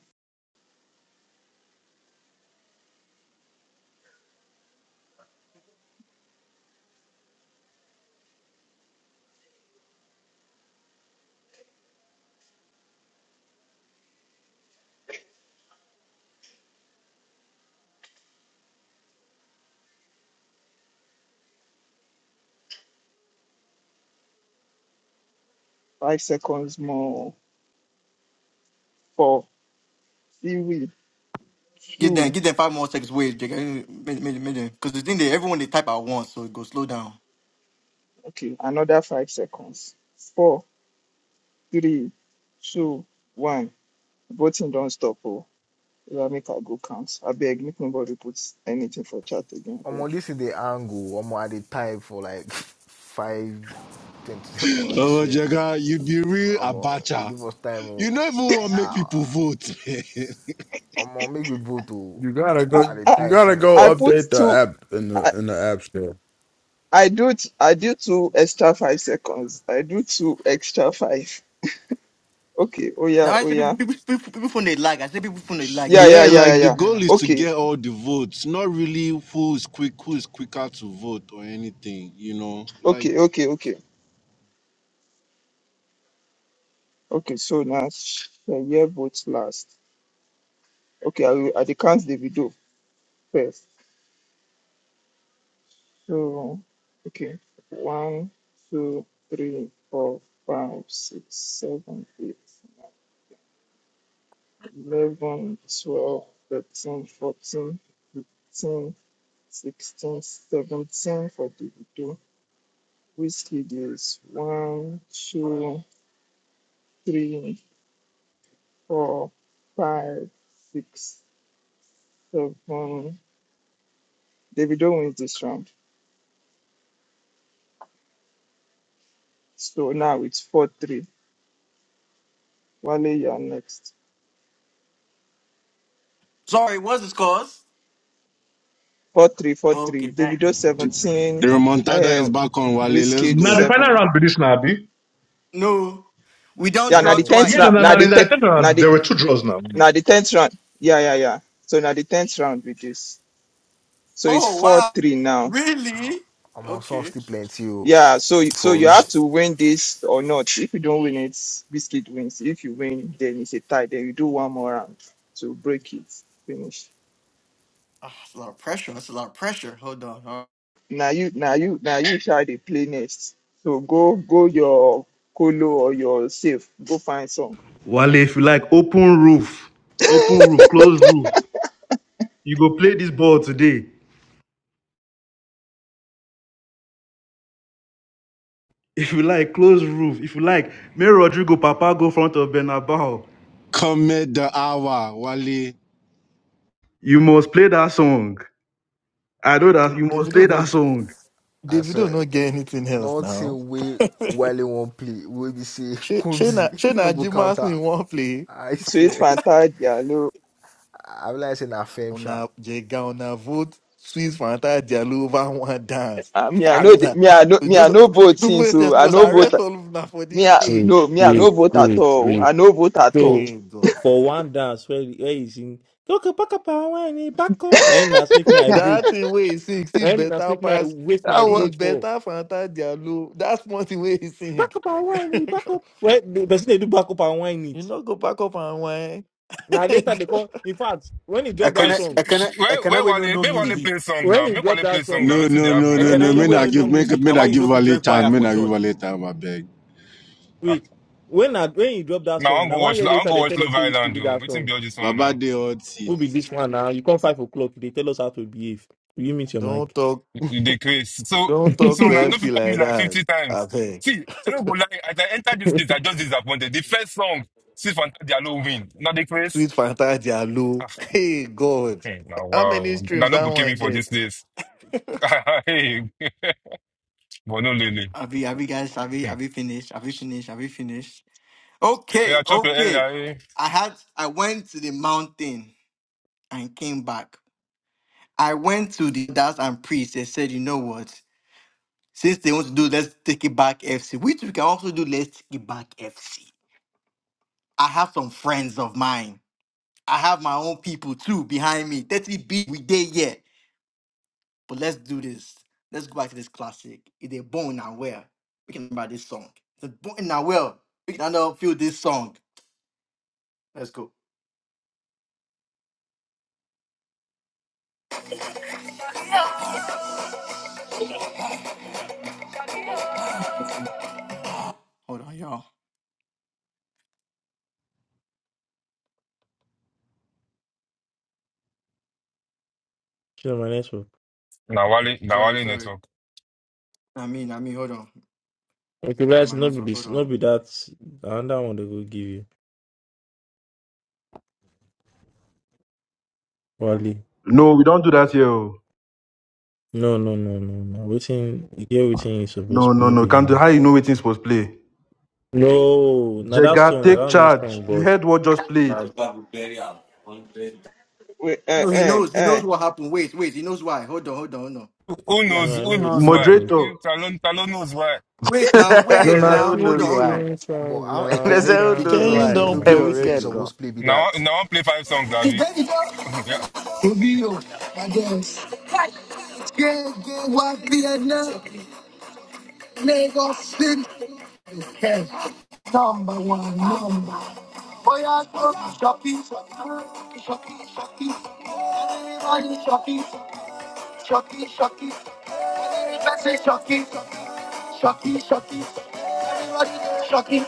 S1: Five seconds more. Four, three,
S5: Get them,
S1: two.
S5: give them five more seconds. Wait, they can, because the thing that everyone they type at once, so it goes slow down.
S1: Okay, another five seconds. Four, three, two, one. Voting don't stop oh. Yeah, make I go count. I beg, make nobody put anything for chat again. I
S10: Omo,
S1: beg.
S10: this is the angle. Omo, I did type for like five twenty seconds, I
S7: Oh,
S10: swear.
S7: Jaga, you be real
S10: Omo, they
S7: abacha.
S10: give us time. oh.
S7: You never want to make
S10: Ah,
S7: people vote. man.
S10: Omo, make we both to
S18: You gotta
S1: I
S10: I
S18: go.
S10: did
S1: I,
S18: You
S10: type
S18: gotta
S1: I
S18: go
S10: since.
S1: put
S18: update the
S1: two.
S18: app in the
S1: I
S18: in the app store.
S1: I do t- I do two extra five seconds. I do two extra five. Okay. Oh
S5: Now
S1: yeah.
S5: I
S1: Oh
S5: say people,
S1: yeah.
S5: people, people, people phone they lag. I say people phone they lag. You
S1: Yeah.
S5: just, you
S1: Yeah. Yeah.
S7: yeah,
S5: just.
S1: Yeah.
S7: like the
S1: yeah.
S5: Yeah.
S7: goal is to
S1: Okay.
S7: get all the votes, not really who is quick, who is quicker to vote or anything. You know, like
S1: Okay. Okay. Okay. Okay. So now the year votes last. Okay. I will. I the count the video first. So okay. One, two, three, four, five, six, seven, eight, eleven, twelve, thirteen, fourteen, fifteen, sixteen, seventeen for the video. Whiskey is one, two, three, four, five, six. So um, Davido wins this round. So now it's 4 3. Wale, you are next.
S5: Sorry, what's the scores?
S1: Four three, four three.
S5: Okay,
S1: 3, 4 3.
S5: thanks.
S1: Davido
S7: the
S1: 17,
S7: remontada is
S1: um,
S7: back on Wale. Let's
S1: Whiskey
S9: the
S7: go.
S9: final
S1: 7.
S9: round be this now, be.
S5: No, we don't
S1: Yeah, now
S5: draw
S1: the
S10: No,
S1: 10th
S9: Yeah,
S5: twice.
S9: no,
S1: round.
S9: no,
S1: Now
S9: no,
S1: the,
S9: in
S1: te-
S9: the third
S1: now,
S9: round
S1: the,
S9: there were two draws now.
S1: now the 10th round. Yeah, yeah, yeah. So now the 10th round with this. So it's
S5: Oh
S1: 4
S5: wow,
S1: 3 now.
S10: ah,
S5: really?
S10: Omo, some
S5: Okay.
S10: still plenty oh,
S1: Yeah, so so
S10: for
S1: you have to
S10: reason.
S1: win this or not. If you don't win it, Biscuit wins. If you win, then it's a tie. Then you do one more round to break it. Finish.
S5: Ah, It's a lot of pressure. It's a lot of pressure. Hold on. Hold
S1: Now you, now you, now you try the playlist. So go, go your colo or your safe. Go find song.
S7: Come at the hour, Wale.
S16: Davido no.
S10: I
S16: Davido
S10: swear,
S16: not get anything else now.
S10: nothing way Wale won't play. We be say,
S16: She
S10: Kumzi,
S16: Shayna
S10: no
S16: Shayna
S10: go
S16: Ajima asked
S10: counter.
S16: me in one play.
S10: I
S1: Sweet
S10: swear.
S1: Fantasia, no.
S10: I realize in a fame shot.
S16: Una Jega una vote Swiss Fanta Dialuva one dance.
S1: Uh, me, I
S16: I'm
S1: know, the-
S16: not,
S1: me, I know,
S16: we
S1: me, I
S16: just
S1: know
S16: the
S1: voting.
S16: way they
S1: So I
S16: supposed to
S1: know vote.
S16: arrest all of them for this
S1: Me, I,
S4: Wait,
S16: stage.
S1: no, me, I
S4: wait,
S1: no vote at
S4: wait,
S1: all.
S4: wait.
S1: I no vote at all.
S4: So
S16: Hey, God.
S4: for one dance where where is in okay, pack up and whine. Pack up. Now in that's make me I vote.
S16: That thing where he sing He
S4: Then that's
S16: better
S4: make me I
S16: pass
S4: waste
S18: I
S4: my
S16: he
S18: was
S4: vote for.
S16: better Fanta Diallo. That's one thing where he sing.
S4: Back up and whine. Back up. Well, the person they do back up and whine
S16: you
S4: it.
S16: not go back up and whine.
S4: Now later they come. In fact, when he
S14: I
S4: drop
S14: can
S4: that song,
S14: I
S17: which-
S14: can I
S17: where
S14: can
S17: where
S14: we
S17: Wale
S14: no
S17: make
S14: no
S17: Wale
S4: see
S14: music.
S17: play song now?
S4: when he
S17: Make
S4: drop
S17: Wale play
S4: that
S17: song
S4: song,
S17: now.
S7: No,
S17: Waiting they
S7: no, no,
S17: happen
S14: I
S7: no,
S4: when
S17: now.
S4: he
S7: no.
S14: can you
S4: drop
S7: May
S14: we
S7: I
S14: no
S4: that
S14: no
S7: give,
S4: song.
S7: may,
S14: music. Now
S7: may I
S14: why you know
S7: give
S14: if you
S7: Wale
S14: join choir
S7: time. May
S14: for
S7: I give
S14: church?
S7: Wale time. I beg.
S17: Ah,
S4: Wait, when I, when you drop that
S17: now I
S4: song,
S17: want go
S4: now one
S17: watch. I
S4: year
S17: want
S4: later
S17: go
S4: they
S17: watch
S4: tell
S17: Love
S4: us say which
S17: Island.
S4: did
S17: though.
S4: that
S17: Waiting
S4: song.
S17: be all this one
S7: Baba
S17: now.
S7: de hot
S4: Will be
S7: seat.
S4: this one now. You come five o'clock, they tell us how to behave. Will you meet your mic?
S16: don't talk
S17: They crazy. So
S16: don't talk
S17: so
S16: to
S17: now no
S16: FC
S17: fit call me
S16: like
S17: like
S16: that.
S17: fifty
S16: I
S17: times.
S16: beg.
S17: See, I don't go lie. As I enter this place, I just disappointed. The first song, see Fanta Diallo win. Now they crazy.
S16: Sweet Fanta Diallo. Hey God.
S17: Hmm, Now,
S16: How many
S17: wow. Now,
S16: streams
S17: no
S16: that
S17: go kill me
S16: one
S17: for
S16: get?
S17: these days. Hey, but no, Lily.
S5: Have you, have you guys, have you,
S17: Hmm.
S5: have you finished? Have you finished? Have you finished? Okay,
S17: Yeah, chop your
S5: okay.
S17: earlier. Eh?
S5: I had, I went to the mountain and came back. I went to the elders and priests and said, you know what? Since they want to do Let's Take It Back FC, which we can also do Let's Take It Back FC. I have some friends of mine. I have my own people too behind me. 30 B we did yet. But let's do this. Let's go back to this classic. It's a are born and well, we can remember this song. If they're born and well, we can now feel this song. Let's go. Hold on, y'all.
S4: Share my network.
S17: Now, Wale, now,
S5: Sorry,
S17: Wale
S5: sorry.
S17: network.
S5: I mean, I mean, hold on.
S4: Okay, guys,
S5: My
S4: not be
S5: network, hold
S4: this,
S5: on.
S4: not be that. The other one they will give you. Wally.
S2: No, we don't do that here. oh.
S4: No, no, no, no, no. Waiting, you get waiting is supposed
S2: No,
S4: to
S2: no,
S4: not
S2: no.
S4: be that
S2: Can't do
S4: one.
S2: how you know waiting supposed to play.
S4: No, now that
S2: Jega,
S4: song,
S2: take
S4: now that means
S2: charge.
S4: song,
S2: You
S4: but
S2: heard what just played.
S1: Wait, eh,
S5: No, he
S1: eh,
S5: knows. He knows
S1: eh.
S5: what happened. Wait, wait. He knows why. Hold on, hold on, hold on.
S17: Who who
S5: Yeah,
S17: knows?
S4: no, I
S17: Who
S4: know
S5: hold on.
S4: waiting
S17: knows
S4: is
S17: why?
S4: waiting.
S2: Moderator.
S17: You- Talon, Talon knows why.
S5: Wait now,
S4: No,
S5: wait
S8: There's
S4: now
S8: a who
S5: now.
S4: still
S5: Hold on,
S4: the
S8: knows
S5: hold
S8: why.
S5: on.
S4: same
S10: But
S4: song
S10: how
S8: There's
S4: now.
S10: Ekene
S8: a who
S4: Calm
S10: take
S8: knows
S10: no
S17: now,
S16: Shane
S8: why.
S10: say, no
S16: don't
S4: down.
S10: be
S8: A
S16: play
S10: waiting, It's
S8: weekend
S16: already.
S8: go.
S10: supposed to play be
S17: now,
S10: that.
S17: I play five songs, Abby. yeah.
S5: Shocky, shocky. Let's say shocky. Shocky, shocky. Shocky,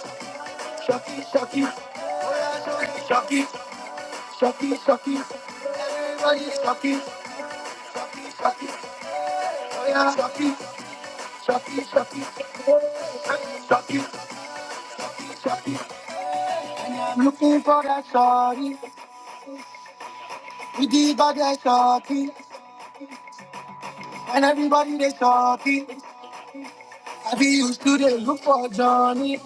S5: Shocky, shocky, shocky, shocky, shocky. Everybody is shocky, shocky, shocky. Oh yeah, shocky, shocky, shocky. Shocky, shocky. I'm looking for that shawty, We did bad that shawty, and everybody they shawty. I be used to the look for Johnny.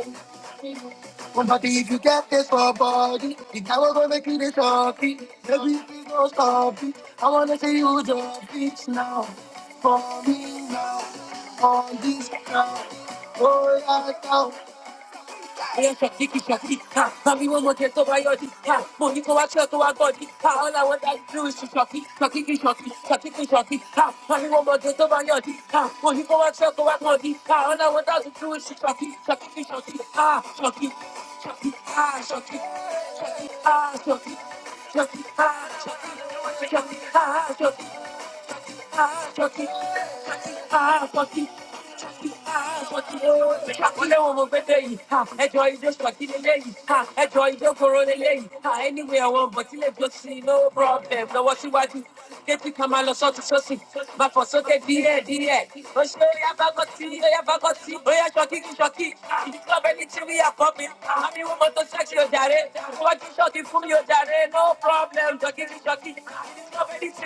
S5: One body if you get this for body. The guy will go make you the talkie. Baby, please don't stop it. I wanna see you drop it now. For me now. On this ground. Oh, yeah, now. Mommy, one more time, go by your dita. Mommy, go watch her, go out, go dita. All I want to do is to shocky, shocky, shocky, shocky, shocky, shocky. Mommy, one more time, go by your dita. Mommy, go watch her, go out, go dita. All I want to do is to shocky, shocky, shocky, ah, shocky, shocky, ah, shocky, shocky, ah, shocky, shocky, ah, shocky, shocky, ah, shocky. Enjoy this particular ha, enjoy the corona lane. Ha, Anywhere I want, but you just see no problem. No, what you want to get you come out of sọ́tún sọ́sì máa fọ̀ sókè díẹ̀ díẹ̀ oṣù oya bágọ́ tí oya bágọ́ tí oya ṣọ́kí kí ṣọ́kí ìdíkọ́ bẹ́ni tí i kọ́ mi àmì wọn mọ́tò ṣẹ́kì ọ̀jàre wọ́n kí ṣọ́kí fún mi ọ̀jàre no problem ṣọ́kí kí ṣọ́kí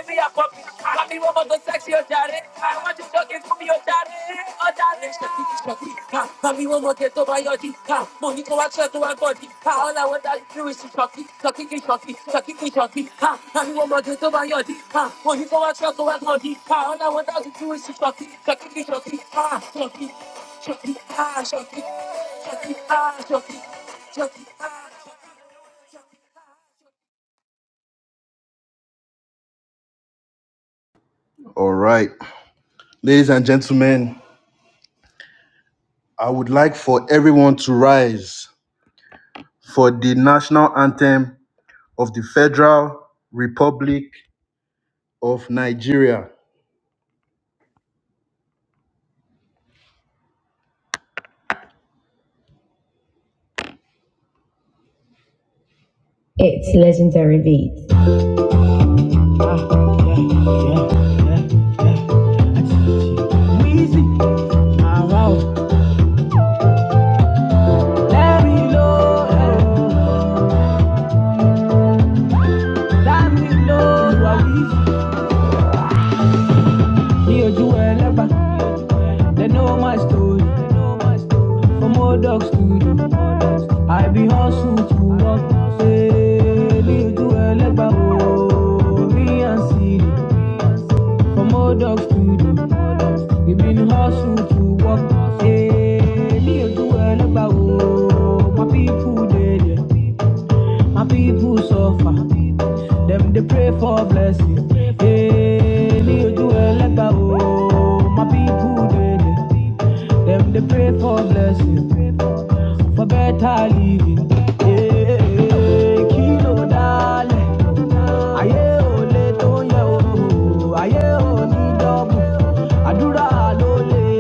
S5: me a puppy. Got me one more good sexy otaru. I want you talking to me otaru, otaru. Shakti, shakti, ah. Got me one more get over your dick, ah. Money go action to my body, ah. All I want to do is to shakti, shakti, shakti, shakti, shakti, ah. Got me one more get over your dick, ah. Money go action to my body, ah. All I want to do is to shakti, shakti, shakti, ah. Shakti, shakti, ah. Shakti, shakti, ah. Shakti, shakti, ah.
S2: All right. Ladies and gentlemen, I would like for everyone to rise for the national anthem of the Federal Republic of Nigeria. It's legendary beat. Easy, eh. ní ojú ẹlẹ́pà they know my story for modoc studio i be hustle to work ṣe ní ojú ẹlẹ́pà o me and siri for modoc studio we been hustle to work ṣe ní ojú ẹlẹ́pà o my people dey there. My people suffer. Them they pray for blessing. Hey, me do elegba oh. My people daily. Them they pray for blessing. For better living. Hey, kilo dale. Aye o le to o. Aye o ni dobu. Adura lo le.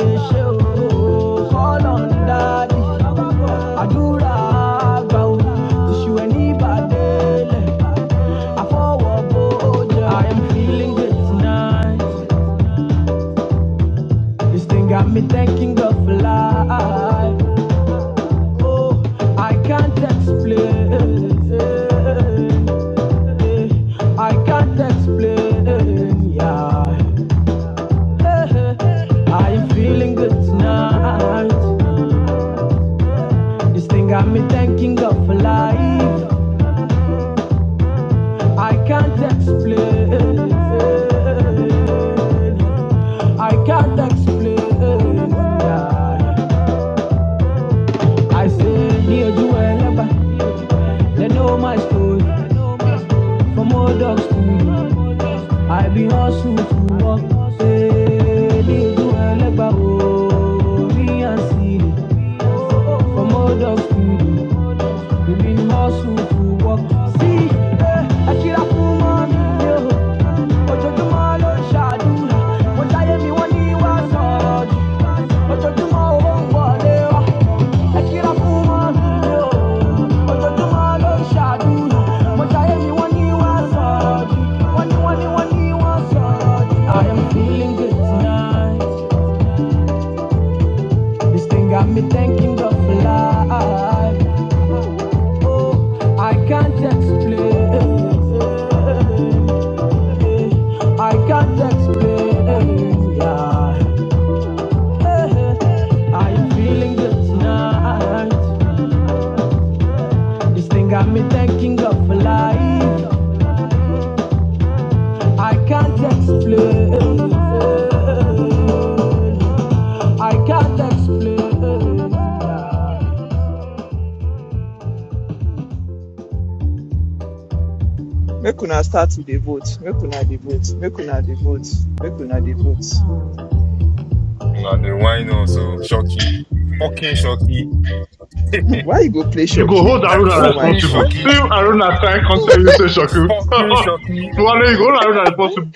S2: I am feeling good tonight. This thing got me thinking of life. Oh, I can't explain. I can't explain. Yeah. I am feeling good tonight. This thing got me thanking God for life. I can't explain. I can't explain. I say, dear Joel, they know my story. From old dogs to I be hustle to walk. Say, dear Joel, oh, me and see. From old dogs to we been hustle to walk. See, eh, I kill I am feeling good tonight. This thing got me thinking of life. Oh, I can't explain. I can't explain. Yeah. Are you feeling good tonight? This thing got me thinking of life. I can't explain. I can't explain.
S1: Make una start to the vote. Make una the vote. Make una the vote. Make una the vote.
S17: Now, the wine also. Shocky. Fucking shocky.
S1: Why
S17: like,
S1: you go play
S9: you go
S1: shocky?
S9: hold Aruna
S1: Oh my,
S17: fucking
S1: God.
S9: responsible.
S1: what?
S9: See
S17: shocky.
S9: if Aruna try contact you say Shoku.
S17: Fucking shocky.
S9: One day you go hold Aruna responsible.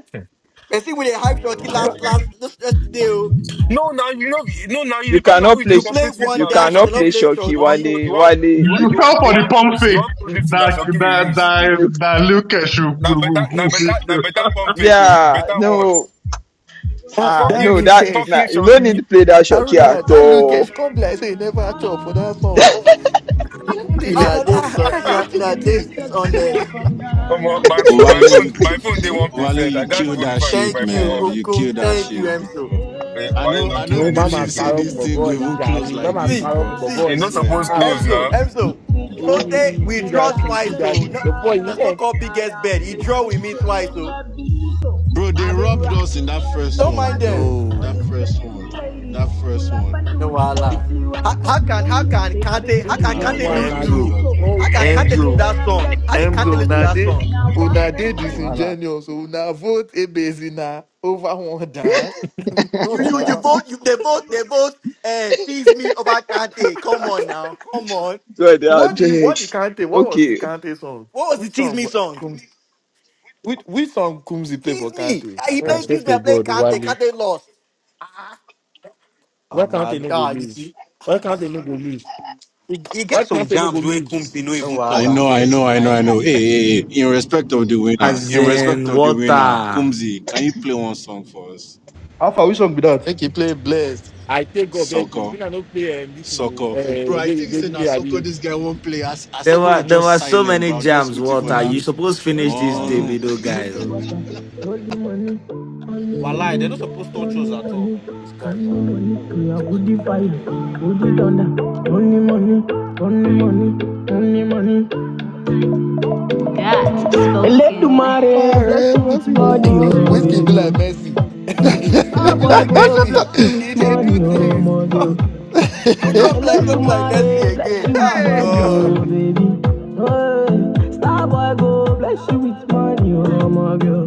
S5: But see, when they hype Shoki
S17: Okay.
S1: What?
S5: last, last, just yesterday, oh.
S17: No, now you know. No, now you
S1: You
S17: depend on who
S1: cannot
S17: you dey
S1: play.
S5: You play
S17: compete with.
S5: one
S1: You
S17: Now, say
S5: dance. I
S1: cannot
S5: cannot
S17: Shoki,
S1: play
S5: play
S1: shocky,
S17: you want
S5: Shoki.
S17: clothes, you
S1: Wale.
S17: want
S1: Wale.
S17: you want
S9: You
S17: you
S9: fell
S17: want you
S9: for the
S17: want
S9: pump
S17: clothes, you
S9: fake
S17: want clothes
S1: You.
S17: this thing that
S9: that
S17: Shoki you
S9: that
S17: use.
S9: that
S1: No,
S9: that Lucas will
S17: Now
S9: will-
S17: better,
S9: will-
S17: now
S9: will
S17: better,
S9: make
S17: now
S9: you.
S17: better pump people,
S1: yeah,
S17: better one.
S1: no,
S16: That
S1: ah,
S16: that
S17: Fucking
S1: no, that,
S16: Lucas.
S17: fucking
S1: nah, you don't need
S17: Shoki.
S1: to play that shock here
S16: Aruna,
S1: at
S16: that Lucas,
S1: all.
S16: she come be like say you never chop for
S2: Yeah.
S16: that song. You come dey
S5: You know,
S16: shout,
S5: did
S16: ah, ah,
S5: so.
S16: ah,
S5: You
S16: see
S5: know, you
S16: wetin be
S5: know, did
S2: That's
S16: this?
S2: Katia
S5: dishonest.
S2: from
S17: Omo,
S2: Ghana.
S17: my my
S7: Wale,
S17: phone
S7: you
S17: my
S7: ki-
S17: phone day
S5: Hmm?
S17: one
S7: Wale,
S17: percent.
S7: you
S17: I
S2: I've been
S17: can't
S7: kill
S2: rocking
S17: vote
S7: that
S17: before I took
S7: shit,
S2: every
S17: my
S5: Thank
S17: phone
S5: you,
S7: man.
S17: off.
S7: You
S5: Okun.
S7: kill that
S5: Thank you,
S7: shit, bro.
S5: Emzo.
S17: Eh,
S7: I
S17: Wale
S7: know
S17: no
S7: I
S17: kill
S4: mo
S7: don't
S17: any
S4: má máa
S17: shit
S7: believe say
S17: too.
S4: parọ́
S7: this
S4: fún
S7: thing
S4: bọ̀bọ́
S7: go
S4: yìí
S7: even
S4: jàre
S7: close
S4: má
S7: like
S4: máa
S7: this,
S5: See,
S4: parọ́ fún
S7: bro.
S5: see,
S4: bọ̀bọ́
S7: I
S17: You no
S4: yìí
S7: swear.
S17: suppose
S4: ah
S17: close
S5: Emzo,
S17: now.
S5: Emzo.
S4: èwo ni
S5: Sote, we draw
S4: kídàṣì
S5: twice. So
S4: kídàṣì
S5: no,
S4: bọ̀bọ́ yìí
S5: the
S4: kàn
S5: so-called biggest bet. He draw with me twice. So
S7: Bro, they robbed us in that first
S5: don't
S7: one,
S5: mind
S2: party.
S7: bro.
S5: them.
S2: All
S7: That
S16: No.
S2: the
S7: first one.
S2: sexy ladies
S7: That first
S2: pull up
S7: one.
S2: and
S5: No
S2: do the
S5: wala.
S2: dirty
S5: How,
S2: wine for
S5: how can how
S2: me.
S5: can
S2: Say I've been
S5: Kante
S4: who
S5: how
S4: be
S5: can
S7: Ah,
S4: this
S2: killing
S7: it's
S5: Kante
S7: all
S4: one
S5: lose
S4: na
S7: good.
S4: you
S5: to
S7: It's
S2: every
S16: Emzo.
S7: all
S2: so
S4: oh
S5: how can
S2: every
S5: Kante lose to
S16: Emzo.
S2: day
S5: that
S2: I'm
S5: song? How did
S2: getting
S5: Kante
S16: Emzo.
S5: lose to
S2: money
S16: Una
S5: that
S16: dey
S5: song?
S2: and I
S16: una dey
S2: wanna spend
S16: disingenuous. Una vote Ebezina over one dance. no
S5: You you you
S16: now.
S5: vote you they vote they vote uh tease me over Kante. Come on now. Come on.
S1: So they are
S16: What do you
S1: big.
S16: what the Kante? What was the
S1: Okay,
S16: Kante song?
S5: What was the
S16: Which
S5: tease
S16: song
S5: me
S16: wa-
S5: song?
S16: Combs, which which song Kumsi play for
S5: Tease me.
S16: Kante?
S5: Ah,
S16: I don't
S5: He
S4: i
S5: played
S16: remember.
S4: said
S5: tease me,
S4: to
S5: I played
S4: god
S5: Kante.
S4: wale
S5: Kante lost. Ah,
S16: Ah
S4: why can't they
S16: man.
S4: no go
S5: ah you
S4: lose
S5: see?
S4: why can't they no go lose
S14: He, he get
S4: why
S14: some
S4: can't they no go
S14: jams where
S4: lose
S14: Kumzi no
S5: No
S14: even
S7: I
S14: touch
S5: wahala.
S7: know, I know,
S14: safe.
S7: I know,
S14: Like
S7: I know.
S14: he get
S7: Hey,
S14: some
S7: hey,
S14: jams.
S7: hey. In respect of the winner,
S8: As
S7: in respect
S8: in
S7: of the winner,
S8: water,
S7: Kumzi, can you play one song for us?
S16: Make he play blessed.
S4: i take god beg you
S7: Soccer.
S4: when i no play um, this you know
S7: Soccer. Bro,
S4: uh,
S7: I think say now
S4: labule
S7: soccer
S4: abi
S7: this guy won't play as as
S8: there
S7: everywhere
S8: were there
S7: just
S8: were so
S7: silent,
S8: many
S7: bro. I'm just
S8: jams.
S7: waiting for
S8: Water,
S7: that.
S8: you supposed finish this
S7: Oh
S8: Davido guy.
S14: Walai, they're not supposed to touch us at all, man. This guy, uh, bro.
S2: the fire.
S14: Yeah.
S2: Put it on the money, money, money, money, money, money. Let the
S18: let my
S2: mare bless
S18: head
S2: you
S18: left
S2: with
S18: you with
S2: body,
S18: money.
S2: oh
S16: Whiskey be
S2: baby. Oh.
S18: oh.
S16: like Messi.
S18: Shut
S16: he be
S2: Ah, boy,
S16: like
S2: boy, bless
S16: Messi.
S2: you
S18: the-
S2: with
S16: He dey do
S2: money, oh
S16: things.
S2: money. Oh.
S5: Which one be
S2: Let
S5: like
S2: the
S5: don't be like
S2: mare
S5: Messi
S2: bless
S5: again?
S2: you with
S5: Ah
S16: hey
S2: body,
S16: God.
S5: god.
S2: oh baby. Oh, eh. star boy, go bless you with money, oh my girl.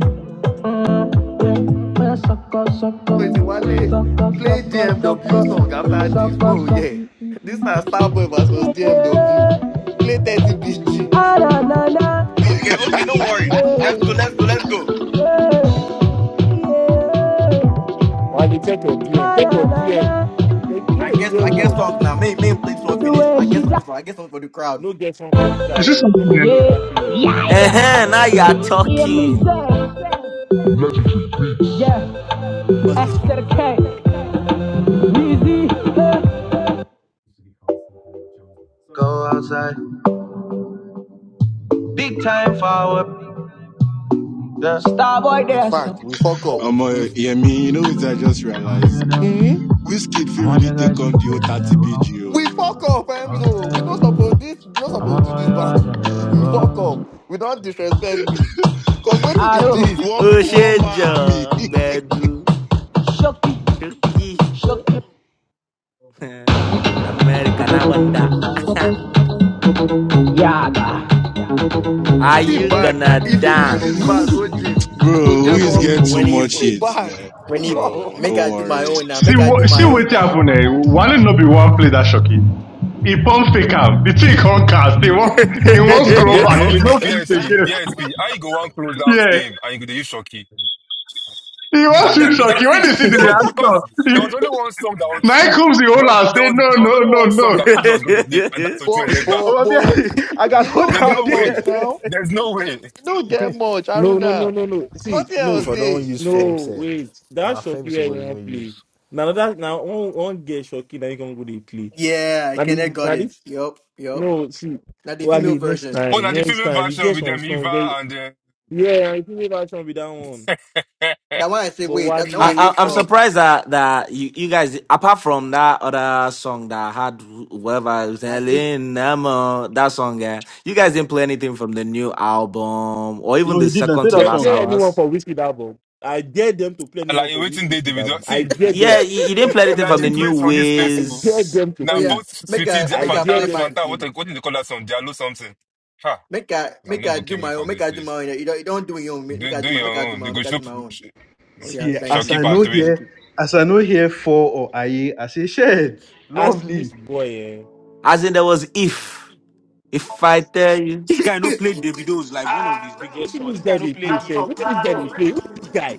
S2: Mm, yeah, yeah, suck up, suck up,
S16: Wait, Wale
S2: suck up,
S16: play
S2: suck up, suck
S16: DMW song
S2: up,
S16: after this.
S2: suck up,
S16: Mo,
S2: suck up.
S16: yeah. This na Starboy versus DMW.
S2: Yeah.
S16: Play
S18: I'm going
S16: 30
S18: to
S16: BG.
S2: Ah, na, na, na.
S5: Okay, okay, don't
S18: be
S5: worry.
S2: Yeah,
S5: Let's go, let's go, let's go.
S2: yeah, yeah.
S4: wale check your dm
S2: Ah,
S4: check
S2: na,
S4: your
S2: na, na.
S4: dm you know
S5: I
S4: the
S5: guess
S4: hear
S5: I guess
S4: word
S5: songs now. May may play this one
S2: The
S5: finish.
S2: way
S5: I
S2: she
S5: guess something
S2: da-
S5: for I guess something for the crowd.
S4: no get song for any
S9: You see
S4: crowd o no
S9: something
S4: go
S9: eh?
S4: play
S2: Yeah,
S4: campaign
S2: yeah,
S8: Uh huh.
S2: yeah.
S8: Now you are
S2: Hear me
S8: talking.
S2: say,
S18: going to
S2: yeah,
S5: What's this
S18: the
S5: one?
S2: Esther K, Dizzy, eh, Starboy
S16: In
S2: Dancer.
S16: fact, we fuck
S7: no.
S16: up.
S7: Um, uh,
S16: We
S7: yeah, me, you know what I just realized?
S16: mm
S7: Which kid feel really take on the old 30 BGO?
S16: We fuck up, Emzo. We not supposed this we not supposed to do this battle. We fuck up. We don't disrespect Wiz. Cause what it be
S2: Aro,
S16: this?
S7: One one man army.
S8: Osheja Bedu.
S2: Shoki,
S8: Chucky.
S2: Shoki,
S8: American, I wonder.
S2: Yaga.
S8: Are
S16: See
S8: you
S16: bag now.
S8: gonna
S16: If you use this bag,
S8: dance?
S16: go gym, you go
S7: bro,
S16: get
S7: we get
S16: muscle.
S7: too
S5: When he
S7: much
S16: See
S7: hate,
S16: bag.
S7: man.
S5: when he
S16: go.
S7: Bro,
S5: make
S7: don't
S5: I do my
S7: worry.
S5: own now.
S9: See
S5: Make I do
S9: what see
S5: my own
S9: what
S5: now.
S9: happen eh? One no be one play that Shoki. He pump fake him. The thing can't cast. He won't
S8: I,
S9: he
S17: But
S9: won't
S17: but
S9: scroll
S17: but
S9: back.
S17: but,
S9: He
S17: but
S9: no fit
S17: BSP
S9: again.
S17: how you go one close out
S9: Yeah.
S17: game and you go dey use Shoki?
S9: He
S17: We got
S9: wants to
S17: that,
S16: Mm.
S17: we got to
S9: Shoki. When
S17: see
S9: they see the
S17: because
S9: reaction,
S17: because there was
S9: he,
S17: only one song that I would
S9: now he
S17: see.
S9: comes the
S17: There
S9: whole
S17: was,
S9: and
S17: there
S9: say
S17: was there
S9: no
S17: was
S9: no
S17: only
S9: no
S17: one song
S9: no.
S17: that Kunji was going to play, and that's Ochu
S16: But
S17: Elegba.
S2: Oh,
S16: but
S2: my
S16: but
S2: baby, I got
S16: you
S18: store.
S2: hold
S16: don't
S17: There's
S2: on
S16: get
S17: no way.
S16: much
S2: there.
S16: now.
S17: There's no way.
S16: You don't get much,
S4: No, no, no,
S16: Aruna.
S4: no, no. See,
S16: Nothing else
S10: If
S4: no,
S10: I
S16: there.
S10: don't use Fame,
S4: no,
S10: say,
S4: wait. That
S10: now Fame is
S4: Shoki I
S10: supposed to
S4: won't
S10: even use
S4: play. Now that now one one get Shoki, now you can go to play.
S5: Yeah, I
S4: I
S5: kinda
S4: mean,
S5: got it.
S4: Daddy,
S5: Yup, yup.
S4: no, see,
S5: Now the female
S4: Wally, next
S5: version.
S17: Oh,
S4: time,
S17: now the
S4: next
S17: female
S4: time, you
S17: version
S4: get
S17: with
S4: some
S17: them
S4: strong.
S17: Eva
S4: Very,
S17: and uh,
S4: yeah, I think that should be that one.
S17: eh,
S5: Now when I say
S4: But
S5: wait, that, that when I say
S4: Wally,
S8: I, I'm
S4: ah,
S5: stop,
S8: surprised that, that you, you guys, apart from that other song that I had, whoever was
S5: I still
S8: saying, Nemo, that song, yeah, you guys didn't play anything from the new album or even
S2: No,
S8: the
S2: he did not
S8: second
S2: play
S8: to
S2: that
S4: they
S8: last
S2: song
S4: play
S2: now.
S4: anyone
S8: hours.
S4: for Whiskey album. I dare them to play anyone
S17: like
S4: for
S17: waiting
S4: Whiskey
S17: day
S4: Whiskey
S17: David.
S4: album. I
S17: See,
S4: dare
S17: un-
S8: Yeah,
S4: them.
S8: you, you didn't
S17: un-
S8: play anything
S17: una
S8: from
S17: the
S8: the new
S17: craze for this place.
S4: I
S17: oh.
S4: dare
S8: ways.
S4: them to
S5: oh
S17: Now
S5: yeah,
S4: play it.
S17: both
S5: make
S17: sweetie,
S5: I
S17: Dia-
S4: I
S5: make
S8: Uh,
S5: I
S4: dare
S17: Fanta,
S5: play
S4: them
S5: my
S4: to
S17: Fanta,
S4: play
S17: what
S4: it.
S17: what do they call that song? Jalo something. Ha!
S5: make I
S17: Now
S5: make
S17: no
S5: I
S17: go
S5: do
S17: came in
S5: my
S17: for
S5: own, make
S17: this
S5: I do my
S17: place.
S5: own. You don't you don't do your own, make make
S17: Do
S5: I
S17: do
S5: do my
S17: your
S5: make I do
S17: own.
S5: my
S17: You
S5: own,
S17: go
S5: make I
S17: show
S5: do my own. Oh yeah,
S2: See,
S5: thank
S2: as
S5: you,
S17: Shocky
S2: I
S17: Part
S5: thank
S2: know
S5: you,
S17: Three.
S5: thank
S2: here,
S5: you.
S2: as I know here for or I, I say shit,
S4: As
S2: lovely.
S4: this boy, eh?
S8: as in, there was If. If I tell you,
S14: This guy no play Davido's like one of his
S4: What
S14: biggest
S4: is
S14: songs.
S4: this
S14: This
S4: guy
S14: guy no
S4: they
S14: play
S4: play?
S14: Eve.
S4: Say, what is this guy
S14: Bro,
S4: they play? Who is this guy?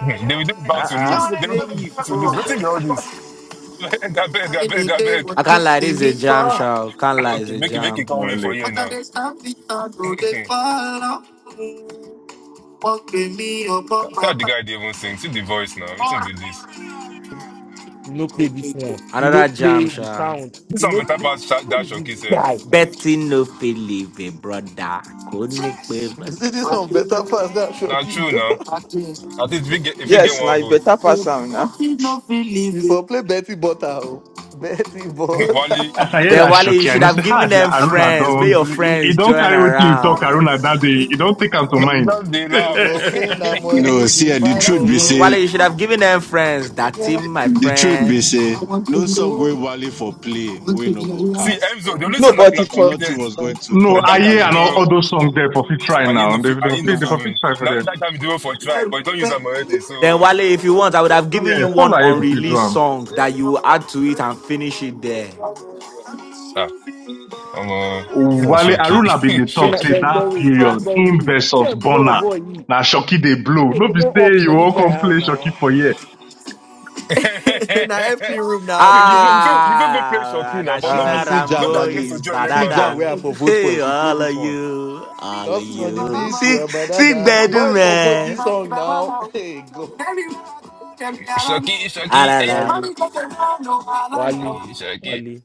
S17: They were just bound to
S14: You
S16: Uh-uh.
S14: no
S17: lose.
S14: go
S17: They were
S14: play Eve,
S17: just bound to lose. What
S14: bro.
S17: be all this? Abeg, abeg, abeg, abeg.
S8: I can't lie. This is a jam,
S4: Ah,
S8: show. Can't lie, it's
S17: Okay,
S8: a
S17: make it, make it
S8: jam.
S17: come win for
S9: Wale.
S17: you now. See
S5: Be your
S17: how the
S5: papa.
S17: guy they even sing. See the voice now. It's in be this.
S4: you no play this one. You no
S8: Another jam,
S4: play the
S8: show.
S4: sound.
S17: This
S4: You
S17: one
S4: no
S17: better
S4: play.
S17: pass Sha-
S4: Who is
S17: dash or
S4: this
S17: kiss
S4: guy?
S8: Betting no believe me, brother. Couldn't believe it. be?
S16: You see this one better pass that
S17: Now
S16: shot you
S17: true
S16: go.
S17: now.
S5: now
S17: At least if we get, if we get
S1: yes, now
S17: one
S1: you
S17: vote,
S1: better pass on, nah.
S16: You for play Betty Butter. oh. Betty Butter.
S17: Wally,
S9: As I hear
S8: Then
S9: that
S8: Wale, you
S9: Shoki, I
S8: should
S9: know say,
S8: have
S9: ah,
S8: given
S9: the
S8: them
S9: Aruna
S8: friends. May
S9: don't,
S8: your
S9: he, he
S8: friends
S9: don't
S8: join
S9: carry wetin you talk,
S8: around.
S9: Aruna, that day, he don't take am to
S16: But if,
S17: man,
S9: mind.
S17: just they
S16: if we
S17: laugh
S16: play na
S7: No,
S16: money
S7: see
S16: be
S7: eh, the
S16: fine,
S7: truth
S17: because
S7: be
S8: Mm,
S16: bobo.
S7: say
S8: Wale, you should have given them friends. That team, my
S7: the truth be
S8: friends.
S7: say no song we value for play, we no go
S17: see
S7: cast,
S17: Emzo, the
S7: bro.
S17: only
S1: No,
S17: son that
S1: but
S17: could have
S1: it's for
S7: Nothing
S17: competed.
S7: was going to
S17: Now
S9: no,
S7: top
S9: I
S17: that
S7: with
S17: time
S9: hear
S7: Ojo
S17: you
S9: and all,
S17: do,
S7: Legba,
S9: all
S7: man.
S9: those songs there for fit try
S17: I ain't no,
S9: now. They,
S17: fe-
S9: they,
S17: I
S9: for
S17: ain't no
S9: fit, they
S1: nah.
S17: feeling.
S9: for fit try for
S17: Now
S9: there.
S17: that time you do for try, but you don't use them already. So.
S8: Then Wale, if you want, I would have given
S9: Yes,
S8: you
S9: all
S8: one
S9: Aye go fit do
S8: unreleased
S9: am.
S8: song that you will add to it and finish it there.
S17: ah. I'm uh
S9: Wale
S17: Shoki.
S9: Aruna been dey
S4: Then
S9: talk
S4: I
S9: say
S17: Shoki.
S4: said, go
S9: that
S4: really. Say,
S9: period,
S4: go
S9: him
S4: really.
S9: versus
S4: Say, go
S9: Bonner,
S4: boy. He
S9: na Shoki dey blow.
S4: they
S9: No
S4: come
S9: be
S4: up
S9: say you
S4: for this
S9: wan
S4: guy
S9: come
S4: ah,
S9: play Shoki
S4: now.
S9: for here.
S5: FC room now,
S17: See, you know you feel
S5: PSP.
S17: you feel even play
S8: Ah,
S17: Shoki now, but not
S16: Ah,
S8: National
S17: be
S16: see Jan
S17: not be
S8: Rambo
S16: Wale.
S17: against the
S8: is
S17: joy
S8: better
S16: See
S17: Legba
S16: Jan
S17: now.
S16: where I
S8: than
S16: for vote for
S8: hey,
S16: if you play
S8: all of
S16: this one.
S8: you, all of
S16: Gospel on the
S8: you.
S16: beat, you are
S8: Sick,
S16: brother
S8: sick
S16: than
S8: bedu
S16: boys for vote this
S8: man.
S16: song now. Hey go.
S17: Shoki,
S8: Ah,
S17: Shoki,
S8: la,
S17: eh.
S8: la.
S4: Wale, Wale,
S17: Shoki, Shoki.
S4: Wale.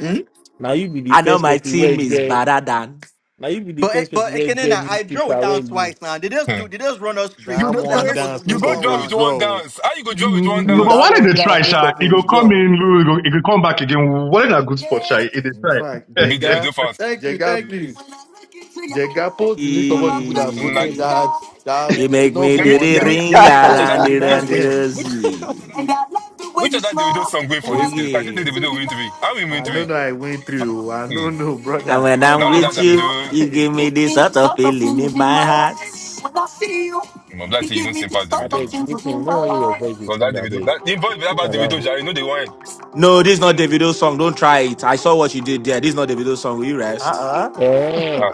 S5: Hmm?
S4: Now you be the
S8: I know
S4: first
S8: my
S4: person where
S8: team is
S4: get.
S8: better than.
S4: Now you be the
S5: But
S4: first
S5: it,
S4: person
S5: but it
S4: where
S5: can in
S4: get
S5: I
S4: new
S5: I it
S4: speaker where
S5: down
S4: lose.
S5: twice now. They just do
S17: Hmm.
S5: they just run us
S17: you
S5: streets.
S16: That
S5: You know
S17: the
S5: say I'm
S16: one
S5: not
S17: place,
S5: supposed to
S16: dance no
S17: you
S5: lose
S17: go
S5: one
S17: draw
S16: suppose
S17: with
S5: round.
S17: one
S16: draw.
S17: dance. How you go draw with
S9: Mm,
S17: one
S9: No, but
S17: dance?
S16: That
S9: Wale
S16: one
S9: dey try,
S16: dance no
S9: sha. He go
S16: suppose
S9: come
S16: draw.
S9: in, he go, he go come back again. Wale na good
S5: Yeah.
S9: spot, sha. He dey
S16: In
S9: try.
S16: fact,
S17: I beat the video
S16: Jega,
S17: fast.
S5: Thank you,
S16: Jega,
S5: thank
S17: Like
S5: you.
S16: please.
S5: When I look into your
S16: Jega
S5: eyes,
S16: post the list of
S5: you're
S16: all the
S5: a
S16: people that
S5: blessing in
S16: voted
S8: He,
S16: that
S5: disguise.
S16: that
S8: he
S16: they
S5: Hey.
S16: did
S8: make
S16: not
S8: me
S16: vote
S8: do
S17: Yemi,
S16: one
S8: the
S17: Yemi,
S16: dance.
S8: ring
S17: Yemi, which
S16: Post
S17: other
S8: around
S17: the
S8: the
S17: which
S16: scrutinize
S8: round the
S17: which
S16: them.
S17: which
S8: rosy.
S5: And I love the way
S17: which
S5: you
S17: other the video
S5: smile
S17: song going for this
S5: while
S8: Shake
S17: case?
S5: I
S17: I think
S5: give
S17: the
S8: it.
S5: it to
S17: video
S5: your
S17: win three.
S5: lies.
S17: How we win
S16: I don't
S17: three?
S5: Hey.
S16: know I went through. I don't know, no,
S8: And
S16: brother.
S8: when
S5: When
S17: Now
S8: I'm
S17: only
S5: I
S17: that
S8: with
S17: I
S5: with
S17: mean
S5: you,
S8: you,
S17: do
S8: you give
S5: you
S8: me
S5: give
S8: this
S5: me
S8: sort of
S5: sort of
S8: feeling
S5: feelings
S8: in
S5: in my
S8: my
S5: heart.
S8: heart.
S5: When I see you,
S17: I'm glad
S5: you give
S17: even
S5: me the
S17: simple the
S4: I
S5: sort of
S4: beg,
S17: video.
S5: things
S4: listen. You
S5: within
S4: do
S5: my
S4: want hear your
S5: heart.
S4: voice with
S17: From that
S4: sing. I
S17: Davido,
S4: beg.
S17: that in voice that
S4: Leave me
S17: about Davido,
S4: alone.
S17: Jare, you know the one.
S8: No, this is not
S17: Listen,
S8: Davido's song. Don't try it. I saw what you did there. This is not Davido's song. Will you rest?
S16: uh-uh.
S4: Eh.
S17: ah,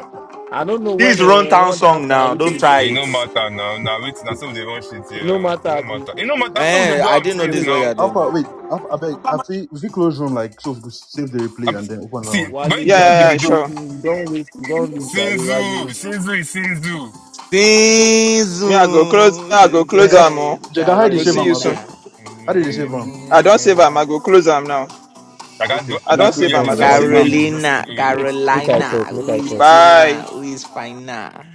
S4: I don't know when
S8: This
S4: uh,
S8: rundown
S4: one dance
S8: song
S4: now
S8: now. Don't
S4: whiskey
S17: it
S4: song.
S8: try it.
S17: no matter now. Now wait, that's all they want shit
S4: It no
S17: here. It no
S4: matter.
S17: matter. It no matter. That's all they
S8: Eh,
S17: do.
S8: I
S17: I'm
S8: didn't know
S17: saying
S2: Okay,
S17: it
S8: this is
S2: wait.
S8: what
S17: now.
S8: you're doing
S2: Alpha,
S8: now.
S2: wait. Alpha, I beg. I see. If we close room, like, so we could save the
S17: I'm,
S2: replay and then open another
S17: see
S2: one.
S4: Wale,
S17: when
S4: you are
S17: when
S1: Yeah, yeah, yeah,
S4: just
S17: Davido,
S1: sure.
S4: waiting. You don't wait. You don't leave, Daddy.
S17: Sinzu,
S4: Wale,
S17: Sinzu is Sinzu.
S1: Me,
S8: Sinzu,
S1: I go close, me, I go close
S2: Jaga,
S1: am oh.
S8: sugar,
S2: Jaga,
S1: I
S2: hide the
S1: go
S2: save
S1: see
S2: on
S1: you
S2: my
S1: soon.
S2: bed.
S8: Carolina,
S17: Mm-hmm.
S1: I don't save am, I go close am now.
S17: I can't go. I
S1: I don't
S4: wait.
S17: can't go
S1: save
S4: Hold
S17: hear
S1: am,
S4: on.
S1: I
S17: this
S4: Make
S1: don't
S4: I
S17: replay.
S1: save
S17: No,
S4: talk.
S17: the
S1: am.
S17: Davido song
S8: Carolina,
S17: going.
S4: Wait. Make I
S8: Carolina.
S4: talk. Make
S8: Who
S4: I
S8: is
S4: talk.
S1: Bye.
S8: Tina? Who is Fina?